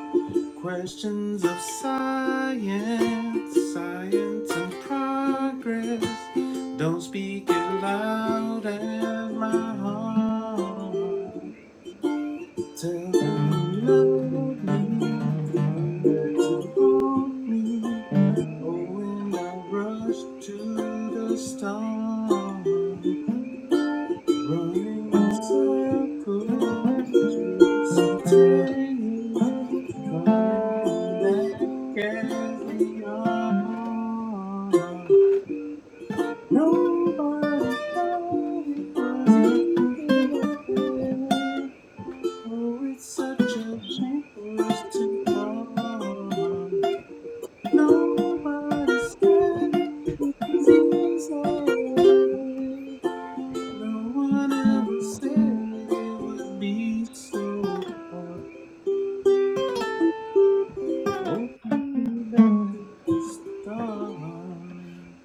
Questions of science, science and progress. Don't speak it loud as my heart. Tell me you love me and that you want me. Oh, when I rush to the stars. Running in circles, twisting, turning, coming in that carry on. Nobody thought it was easy. Oh, it's such a shame for us to fall. Nobody said it was easy. No one ever said it would be so hard. Oh, me back to the start.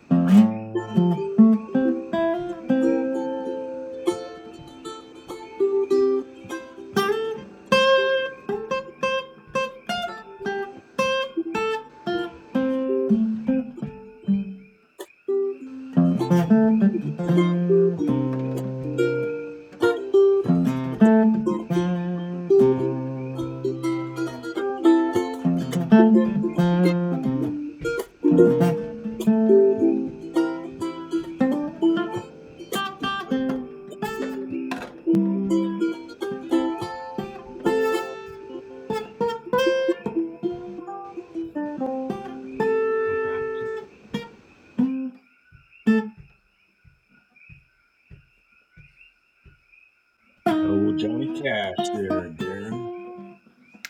Oh, Johnny Cash there, Darren.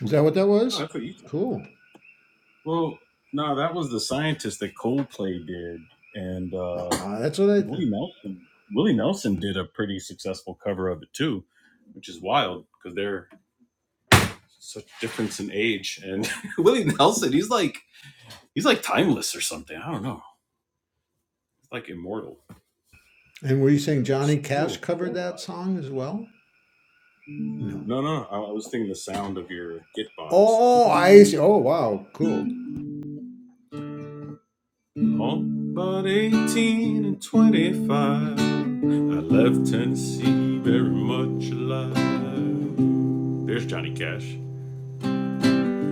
Is that what that Oh, was? that's what you thought. Cool. Well, no, that was the scientist that Coldplay did, and Uh, uh, uh, that's what I. Th- Willie Nelson. Willie Nelson did a pretty successful cover of it too, which is wild because they're such difference in age. And Willie Nelson, he's like he's like timeless or something. I don't know. He's like immortal. and were you saying Johnny Cash Still, still covered that song as well? No. No, no, I I was thinking the sound of your Gitbox. Oh, I see. Oh, wow. Cool. Oh, about 18 and 25, I left Tennessee very much alive. There's Johnny Cash.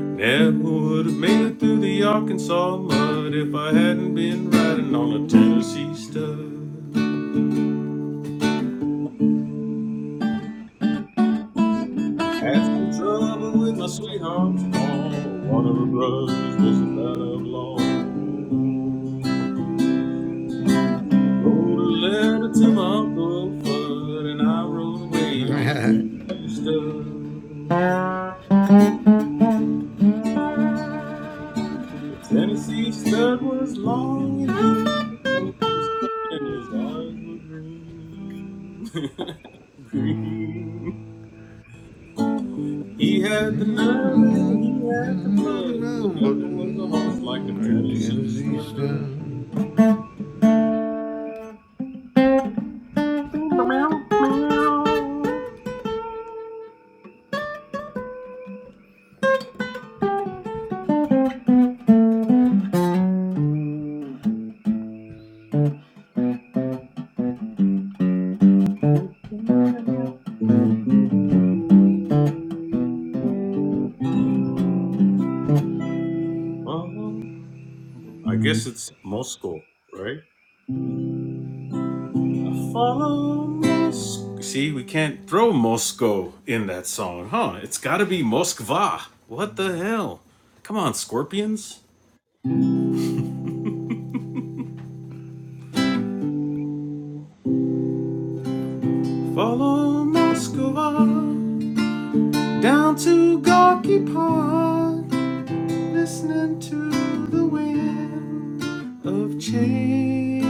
Never would have made it through the Arkansas mud if I hadn't been riding on a Tennessee stud. Had some trouble with my sweetheart's ball. One of her brothers was a bad outlaw. Wrote a letter to my Uncle Fudd, and I rode away on a Tennessee stud. Tennessee stud was long and lean, and his eyes were green, green. He had the nerve and he had the blood. There never was a horse like a Tennessee stud. Meow, meow, meow. Well, I guess it's Moscow, right? See, we can't throw Moscow in that song, huh? It's gotta be Moskva. What the hell? Come on, Scorpions. Follow Moskva down to Gorky Park, listening to the wind of change.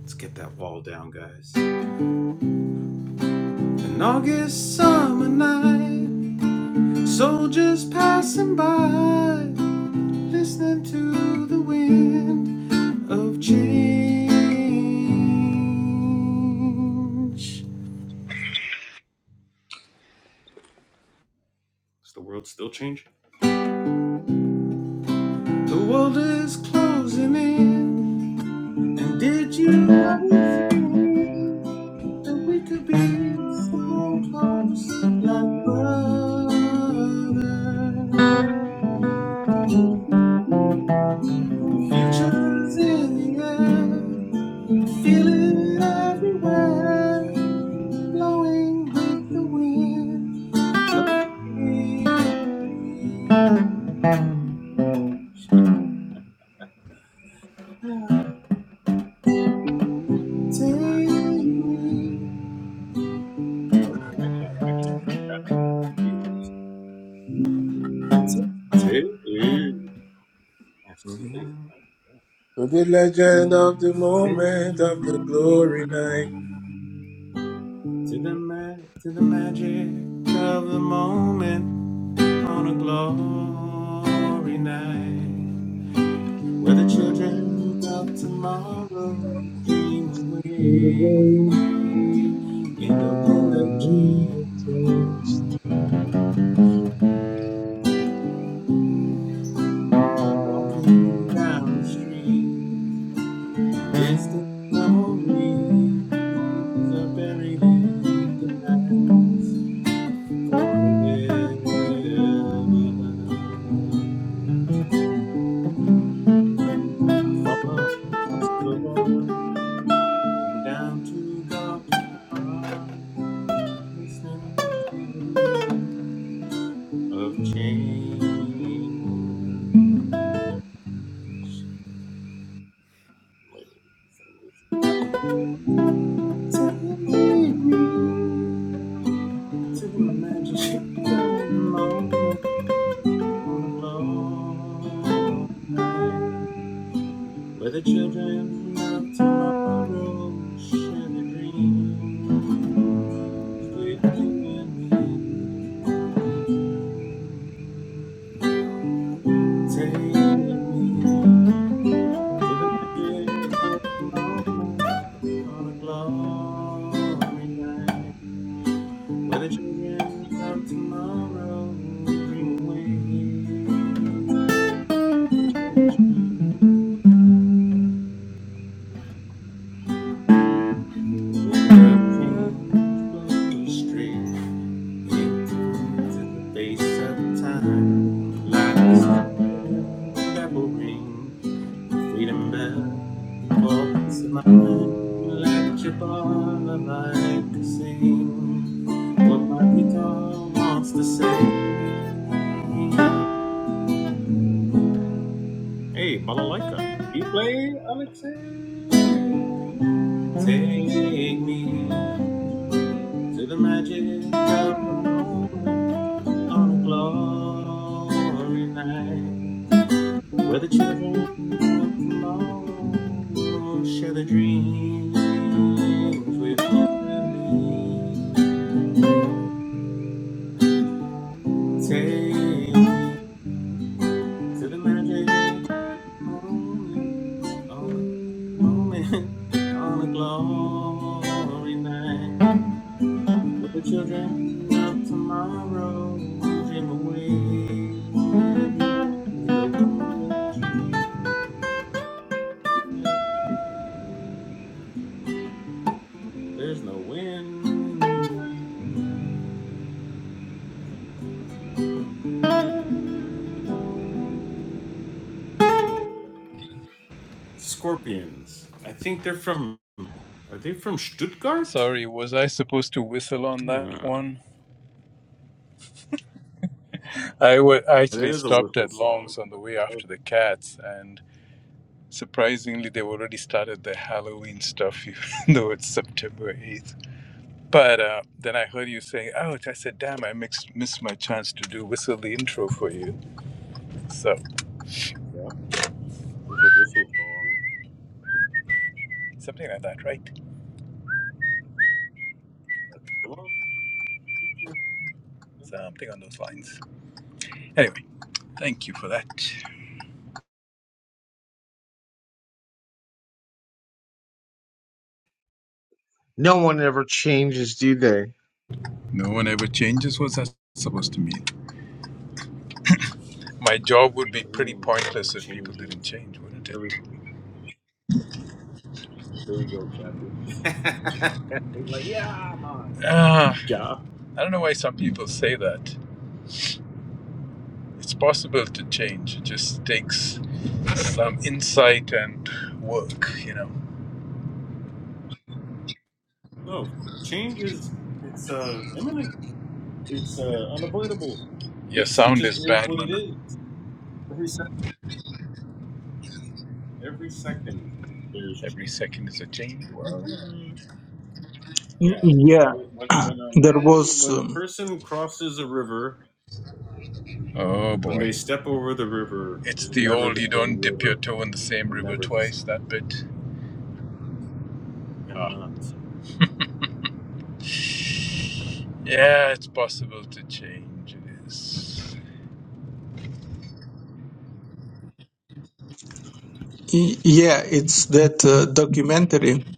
Let's get that wall down, guys. An August summer night, soldiers passing by, Listening to the wind of change. Is the world still changing? The world is closing in. Did you ever think the world close like brother? Futures in the air, feel it everywhere, blowing with the wind. Oh, I can't. Take me To the legend of the moment of the glory to the- Where the children of tomorrow dream away in the window dream, walking down the street, distant memories are buried in the past. forever. Follow the Lord down to Golgotha, listen to the wind of change. Wait. Take me to the magic of the moment, on the glow of night. Where the children of tomorrow share their dreams. With you and me, take me to the magic of the moment on a glory night. Where the children of tomorrow dream away. With the change, with the change, blue street. Get the face of time. Lies devil ring. Freedom bell for peace of mind. Let your ball of light to sing. What my guitar wants to say. Hey, balalaika. You play, Alexei? Take me to the magic of the moment on a glory night. Whether children of tomorrow share the dreams we're Take me to the magic moment, on the moment, on the glory night. Where the children of tomorrow dream away. There's no wind. Scorpions. I think they're from Are they from Stuttgart? Sorry, was I supposed to whistle on Hmm. that one? I w- It actually is a stopped whistle at song. Long's on the way after the cats, and surprisingly, they've already started the Halloween stuff, even though it's September 8th. But uh, then I heard you saying, ouch, I said, damn, I mixed, missed my chance to do whistle the intro for you. So, Yeah, it's a whistle song. right I thing on those. Thank you. No one ever changes, do they? No one ever changes. What's that supposed to mean? My job would be the pretty wind. pointless It if people changes. didn't change, wouldn't it? Every, there you go, Kathy. Ah, Yeah. I don't know why some people say that. It's possible to change. It just takes some insight and work, you know. No, change is it's uh imminent. It's uh unavoidable. Your It's it sound just is is bad, what it man. is. Every second, every second, there's Every change. second is a change. Wow. Y- Yeah. yeah When, when when a there man, was when a um, person crosses a river, Oh when they boy. step over the river, It's it's the never old the you same don't dip your river, toe in the same and river never the twice, same. that bit. Cannot. Yeah, it's possible to change. It is. y- yeah it's that uh, documentary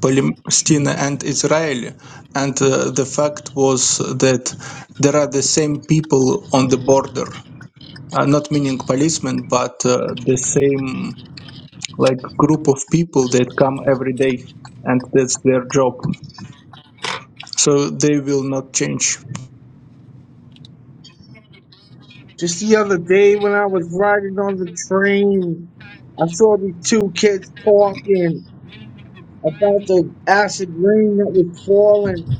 palestine and israel and uh, the fact was that there are the same people on the border uh, not meaning policemen, but uh, the same like group of people that come every day and that's their job. So they will not change. Just the other day when I was riding on the train, I saw these two kids talking about the acid rain that was falling.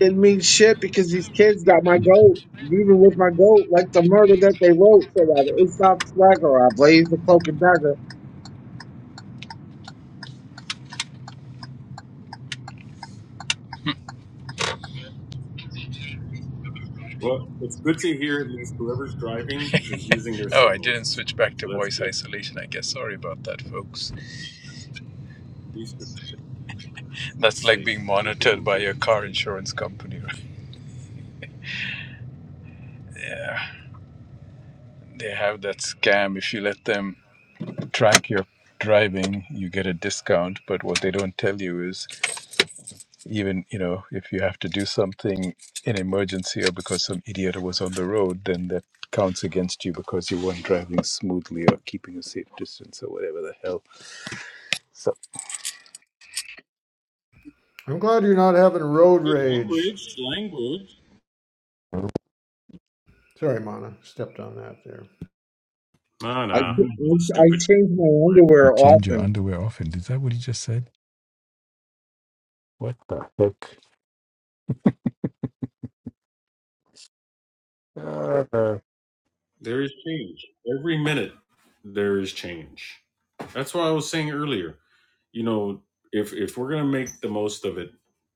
didn't mean shit because these kids got my goat, even with my goat, like the murder that they wrote. So that it's not swagger. I blaze the cloak and dagger. Well, it's good to hear at least whoever's driving is using their Oh, I didn't signals. switch back to So that's voice good. isolation, I guess. Sorry about that, folks. At least it's, That's it's like safe. being You're monitored being by good your and car safe. insurance company. Yeah, they have that scam. If you let them track your driving you get a discount but what they don't tell you is even you know if you have to do something in emergency or because some idiot was on the road then that counts against you because you weren't driving smoothly or keeping a safe distance or whatever the hell so I'm glad you're not having road Hey, rage. language, language. Sorry, Mana. Stepped on that there. Nah, I, nah. I Stupid. change my you underwear change your often. underwear often is that what you just said what the heck Uh, There is change. Every minute there is change. That's what I was saying earlier. You know, if if we're gonna make the most of it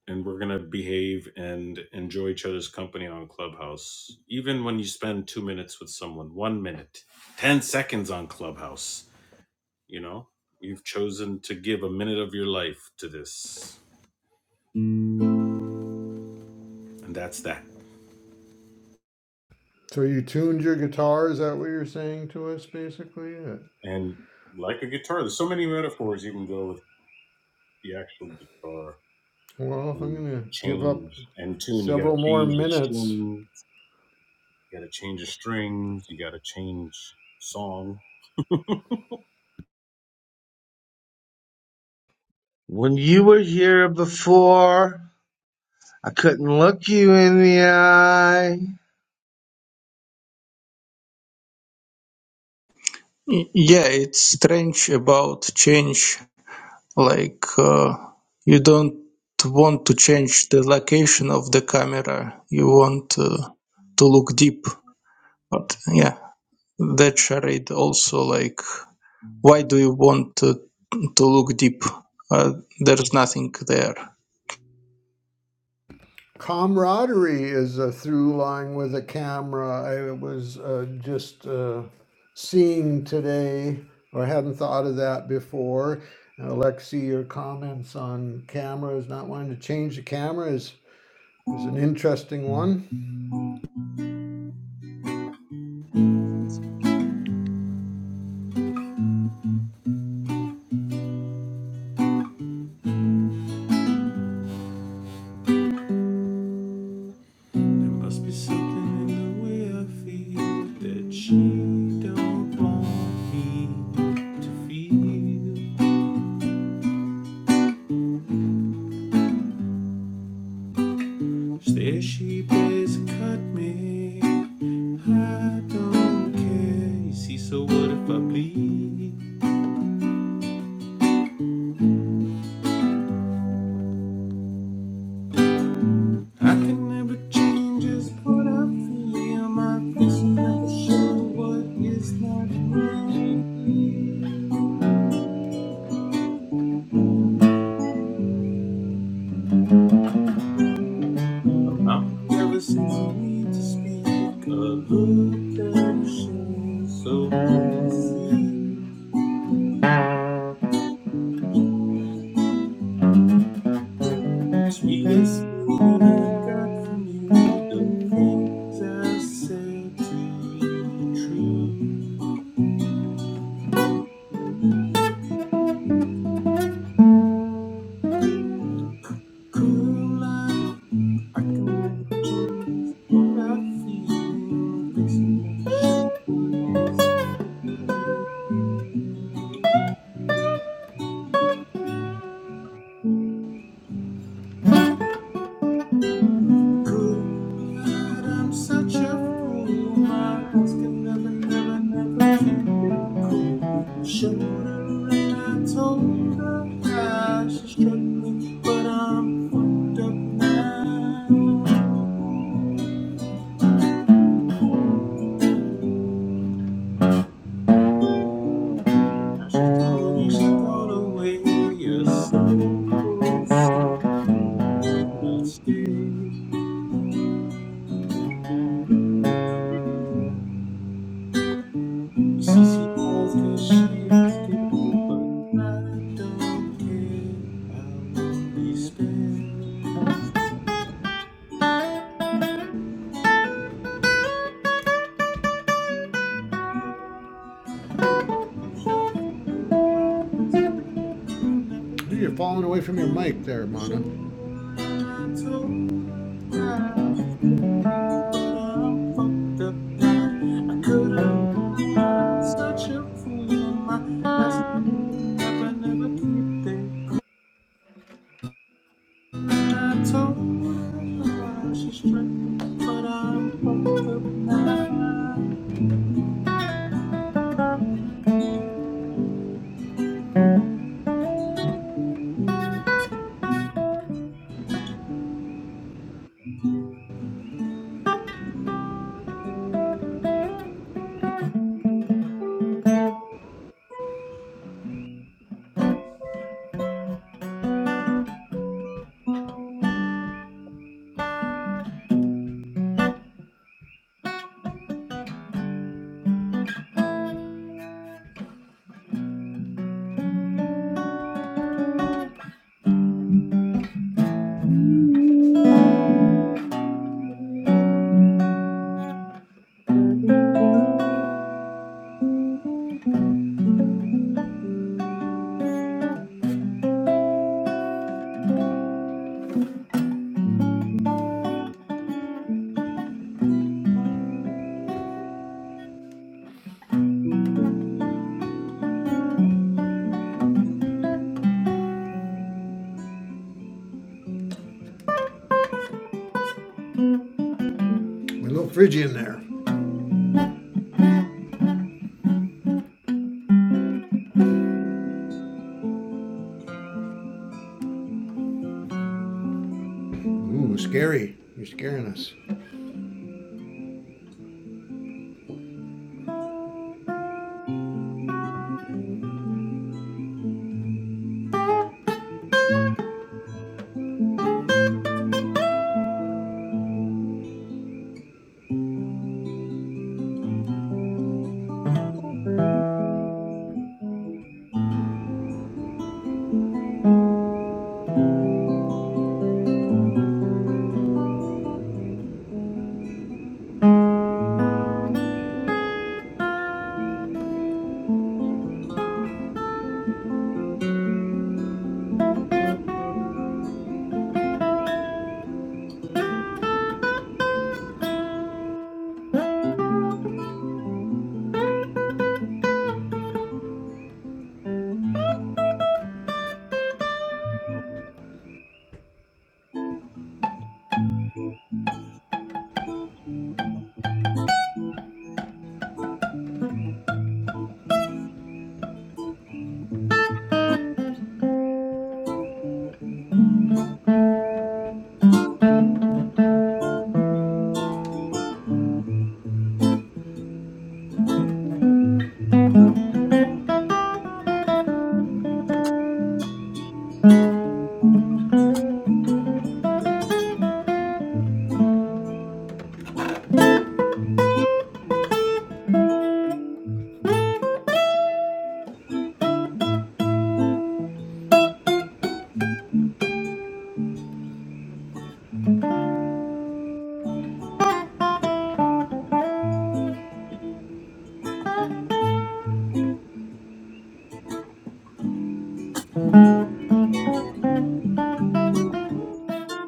and we're gonna behave and enjoy each other's company on Clubhouse, even when you spend two minutes with someone, one minute, ten seconds on Clubhouse You know, you've chosen to give a minute of your life to this, and that's that. So you tuned your guitar? Is that what you're saying to us, basically? And like a guitar, there's so many metaphors you can go with the actual guitar well, if I'm and going to give up change and tune. You got to several more change the minutes strings, you got to change the strings, you got to change song. When you were here before, I couldn't look you in the eye. Y- Yeah, it's strange about change. Like uh, you don't want to change the location of the camera. You want uh, to look deep. But yeah, that charade also like why do you want to, to look deep? Uh, there's nothing there camaraderie is a through line with a camera. I was uh, just uh, seeing today, or hadn't thought of that before. And Alexi, your comments on cameras, not wanting to change the camera is, is an interesting one. There must be something in the way I feel that she don't want me to feel. There she plays and cut me. I don't care. You see, so what if I bleed? I can never change just what I feel. My vision never can show what is not mine. I've never seen you need to speak. A look that shows so easy. Sweetest feeling I got from you. The things I said to you true. I'm such a fool. My hands can never, never, never keep it cool. Showed her and I told her how she struck me, but I'm fucked up now. Now she's gone, yeah, she's gone away. You're so sad about stay. You see, she calls 'cause she is stable, but I don't care. I'll be spared. I'm not sure for my best will never, will never Ooh, You're keep falling it away from your cold. mic there, So Mana. I told I fucked up now. I could have thought I'm such a fool. I, I never, never keep it. clean. I told her I should straight, but I'm fucked up now. We're a little Phrygian there. Ooh, scary. You're scaring us.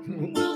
Oops.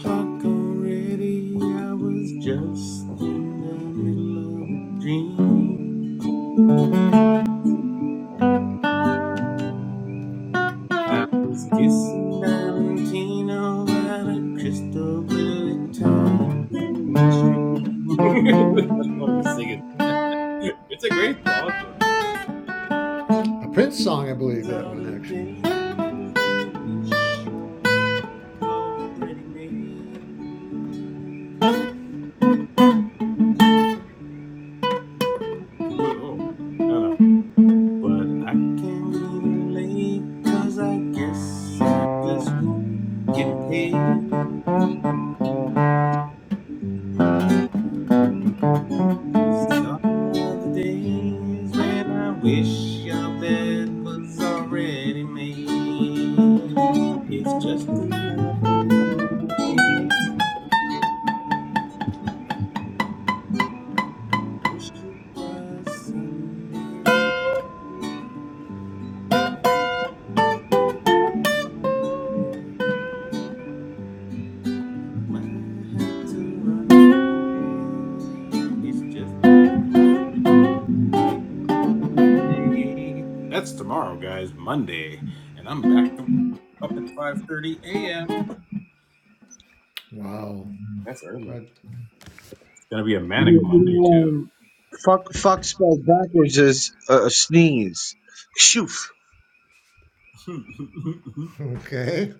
Talk already, I was just in the middle of a dream. I was kissing Valentino at a crystal blue Italian stream. That's what i love you singing. It's a great song, though. A Prince song, I believe, These that are one the actually. days when you wish your love was already made. Well, oh, no, no. But I can't leave late, cause I guess I just won't get paid. These are the days when I wish your bed was already made. It's just another Monday. Wish it was Sunday. Might have to run away. It's just Monday. That's tomorrow, guys. Monday, and I'm back to- up at 5:30 a.m. Wow. That's early. But, Gonna be a manic You, you Monday know, too. um, fuck, fuck spelled backwards is a, a sneeze. Shoof. okay.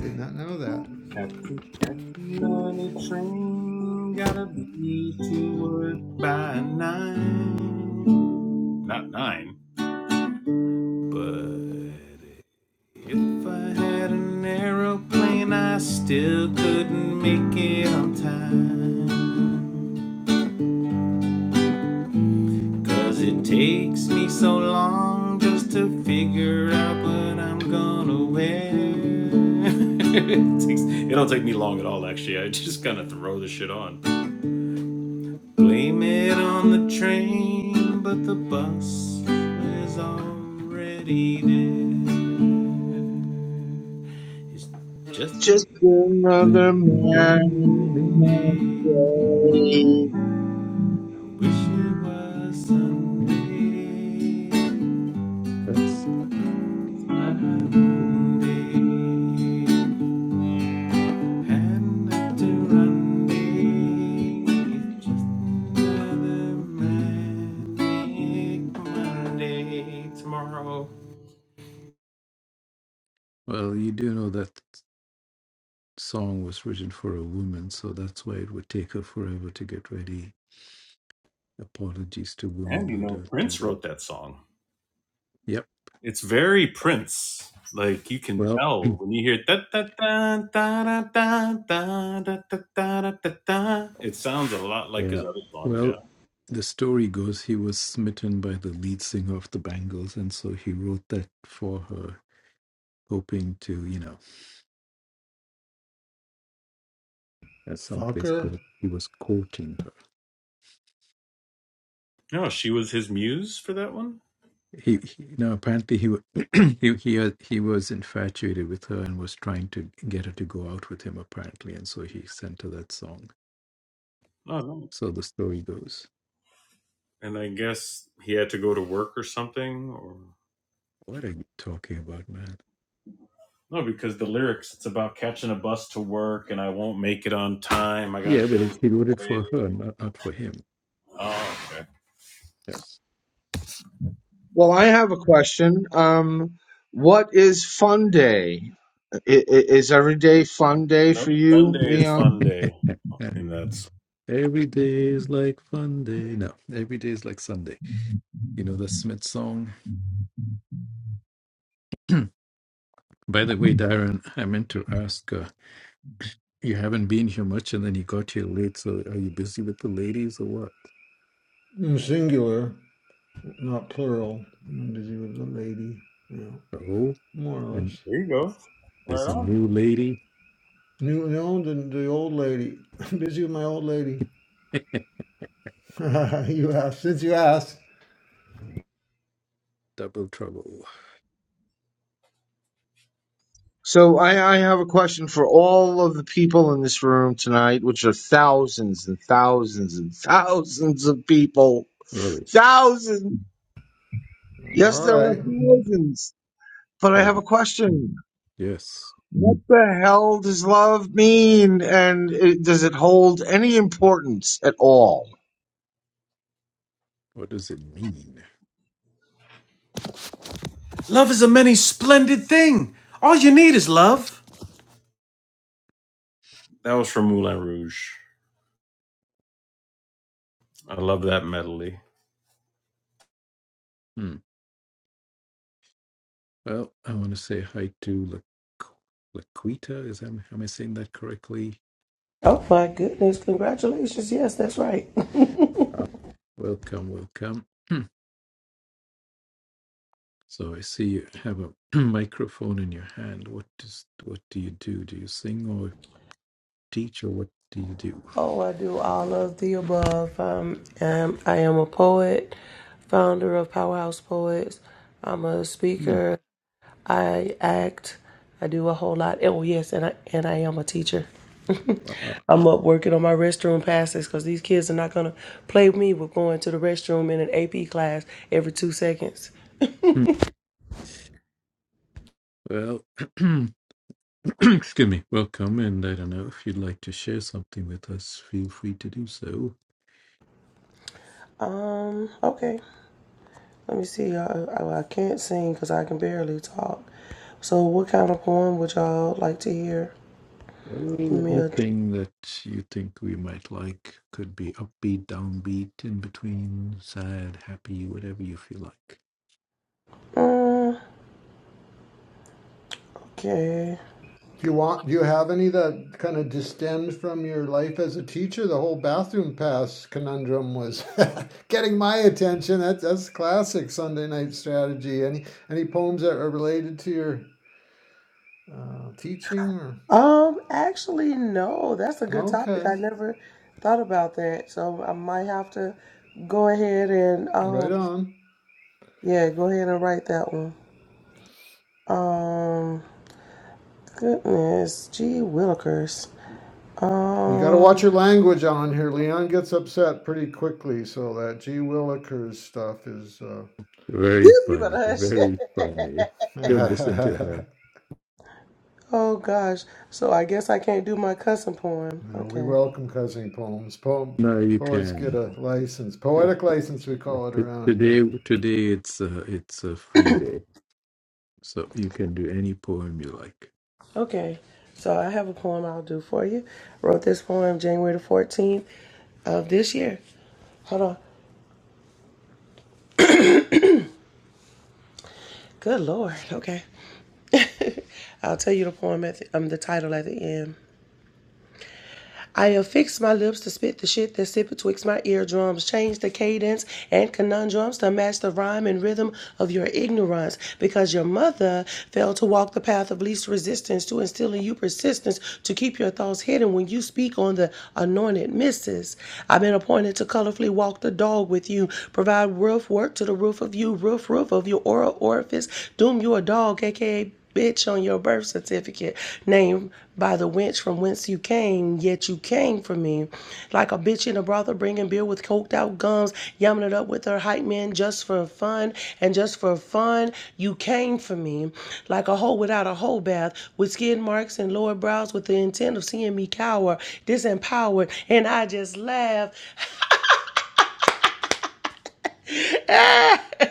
Did not know that. Have to catch on a train. Gotta be to work by nine. Not nine, but if I had an aeroplane, I still couldn't make it on time. Cause it takes me so long just to figure out what I'm gonna wear. it, takes, it don't take me long at all, actually. I just kind of throw the shit on. Blame it on the train, but the bus is already dead. It's just Just another Monday. man. Wish it was Sunday. that's- Monday. Had to run day. It's just another manic Monday. Tomorrow. Well, you do know that. song was written for a woman, so that's why it would take her forever to get ready. Apologies to women And you who know, don't do Prince that. wrote that song. Yep. It's very Prince. Like you can Well, tell when you hear da da da da da da da da da da da da. It sounds a lot like his yeah. other songs. Yeah. Well, the story goes he was smitten by the lead singer of the Bangles, and so he wrote that for her, hoping to, you know, at some place put Fucker? it, he was courting her. No, she was his muse for that one. He, he now apparently he, wa- he he uh, he was infatuated with her and was trying to get her to go out with him apparently, and so he sent her that song. Oh no. So the story goes. And I guess he had to go to work or something, or What are you talking about, man? no, because the lyrics it's about catching a bus to work and I won't make it on time. I got Yeah, but it, bills. to he wrote it pay. for her, not, not for him. Oh, okay. Yes. Well, I have a question. Um, what is fun day? I- i- Is every day fun day for Nope. you, Sunday is fun Leon? day, and that's every day is like fun day. No, every day is like Sunday. You know the Smith song? By the way, Darren, I meant to ask uh, you haven't been here much and then you got here late, so are you busy with the ladies or what? Mm, Singular, not plural. Because he was a lady, you know, Oh, more or and less. there. You go. there's Right a on. new lady. You know, the, the old lady. I'm Busy with my old lady. you asked. Since you asked. Double trouble. So I, I have a question for all of the people in this room tonight, which are thousands and thousands and thousands of people. Really? Thousands. Yes, All there are right. thousands. But I have Um, a question. Yes. What the hell does love mean? And it, does it hold any importance at all? What does it mean? Love is a many splendid thing. All you need is love. That was from Moulin Rouge. I love that medley. Hmm. Well, I want to say hi to Laq- Laquita. Is that, am I saying that correctly? Oh my goodness, congratulations. Yes, that's right. Uh, welcome, welcome. Hmm. So I see you have a microphone in your hand. What does what do you do? Do you sing or teach or what do you do? oh, I do all of the above. Um, um, I am a poet, founder of Powerhouse Poets. I'm a Hmm, speaker. I act. I do a whole lot. Oh, yes, and I, and I am a teacher. wow. I'm up working on my restroom passes because these kids are not going to play with me with going to the restroom in an AP class every two seconds. Hmm. Well, excuse me. Welcome, and I don't know if you'd like to share something with us. Feel free to do so. Um, okay. Let me see. I, I, I can't sing because I can barely talk. So, what kind of poem would y'all like to hear? Uh, Give me a. Anything that you think we might like could be upbeat, downbeat, in between, sad, happy, whatever you feel like. Mm, okay. If you want, do you have any that kind of distend from your life as a teacher? The whole bathroom pass conundrum was getting my attention. That's that's classic Sunday night strategy. Any any poems that are related to your uh, teaching? Or Um. Actually, no. That's a good topic. okay, I never thought about that. So I might have to go ahead and um. Right on. Yeah, go ahead and write that one. Um. Goodness. Gee, Willikers. You got to watch Um. your language on here. Leon gets upset pretty quickly, so that G. Willikers stuff is. Uh... Very You better funny, hush. very funny. Go listen to him. Oh gosh. So I guess I can't do my cussing poem. no, we Okay. welcome cousin poems. Poem No, you poets get can. a license, T- poetic license, we call it t- around here. Today, today it's a it's a free day, so you can do any poem you like. Okay. So I have a poem I'll do for you. Wrote this poem January the 14th of this year. Hold on. Good Lord. Okay. I'll tell you the poem at the, um, the title at the end. I affix my lips to spit the shit that sit betwixt my eardrums. Change the cadence and conundrums to match the rhyme and rhythm of your ignorance. Because your mother failed to walk the path of least resistance to instill in you persistence to keep your thoughts hidden when you speak on the anointed missus. I've been appointed to colorfully walk the dog with you. Provide roof work to the roof of you, roof, roof of your oral orifice. Doom you a dog, aka bitch on your birth certificate, named by the wench from whence you came, yet you came for me. Like a bitch in a brothel bringing beer with coked out gums, yamming it up with her hype man just for fun, and just for fun, you came for me. Like a hoe without a hoe bath, with skin marks and lower brows, with the intent of seeing me cower, disempowered, and I just laugh.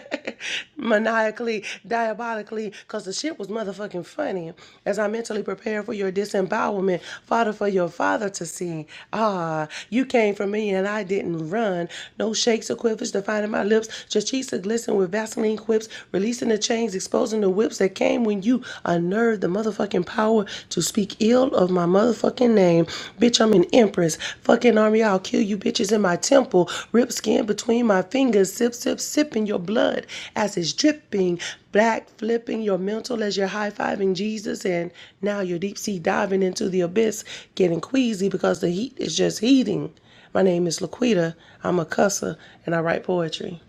Maniacally, diabolically, because the shit was motherfucking funny. As I mentally prepare for your disembowelment, Father, for your father to see. Ah, you came for me and I didn't run. No shakes or quivers defining my lips. Chachica glisten with Vaseline quips, releasing the chains, exposing the whips that came when you unnerved the motherfucking power to speak ill of my motherfucking name. Bitch, I'm an empress. Fucking army, I'll kill you bitches in my temple. Rip skin between my fingers. Sip, sip, sipping your blood as it's dripping. Black flipping your mental as you're high fiving Jesus. And now you're deep sea diving into the abyss, getting queasy because the heat is just heating. My name is Laquita. I'm a cusser and I write poetry.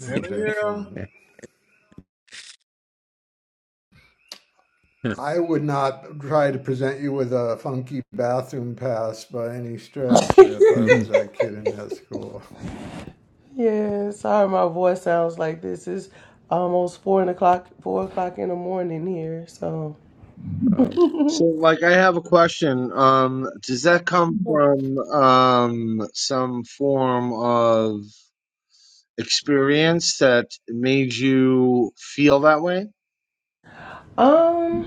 That Hell was yeah. excellent. I would not try to present you with a funky bathroom pass by any stretch if I was that kid in that school. Yeah, sorry my voice sounds like this. It's almost four o'clock four o'clock in the morning here. So wow, So, like, I have a question. Um, does that come from um, some form of experience that made you feel that way? um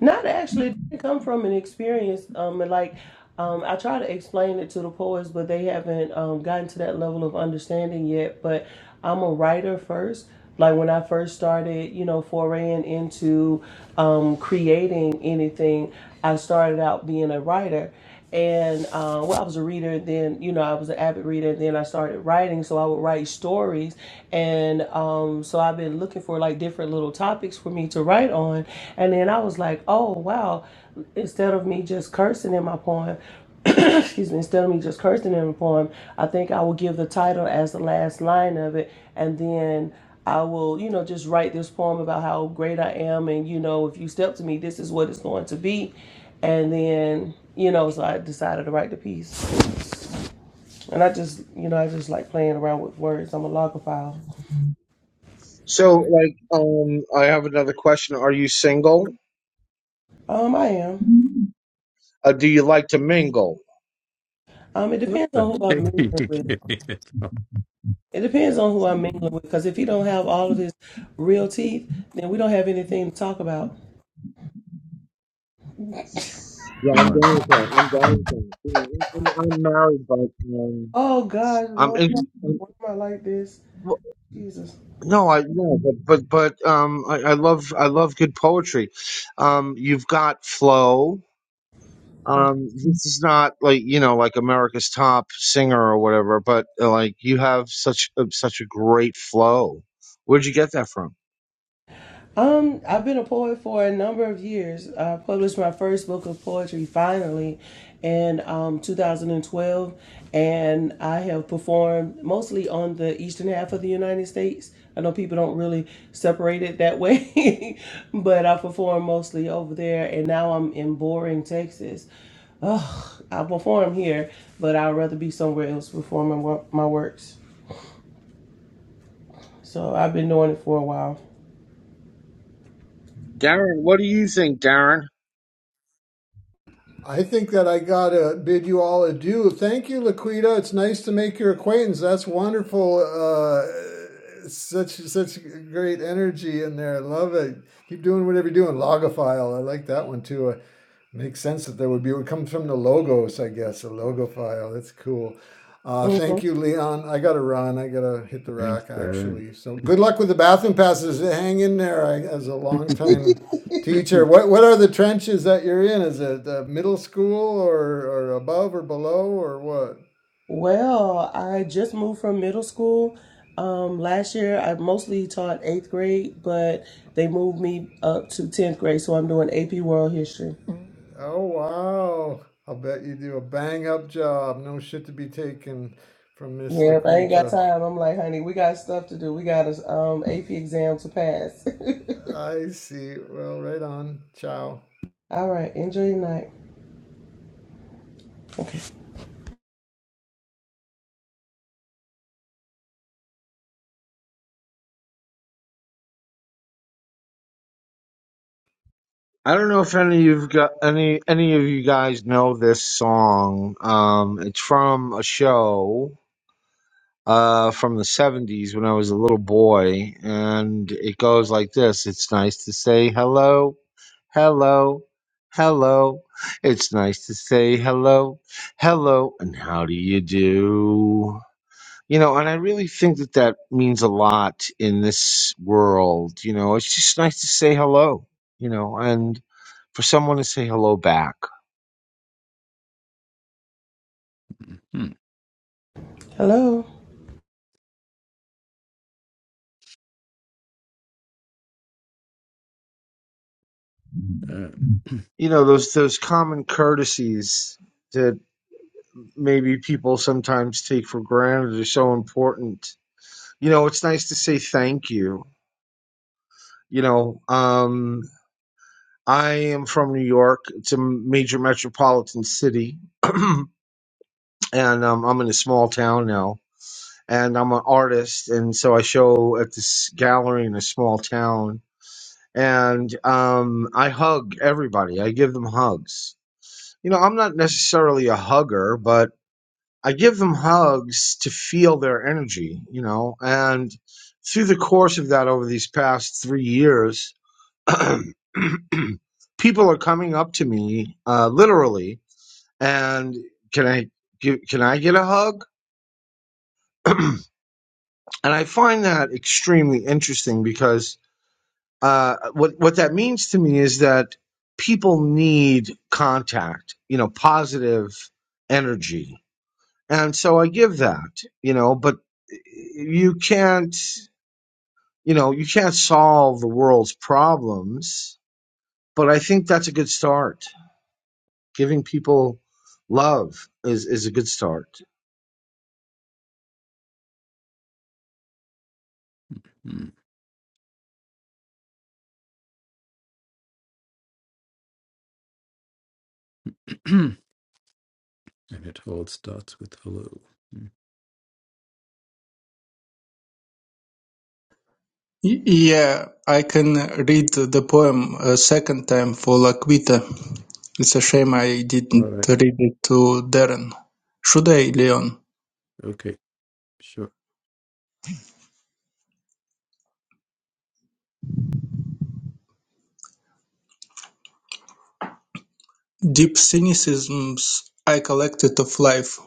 Not actually. It didn't come from an experience. Um, and like, um, I try to explain it to the poets, but they haven't um, gotten to that level of understanding yet. But I'm a writer first. Like when I first started, you know, foraying into um, creating anything, I started out being a writer and uh, well, I was a reader. Then you know, I was an avid reader. And then I started writing, so I would write stories, and um, so I've been looking for like different little topics for me to write on. And then I was like, oh wow, instead of me just cursing in my poem, excuse me, instead of me just cursing him upon him, I think I will give the title as the last line of it, and then I will, you know, just write this poem about how great I am, and you know, if you step to me, this is what it's going to be, and then, you know, so I decided to write the piece, and I just, you know, I just like playing around with words. I'm a logophile. So, like, um, I have another question. Are you single? Um, I am. Uh, do you like to mingle? Um, it what depends the on who I'm heck are mingling you with. giving it? Oh, It depends on who I'm mingling with, because if he don't have all of his real teeth, then we don't have anything to talk about. Yeah, I'm John, down with that. I'm down with that. You know, I'm I'm married, but um, Oh God, I'm Lord, in. I'm- why am I like this? well, Jesus. No, I no, but but but um, I, I love I love good poetry. Um, you've got flow. um this is not like you know like america's top singer or whatever but uh, like you have such a, such a great flow where'd you get that from Um, I've been a poet for a number of years. I published my first book of poetry finally in um, 2012, and I have performed mostly on the eastern half of the United States. I know people don't really separate it that way, but I perform mostly over there, and now I'm in boring Texas. Ugh, I perform here, but I'd rather be somewhere else performing wo- my works. So I've been doing it for a while. darren what do you think darren I think that I gotta bid you all adieu. Thank you, Laquita. It's nice to make your acquaintance. That's wonderful. Uh, such such great energy in there. I Love it. Keep doing whatever you're doing. Logophile. I like that one too. Uh, makes sense that there would be. It comes from the logos, I guess. A logophile. That's cool. Uh, thank Mhm. you, Leon. I gotta run. I gotta hit the thanks, rack Darren. actually. So good luck with the bathroom passes. Hang in there. I, as a long time Teacher, what, what are the trenches that you're in? Is it uh, middle school or, or above or below or what? Well, I just moved from middle school. Um, last year, I mostly taught eighth grade, but they moved me up to 10th grade, so I'm doing AP World History. Oh, wow. I'll bet you do a bang up job. No shit to be taken from Miss Yeah, if I ain't got Laquita. time, I'm like, honey, we got stuff to do. We got a um, AP exam to pass. I see. Well, right on. Ciao. All right, enjoy your night. Okay. i don't know if any of you have got any any of you guys know this song um it's from a show uh from the 70s when i was a little boy and it goes like this it's nice to say hello hello, hello. It's nice to say hello, hello, and how do you do? You know, and I really think that that means a lot in this world. You know, it's just nice to say hello, you know, and for someone to say hello back. Hmm, Hello. Darren. You know, those those common courtesies that maybe people sometimes take for granted are so important. You know, it's nice to say thank you. You know, um, I am from New York. It's a major metropolitan city, and um, I'm in a small town now. And I'm an artist, and so I show at this gallery in a small town. And um, I hug everybody. I give them hugs. You know, I'm not necessarily a hugger, but I give them hugs to feel their energy. You know, and through the course of that, over these past three years, people are coming up to me uh, literally and can i gi- can i get a hug and i find that extremely interesting because uh, what what that means to me is that people need contact you know positive energy and so i give that you know but you can't you know you can't solve the world's problems but i think that's a good start giving people love is is a good start. And it all starts with hello. Mm. Y- Yeah, I can read the poem a second time for Laquita. It's a shame I All didn't right. read it to Darren. Should I, Leon? Okay. Sure. Deep cynicisms I collected of life,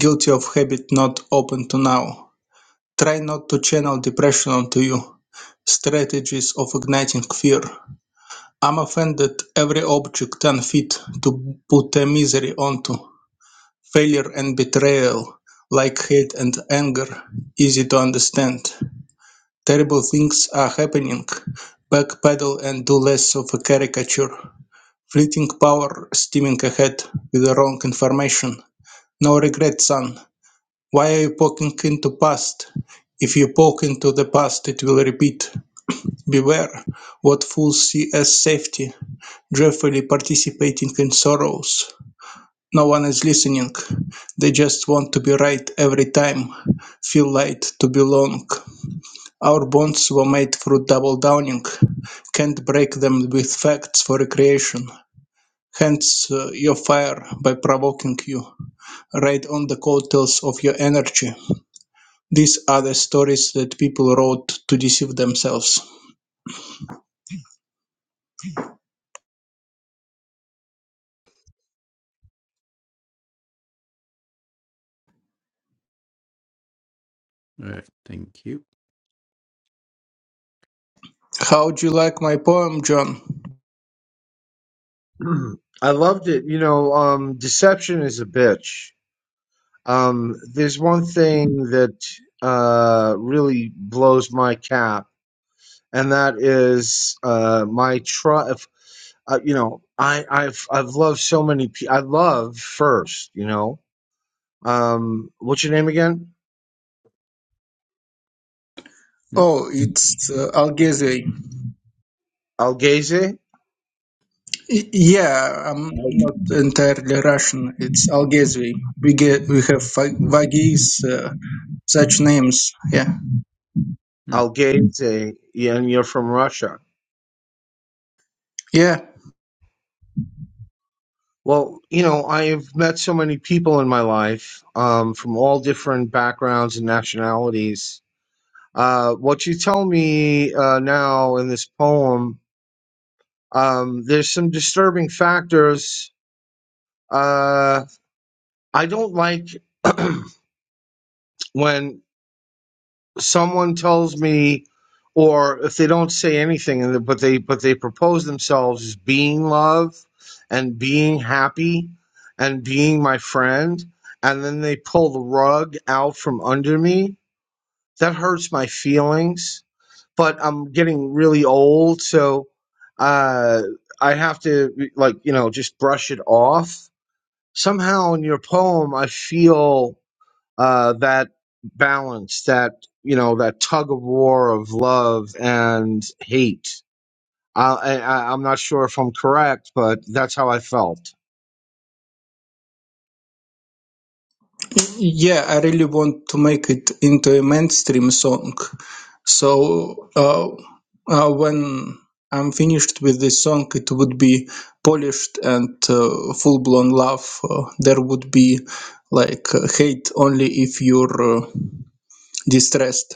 guilty of habit not open to now. Try not to channel depression onto you. Strategies of igniting fear. I'm offended every object unfit to put a misery onto. Failure and betrayal, like hate and anger, easy to understand. Terrible things are happening. Backpedal and do less of a caricature. Fleeting power steaming ahead with the wrong information. No regret, son. Why are you poking into past? If you poke into the past, it will repeat. Beware what fools see as safety, joyfully participating in sorrows. No one is listening. They just want to be right every time, feel light to belong. Our bonds were made through double downing. Can't break them with facts for recreation. Hence uh, your fire by provoking you. Ride on the coattails of your energy. These are the stories that people wrote to deceive themselves. All right. Thank you. How do you like my poem, John? I loved it. You know, um, deception is a bitch. Um, there's one Hmm. thing that uh, really blows my cap, and that is uh, my trust. uh, you know, I, I've I've loved so many. Pe- I love first. You know, um, what's your name again? Oh, it's uh, Algezwe. Algaze. Y- Yeah, I'm not entirely Russian. It's Algezwi. We get we have Va- Vagis, uh, such names. Yeah, Mhm. Algaze. Yeah, and you're from Russia yeah, Well, you know, I've met so many people in my life um, from all different backgrounds and nationalities. Uh, what you tell me uh, now in this poem, um, there's some disturbing factors. Uh, I don't like when someone tells me, or if they don't say anything, and but they but they propose themselves as being love, and being happy, and being my friend, and then they pull the rug out from under me. That hurts my feelings, but I'm getting really old, so uh, I have to like you know just brush it off. Somehow in your poem, I feel uh, that balance, that you know, that tug of war of love and hate. I, I, I- I'm not sure if I'm correct, but that's how I felt. yeah. I really want to make it into a mainstream song. So uh, uh, when I'm finished with this song, it would be polished and uh, full-blown love. Uh, there would be like uh, hate only if you're uh, distressed.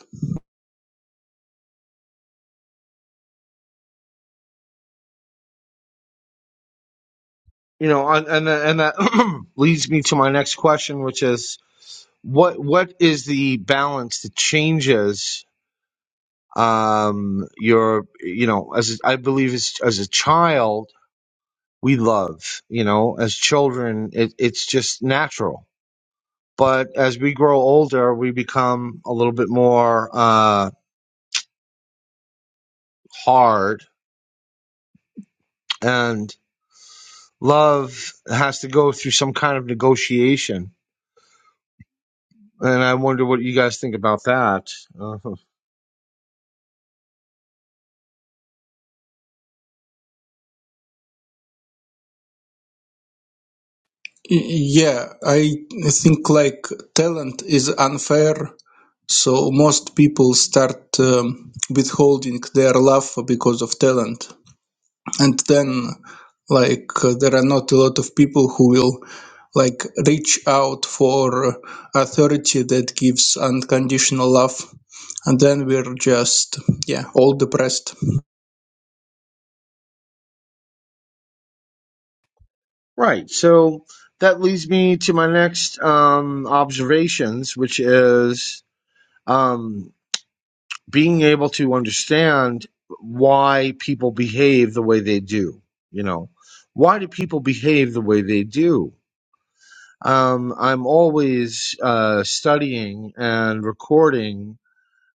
You know, and and, and that leads me to my next question, which is what what is the balance that changes um your you know as I believe as, as a child we love you know as children it, it's just natural But as we grow older, we become a little bit more uh, hard, and love has to go through some kind of negotiation. And I wonder what you guys think about that. Uh, Yeah, I think like talent is unfair, so most people start um, withholding their love because of talent, and then like uh, there are not a lot of people who will like reach out for authority that gives unconditional love, and then we're just yeah all depressed. right. So that leads me to my next um, observations, which is um, being able to understand why people behave the way they do. You know, why do people behave the way they do? Um, I'm always uh, studying and recording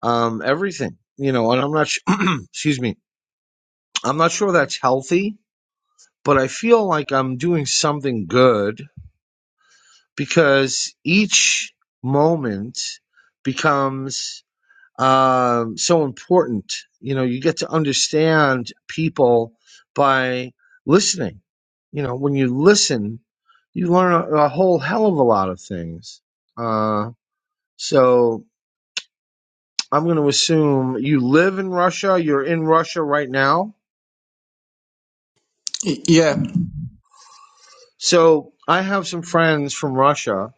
um, everything, you know, and I'm not, sh- excuse me, I'm not sure that's healthy, but I feel like I'm doing something good because each moment becomes um, so important. You know, you get to understand people by listening. You know, when you listen, you learn a, a whole hell of a lot of things. Uh, So I'm going to assume you live in Russia. You're in Russia right now. Y- Yeah, So I have some friends from Russia,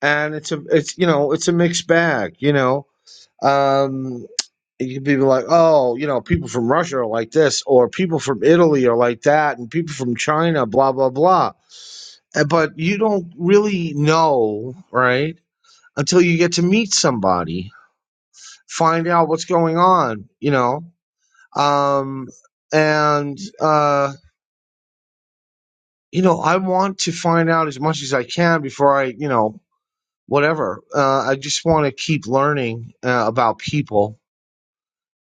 and it's a it's you know it's a mixed bag. You know, um, you can be like, oh, you know, people from Russia are like this, or people from Italy are like that, and people from China, blah blah blah. Uh, But you don't really know, right? Until you get to meet somebody, find out what's going on. You know, um, and. Uh, you know, I want to find out as much as I can before I, you know, whatever. Uh, I just want to keep learning uh, about people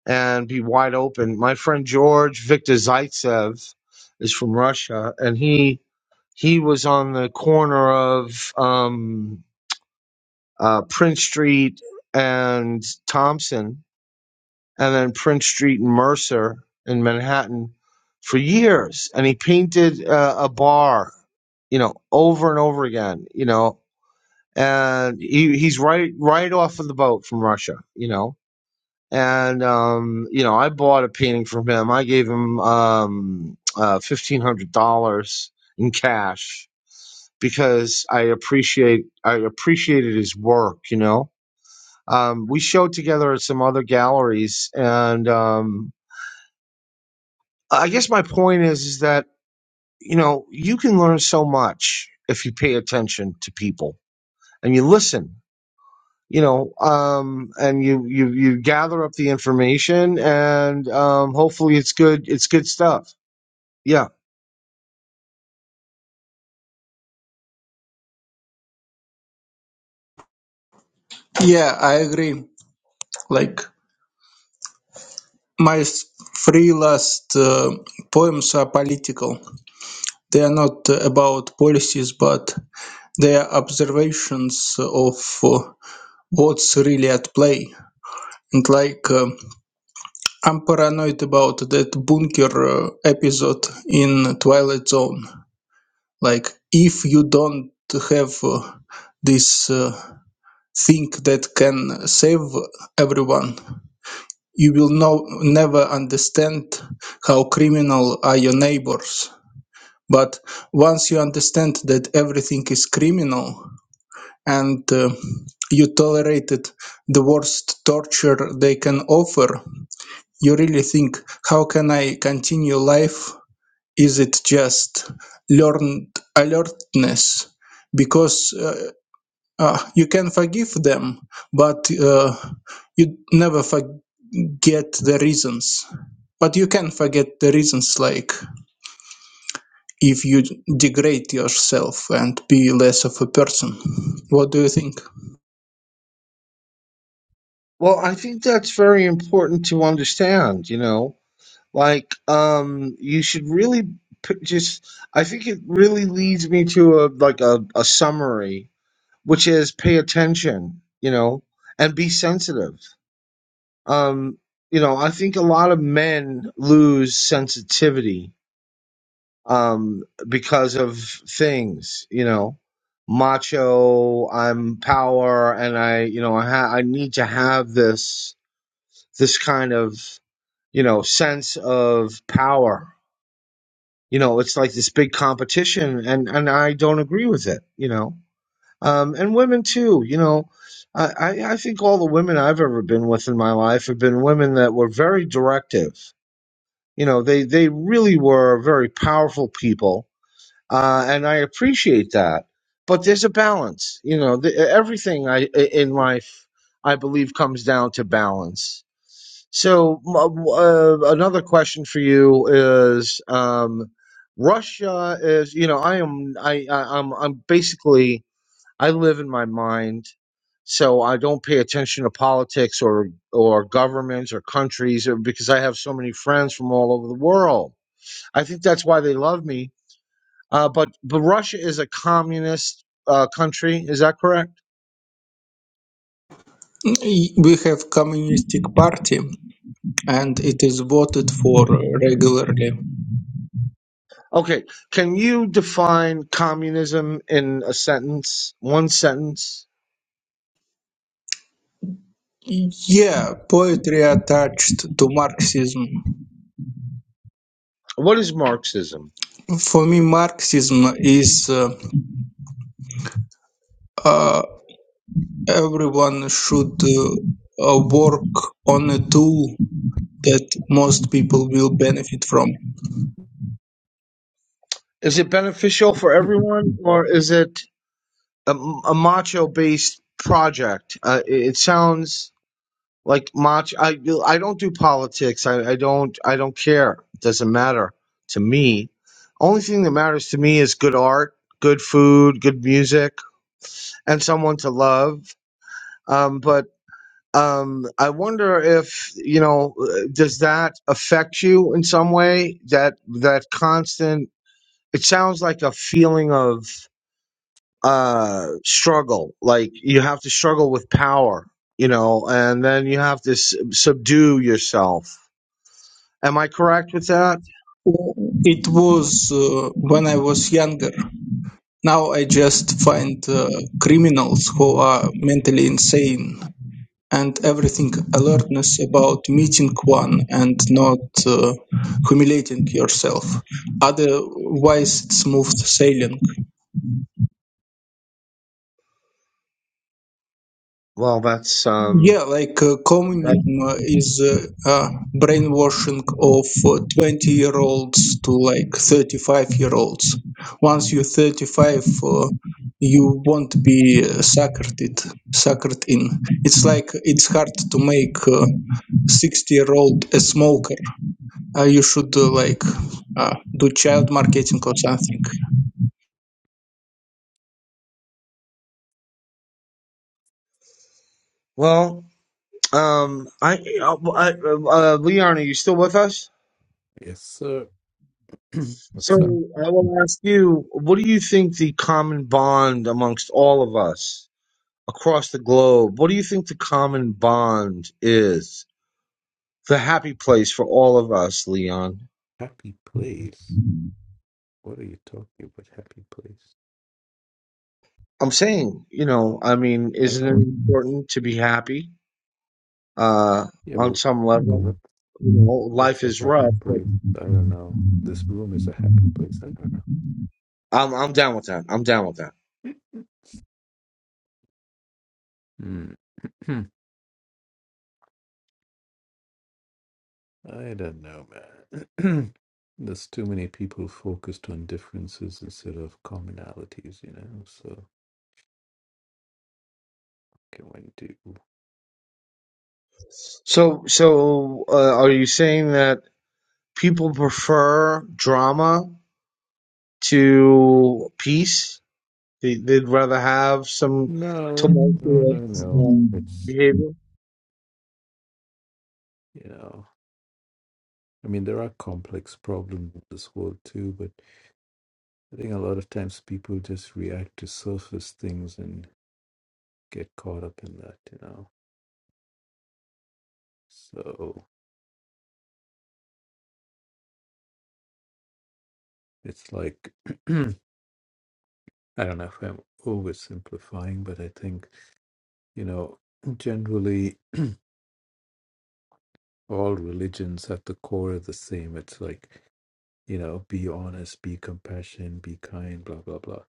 and be wide open. My friend George Victor Zaitsev is from Russia, and he he was on the corner of um, uh, Prince Street and Thompson, and then Prince Street and Mercer in Manhattan for years, and he painted uh, a bar you know, over and over again, you know, and he he's right right off of the boat from Russia, you know. And um, you know, I bought a painting from him. I gave him um uh fifteen hundred dollars in cash because I appreciate I appreciated his work, you know. Um, we showed together at some other galleries and um I guess my point is is that, you know, you can learn so much if you pay attention to people and you listen you know, um, and you, you, you gather up the information and, um, hopefully it's good, it's good stuff. Yeah. yeah, I agree. Like My s- three last uh, poems are political. They are not uh, about policies, but they are observations of uh, what's really at play. And like, um I'm paranoid about that bunker uh, episode in Twilight Zone. Like, if you don't have uh, this uh, thing that can save everyone, you will no- never understand how criminal are your neighbors But once you understand that everything is criminal and uh, you tolerated the worst torture they can offer, you really think, how can I continue life? Is it just learned alertness? Because uh, uh, you can forgive them, but uh, you never forget the reasons. But you can forget the reasons like if you degrade yourself and be less of a person. What do you think? Well, I think that's very important to understand, you know, like, um, you should really p- just, I think it really leads me to a, like a, a summary, which is pay attention, you know, and be sensitive. Um, you know, I think a lot of men lose sensitivity um, because of things, you know, macho, I'm power, and I, you know, I, ha- I need to have this, this kind of, you know, sense of power. You know, it's like this big competition, and and I don't agree with it. You know, um, and women too. You know, I I I think all the women I've ever been with in my life have been women that were very directive. You know, they they really were very powerful people uh, and I appreciate that. But there's a balance, you know. The, everything I i- in life, I believe, comes down to balance. So m- uh, another question for you is: um, Russia is, you know, I am, I, I, I'm, I'm basically, I live in my mind, so I don't pay attention to politics or or governments or countries, or because I have so many friends from all over the world. I think that's why they love me uh, but but Russia is a communist uh, country. Is that correct? We have communistic party and it is voted for regularly. Okay. Can you define communism in a sentence? One sentence. Yeah, poetry attached to Marxism. What is Marxism? For me, Marxism is uh, uh, everyone should uh, uh, work on a tool that most people will benefit from. Is it beneficial for everyone, or is it a, a macho-based project? Uh, it it sounds like macho. I I don't do politics. I, I don't I don't care. It doesn't matter to me. Only thing that matters to me is good art, good food, good music and someone to love. Um, but um, I wonder if you know, uh, does that affect you in some way? That that constant. It sounds like a feeling of uh, struggle. Like you have to struggle with power, you know, and then you have to s- subdue yourself. Am I correct with that? It was uh, when I was younger. Now I just find uh, criminals who are mentally insane and everything alertness about meeting one and not uh, humiliating yourself. Otherwise, it's smooth sailing. Well, that's um. Yeah, like uh, that- communism uh, is uh, uh, brainwashing of uh, 20 year olds to like 35 year olds. Once you're 35, uh, you won't be uh, suckered it, suckered in. It's like it's hard to make uh 60 year old a smoker. Uh, you should uh, like uh, do child marketing or something. well, um, I, uh, I uh, Leon, are you still with us? Yes, sir. So What's up? I will ask you, what do you think the common bond amongst all of us across the globe? What do you think the common bond is? The happy place for all of us, Leon. Happy place. What are you talking about? Happy place. I'm saying, you know, I mean, I don't isn't know. it What, important to be happy uh, yeah, on but some but level? what You know, what's life the is happy rough, but place? I don't know. This room is a happy place. I don't I'm I'm down with that. I'm down with that. know. Hmm. I don't know, man. There's too many people focused on differences instead of commonalities, you know. So can one do? So, so uh, are you saying that? people prefer drama to peace. They, they'd rather have some No, no, no, tumultuous no. um, It's behavior. you know. I mean, there are complex problems in this world too, but I think a lot of times people just react to surface things and get caught up in that, you know. So it's like, I don't know if I'm oversimplifying, but I think, you know, generally all religions at the core are the same. It's like, you know, be honest, be compassionate, be kind, blah, blah, blah.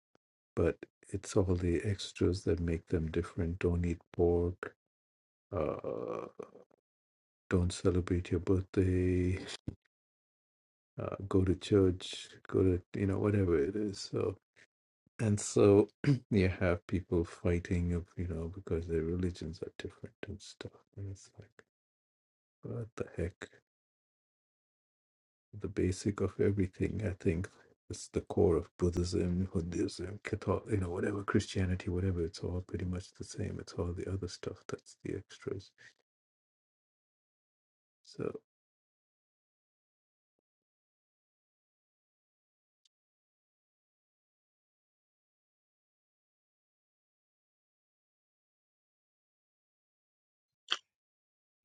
But it's all the extras that make them different. Don't eat pork, uh, don't celebrate your birthday, uh, go to church, go to, you know, whatever it is. So And so you have people fighting, of you know, because their religions are different and stuff. And it's like, what the heck? The basic of everything, I think, is the core of Buddhism, Hinduism, Catholic, you know, whatever Christianity, whatever. It's all pretty much the same. It's all the other stuff that's the extras. So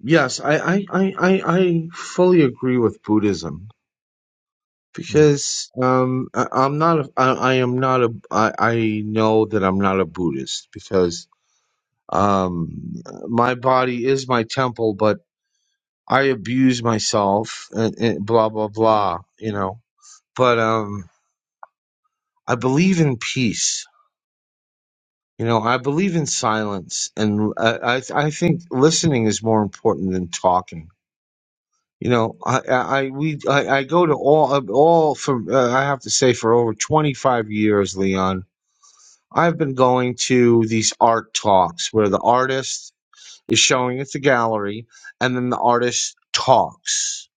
Yes, I, I, I, I I fully agree with Buddhism mm. because um, I, I'm not a, I, I am not a I, I know that I'm not a Buddhist because um, my body is my temple, but I abuse myself and, and blah blah blah, you know. But um, I believe in peace You know, I believe in silence, and I I, I think listening is more important than talking. You know, I I I- we I, I go to all all for uh, I have to say for over twenty five years, Leon. I've been going to these art talks where the artist is showing at the gallery, and then the artist talks.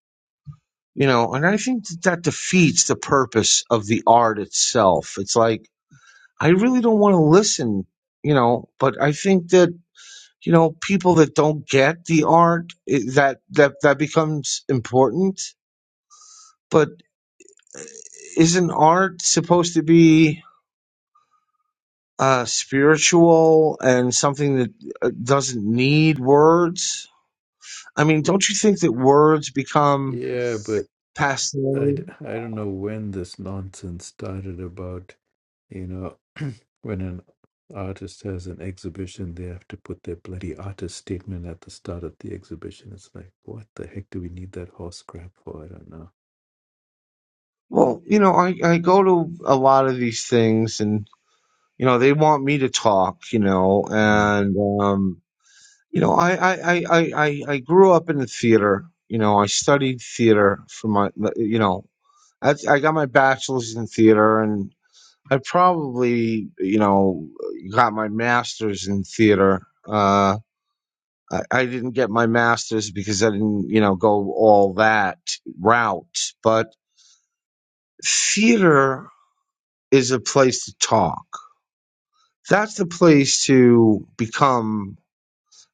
You know, and I think that, that defeats the purpose of the art itself. It's like I really don't want to listen. You know, but I think that you know, people that don't get the art i- that that that becomes important. But uh, isn't art supposed to be uh, spiritual and something that uh, doesn't need words? I mean, don't you think that words become yeah, but passe? I, d- I don't know when this nonsense started about, you know, when an artist has an exhibition, they have to put their bloody artist statement at the start of the exhibition. It's like, what the heck do we need that horse crap for? I don't know. Well, you know, I, I go to a lot of these things and, you know, they want me to talk, you know, Mm, and, um, You know, I I I I I I grew up in the theater. You know, I studied theater for my. You know, I I got my bachelor's in theater, and I probably you know got my master's in theater. Uh, I, I didn't get my master's because I didn't you know go all that route. But theater is a place to talk. That's the place to become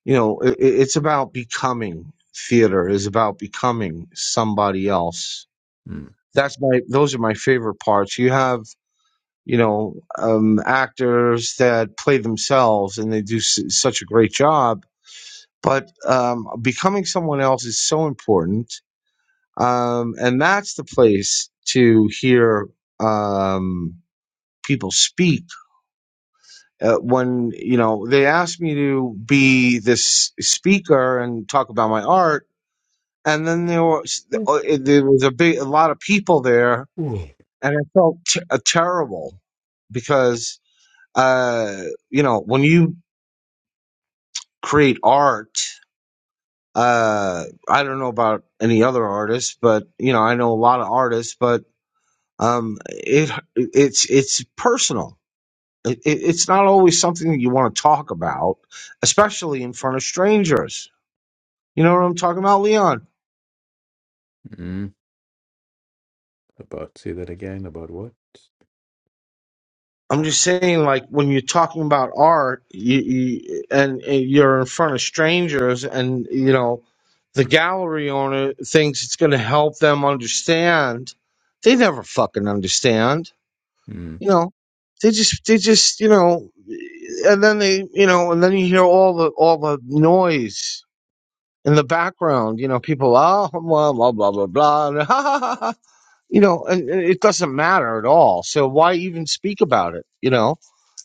you know it, it's about becoming theater is about becoming somebody else mm, that's my those are my favorite parts you have you know um actors that play themselves and they do s- such a great job but um becoming someone else is so important um and that's the place to hear um people speak uh, when you know they asked me to be this speaker and talk about my art and then there was there was a big a lot of people there, Whoa. and I felt t- uh, terrible because uh, you know when you create art, uh, I don't know about any other artists, but you know I know a lot of artists, but um, it it's it's personal. It, it, it's not always something that you want to talk about, especially in front of strangers. You know what I'm talking about, Leon? mm. About, say that again, about what? I'm just saying, like when you're talking about art, you, you and, and you're in front of strangers, and you know, the gallery owner thinks it's going to help them understand. They never fucking understand, Mm, you know. They just, they just, you know, and then they, you know, and then you hear all the all the noise in the background. You know, people, oh, blah blah blah blah blah, you know, and and it doesn't matter at all. So why even speak about it? You know,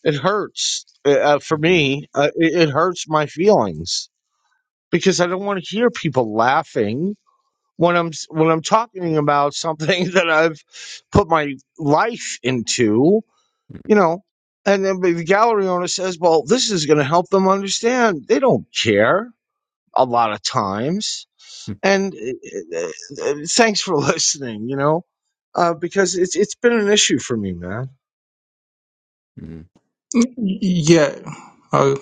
it hurts uh, uh, for mm, me. Uh, it, it hurts my feelings because I don't want to hear people laughing when I'm s- when I'm talking about something that I've put my life into. mm, You know, and then the gallery owner says, "Well, this is going to help them understand." They don't care a lot of times mm, and uh, uh, uh, thanks for listening, you know, uh, because it's it's been an issue for me, man. mm. y- Yeah, I,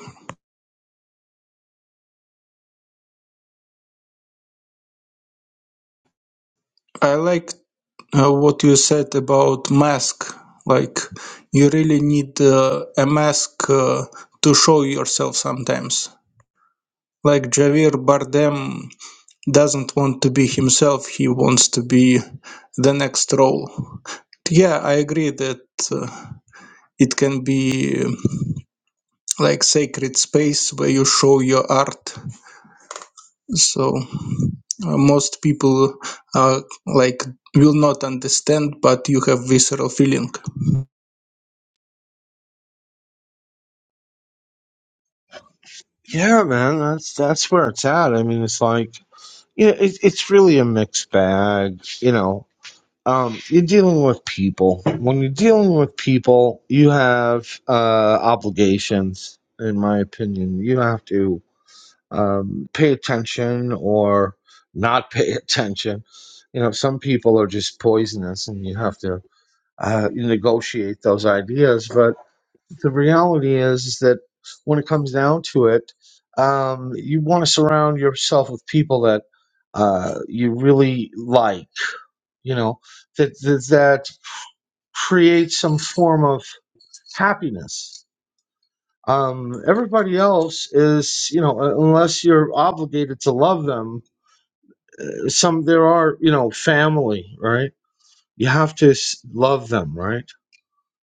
I like uh, what you said about mask like you really need uh, a mask uh, to show yourself sometimes like Javier Bardem doesn't want to be himself he wants to be the next role yeah i agree that uh, it can be um, like sacred space where you show your art so uh, most people uh, like will not understand but you have visceral feeling Yeah, man, that's that's where it's at. I mean, it's like you know, it, it's really a mixed bag, you know. Um, you're dealing with people. When you're dealing with people, you have uh, obligations, in my opinion. You have to um, pay attention or not pay attention. You know, some people are just poisonous, and you have to uh, negotiate those ideas. But the reality is, is that when it comes down to it, um, you want to surround yourself with people that uh, you really like. You know that that, that creates some form of happiness. Um, everybody else is, you know, un- unless you're obligated to love them, some there are, you know, family, right? You have to s- love them, right?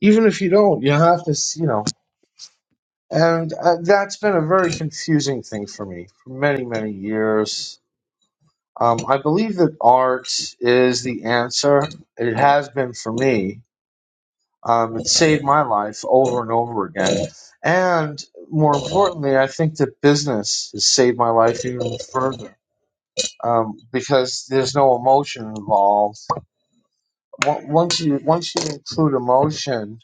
Even if you don't, you have to, s- you know, And uh, that's been a very confusing thing for me for many, many years. Um, I believe that art is the answer. It has been for me. Um, it saved my life over and over again. And more importantly, I think that business has saved my life even further um, because there's no emotion involved. Wa- Once you once you include emotion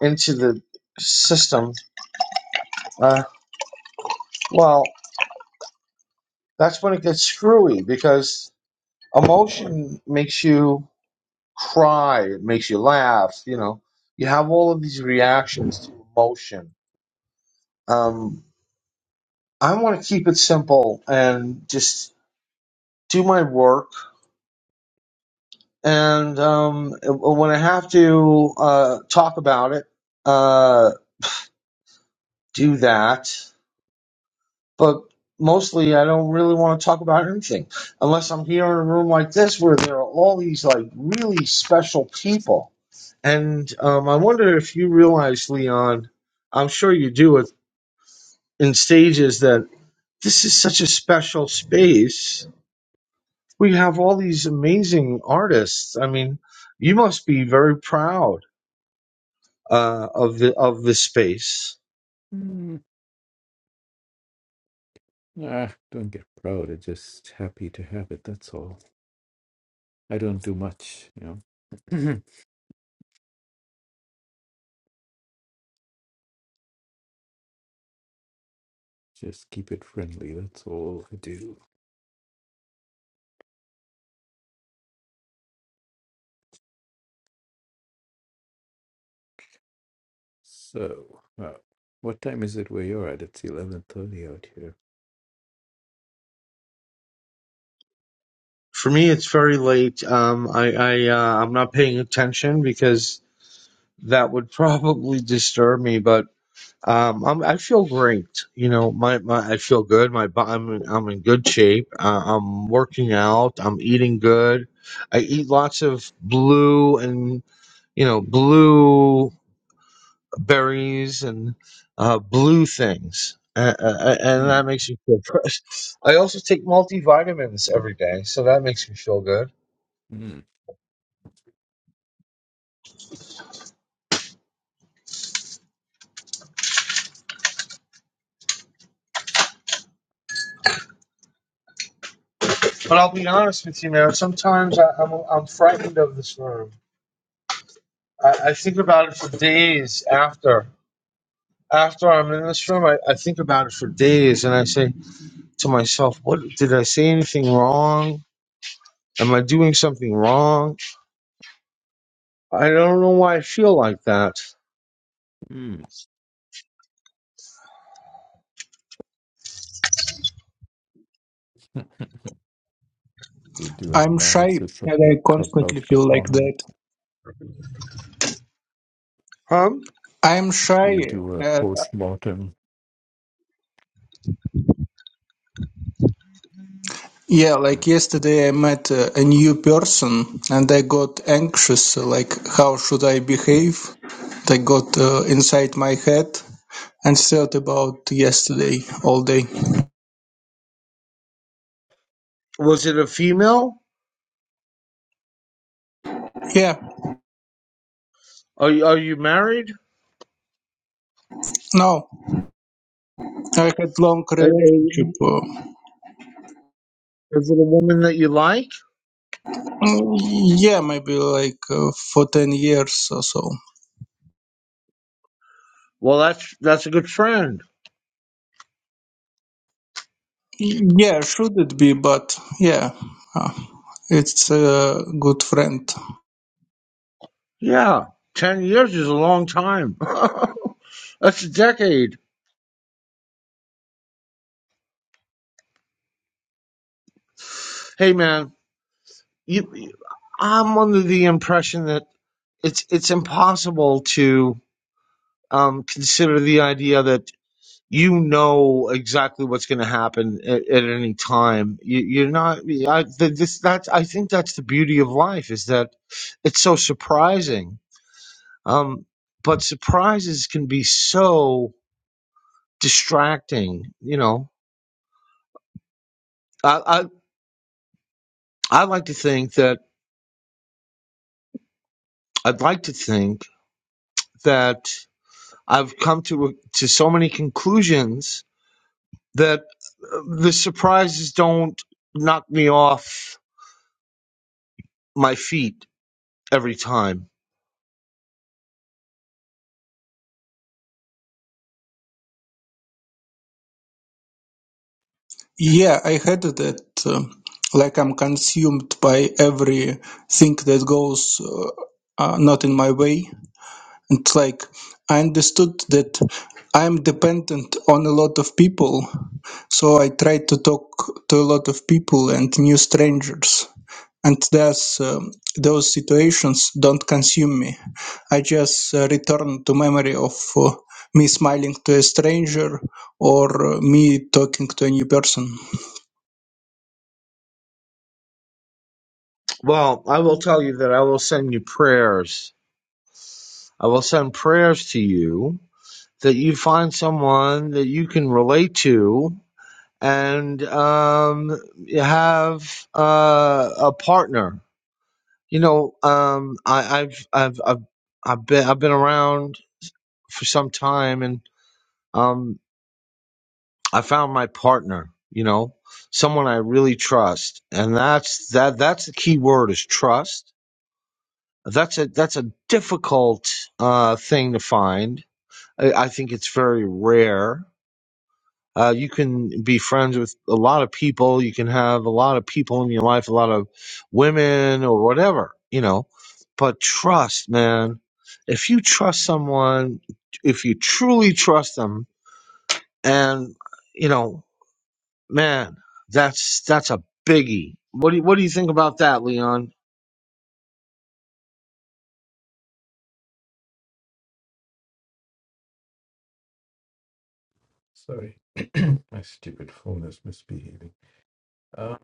into the system, uh, well, that's when it gets screwy because Emotion makes you cry, it makes you laugh, you know. You have all of these reactions to emotion. Um, I want to keep it simple and just do my work. And um, when I have to uh, talk about it, uh, do that. but mostly I don't really want to talk about anything unless I'm here in a room like this where there are all these like really special people. And um, I wonder if you realize, Leon, I'm sure you do it in stages that this is such a special space. We have all these amazing artists. I mean, you must be very proud uh, of the of this space. Mm. Ah, don't get proud. I'm just happy to have it. That's all. I don't do much, you know. Just keep it friendly. That's all I do. So, uh, what time is it where you're at? It's eleven thirty out here. For me, it's very late. Um, I, I uh, I'm not paying attention because that would probably disturb me, but um, I'm, I feel great. You know, my, my I feel good. My bo- I'm in- I'm in good shape. Uh, I'm working out. I'm eating good. I eat lots of blue and you know blue berries and uh, blue things, uh, uh, and Mm, that makes me feel fresh. I also take multivitamins every day, so that makes me feel good. mm, But I'll be honest with you, man. Sometimes I, I'm I'm frightened of this room. I, I think about it for days after. After I'm in this room, I, I think about it for days and I say to myself, what did I say anything wrong? Am I doing something wrong? I don't know why I feel like that. mm. You do an I'm shy analysis of and your I clubhouse constantly feel like that. performance. Huh? I'm shy. You do a Uh, postmortem. yeah, like Mm. yesterday I met uh, a new person and I got anxious, uh, like how should I behave? That got uh, inside my head and thought about yesterday all day. Was it a female? Yeah, Are you, are you married? no, I had long Uh, uh, relationship. Uh, Is it a woman that you like? mm, yeah, maybe like uh, for 10 years or so. Well, that's that's a good friend. Yeah, should it be, but yeah. uh, it's a good friend Yeah, ten years is a long time. that's a decade. Hey, man, you, you- I'm under the impression that it's it's impossible to um, consider the idea that you know exactly what's going to happen at, at any time. You, you're not. I, th- this, that's, I think that's the beauty of life is that it's so surprising. Um, but surprises can be so distracting. You know, I, I I like to think that I'd like to think that. I've come to to so many conclusions that uh, the surprises don't knock me off my feet every time. Yeah, I had that. um like I'm consumed by everything that goes uh, uh, not in my way. It's like I understood that I'm dependent on a lot of people, so I try to talk to a lot of people and new strangers. And thus, um, those situations don't consume me. I just uh, return to memory of uh, me smiling to a stranger or uh, me talking to a new person. Well, I will tell you that I will send you prayers. I will send prayers to you that you find someone that you can relate to and um, have uh, a partner. You know, um, I, I've I've I've I've been I've been around for some time and. Um, I found my partner, you know, someone I really trust. And that's that that's the key word is trust. That's a that's a difficult uh thing to find. I, I think it's very rare. Uh, you can be friends with a lot of people. You can have a lot of people in your life, a lot of women or whatever, you know. But trust, man. If you trust someone, if you truly trust them, and you know, Man, that's that's a biggie. What do you, what do you think about that, Leon? Sorry, my stupid phone is misbehaving. Um,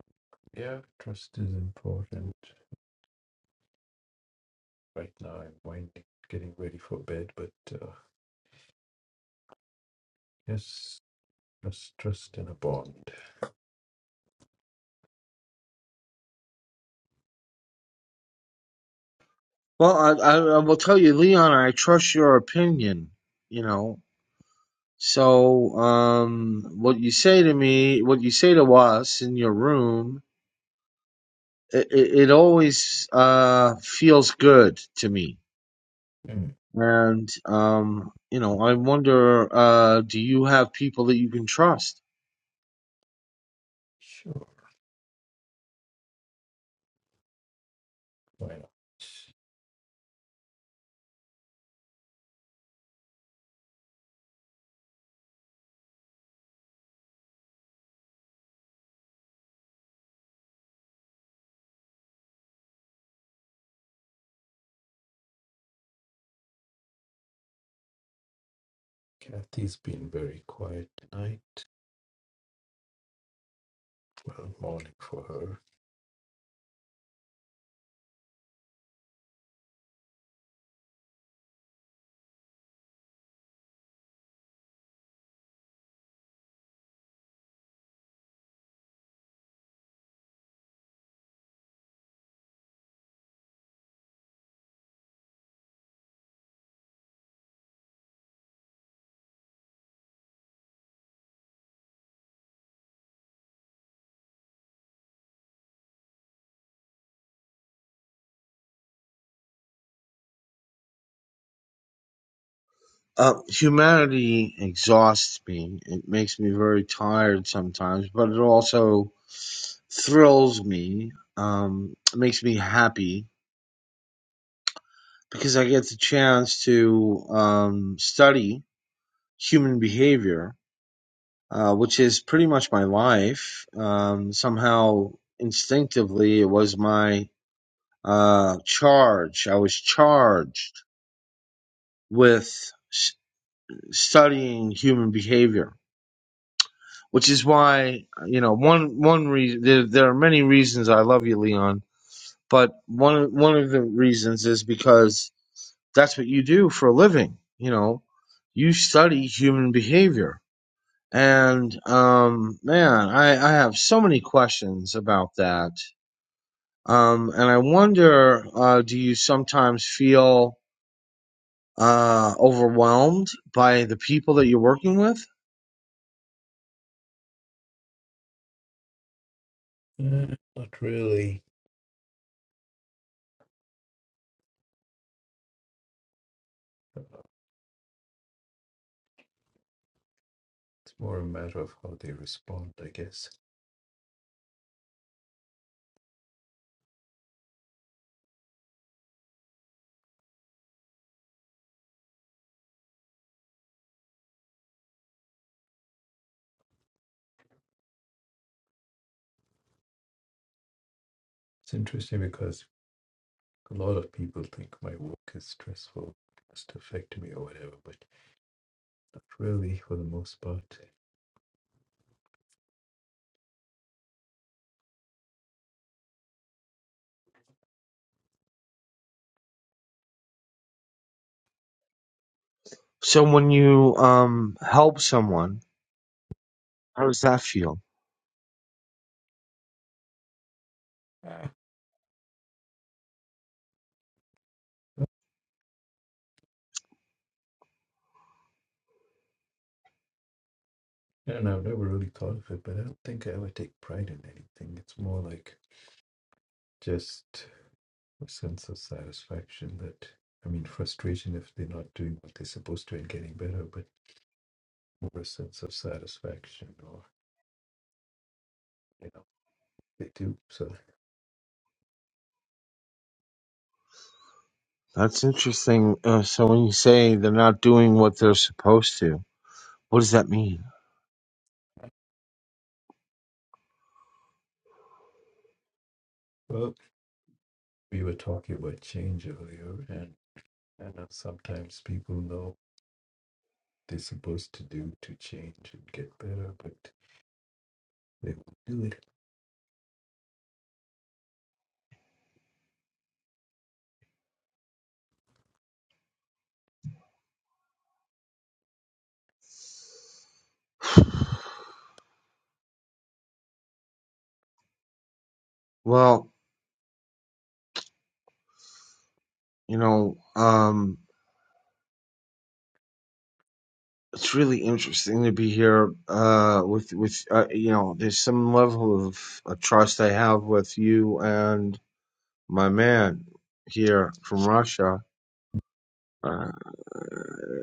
yeah, trust is important. Right now, I'm winding, getting ready for bed, but uh, yes. Trust, trust in a bond. Well, I, I I will tell you, Leon. I trust your opinion. You know, so um, what you say to me, what you say to us in your room, it, it, it always uh feels good to me. Hmm, And um, you know, I wonder, uh, do you have people that you can trust? Sure, why not? Kathy's been very quiet tonight. Well, morning for her. Uh, humanity exhausts me. It makes me very tired sometimes, but it also thrills me. Um, it makes me happy because I get the chance to um, study human behavior, uh, which is pretty much my life. Um, somehow, instinctively, it was my uh, charge. I was charged with s- studying human behavior which is why you know one one reason there, there are many reasons I love you, Leon, but one one of the reasons is because that's what you do for a living. You know, you study human behavior, and um, man, I I have so many questions about that, um, and I wonder, uh, do you sometimes feel uh overwhelmed by the people that you're working with Uh, not really. It's more a matter of how they respond, I guess. It's interesting because a lot of people think my work is stressful, must affect me or whatever, but not really for the most part. so when you um help someone how does that feel Ah. I don't know. I've never really thought of it, but I don't think I ever take pride in anything. It's more like just a sense of satisfaction that, I mean, frustration if they're not doing what they're supposed to and getting better, but more a sense of satisfaction or, you know, they do. So, That's interesting. Uh, so when you say they're not doing what they're supposed to, what does that mean? well, we were talking about change earlier, and I know sometimes people know they're supposed to do to change and get better, but they won't do Well, you know, um, it's really interesting to be here uh, with with uh, you know. There's some level of uh, trust I have with you and my man here from Russia. Uh,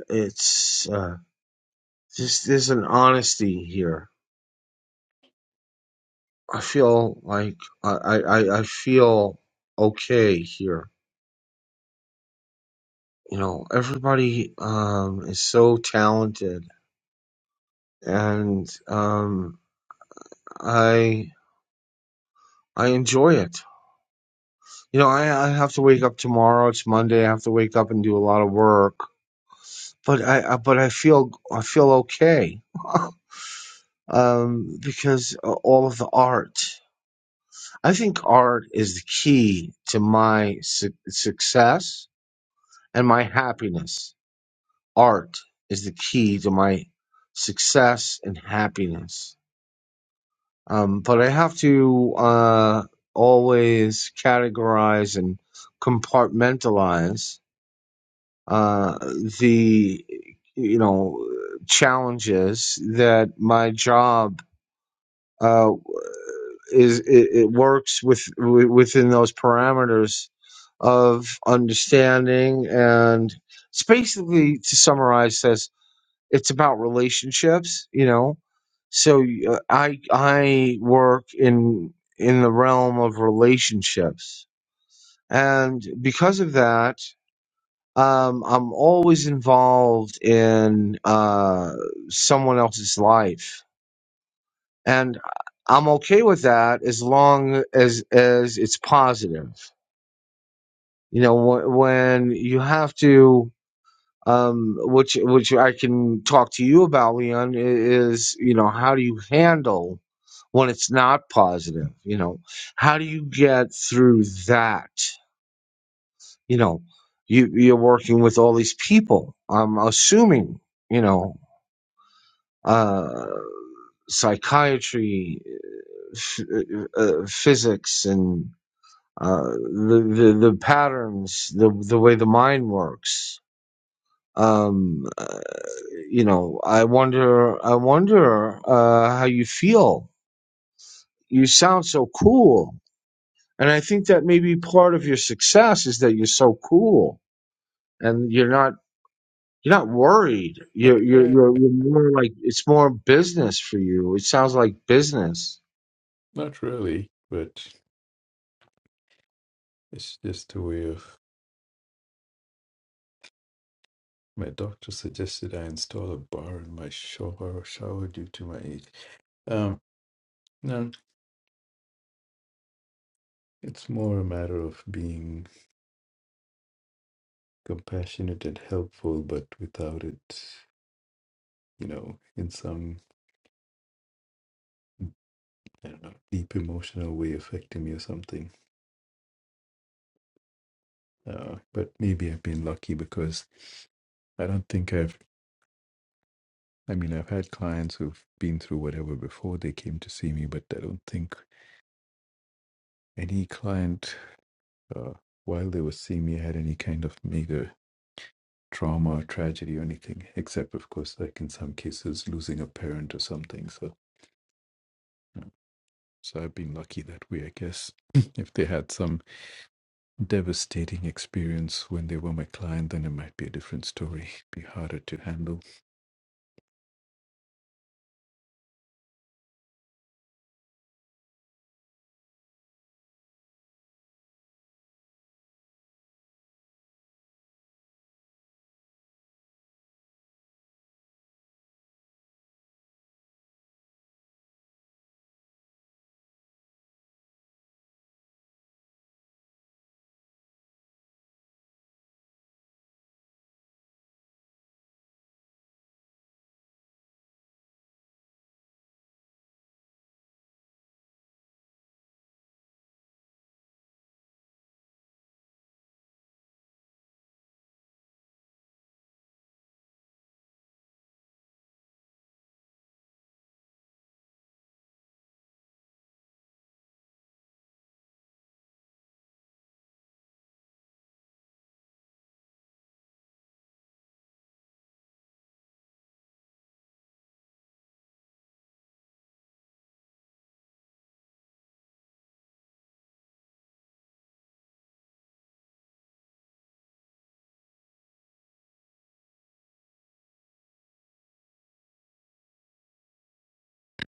it's uh, just there's an honesty here. I feel like I I, I I feel okay here you know everybody um is so talented and um i i enjoy it you know i i have to wake up tomorrow it's monday i have to wake up and do a lot of work but i, I but i feel i feel okay um because a- all of the art i think art is the key to my su- success and my happiness art is the key to my success and happiness Um, but I have to uh, always categorize and compartmentalize uh, the, you know, challenges that my job uh, is. It, it works with wi- within those parameters of understanding and. It's basically to summarize this it's about relationships you know so uh, i i work in in the realm of relationships and because of that um i'm always involved in uh someone else's life and i'm okay with that as long as as it's positive you know wh- when you have to um, which which I can talk to you about, Leon, i- is you know how do you handle when it's not positive? You know, how do you get through that? You know, you you're working with all these people. I'm assuming you know uh, psychiatry, f- uh, uh, physics, and uh, the, the the patterns, the the way the mind works. Um, you know i wonder i wonder uh how you feel you sound so cool and i think that maybe part of your success is that you're so cool and you're not you're not worried it. you're you're you're, you're more like it's more business for you it sounds like business not really, but it's just a way of My doctor suggested I install a bar in my shower shower due to my age. Um, no, it's more a matter of being compassionate and helpful, but without it, you know, in some I don't know, deep emotional way affecting me or something. Uh, but maybe I've been lucky because I don't think I've. I mean, I've had clients who've been through whatever before they came to see me, but I don't think any client, uh, while they were seeing me, had any kind of major trauma or tragedy or anything, except of course, like in some cases, losing a parent or something. So, yeah. so I've been lucky that way, I guess. if they had some devastating experience when they were my client, then it might be a different story. Be harder to handle.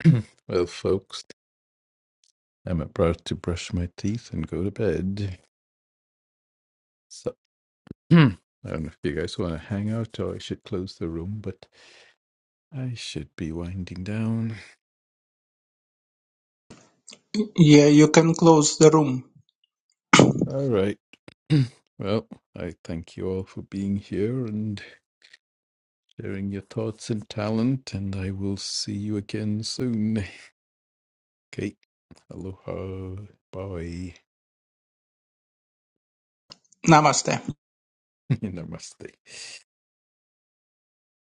well, folks, I'm about to brush my teeth and go to bed. So. I don't know if you guys want to hang out or I should close the room, but I should be winding down. Yeah, you can close the room. All right. well, I thank you all for being here and sharing your thoughts and talent, and I will see you again soon. Okay. Aloha. Bye. Namaste. Namaste.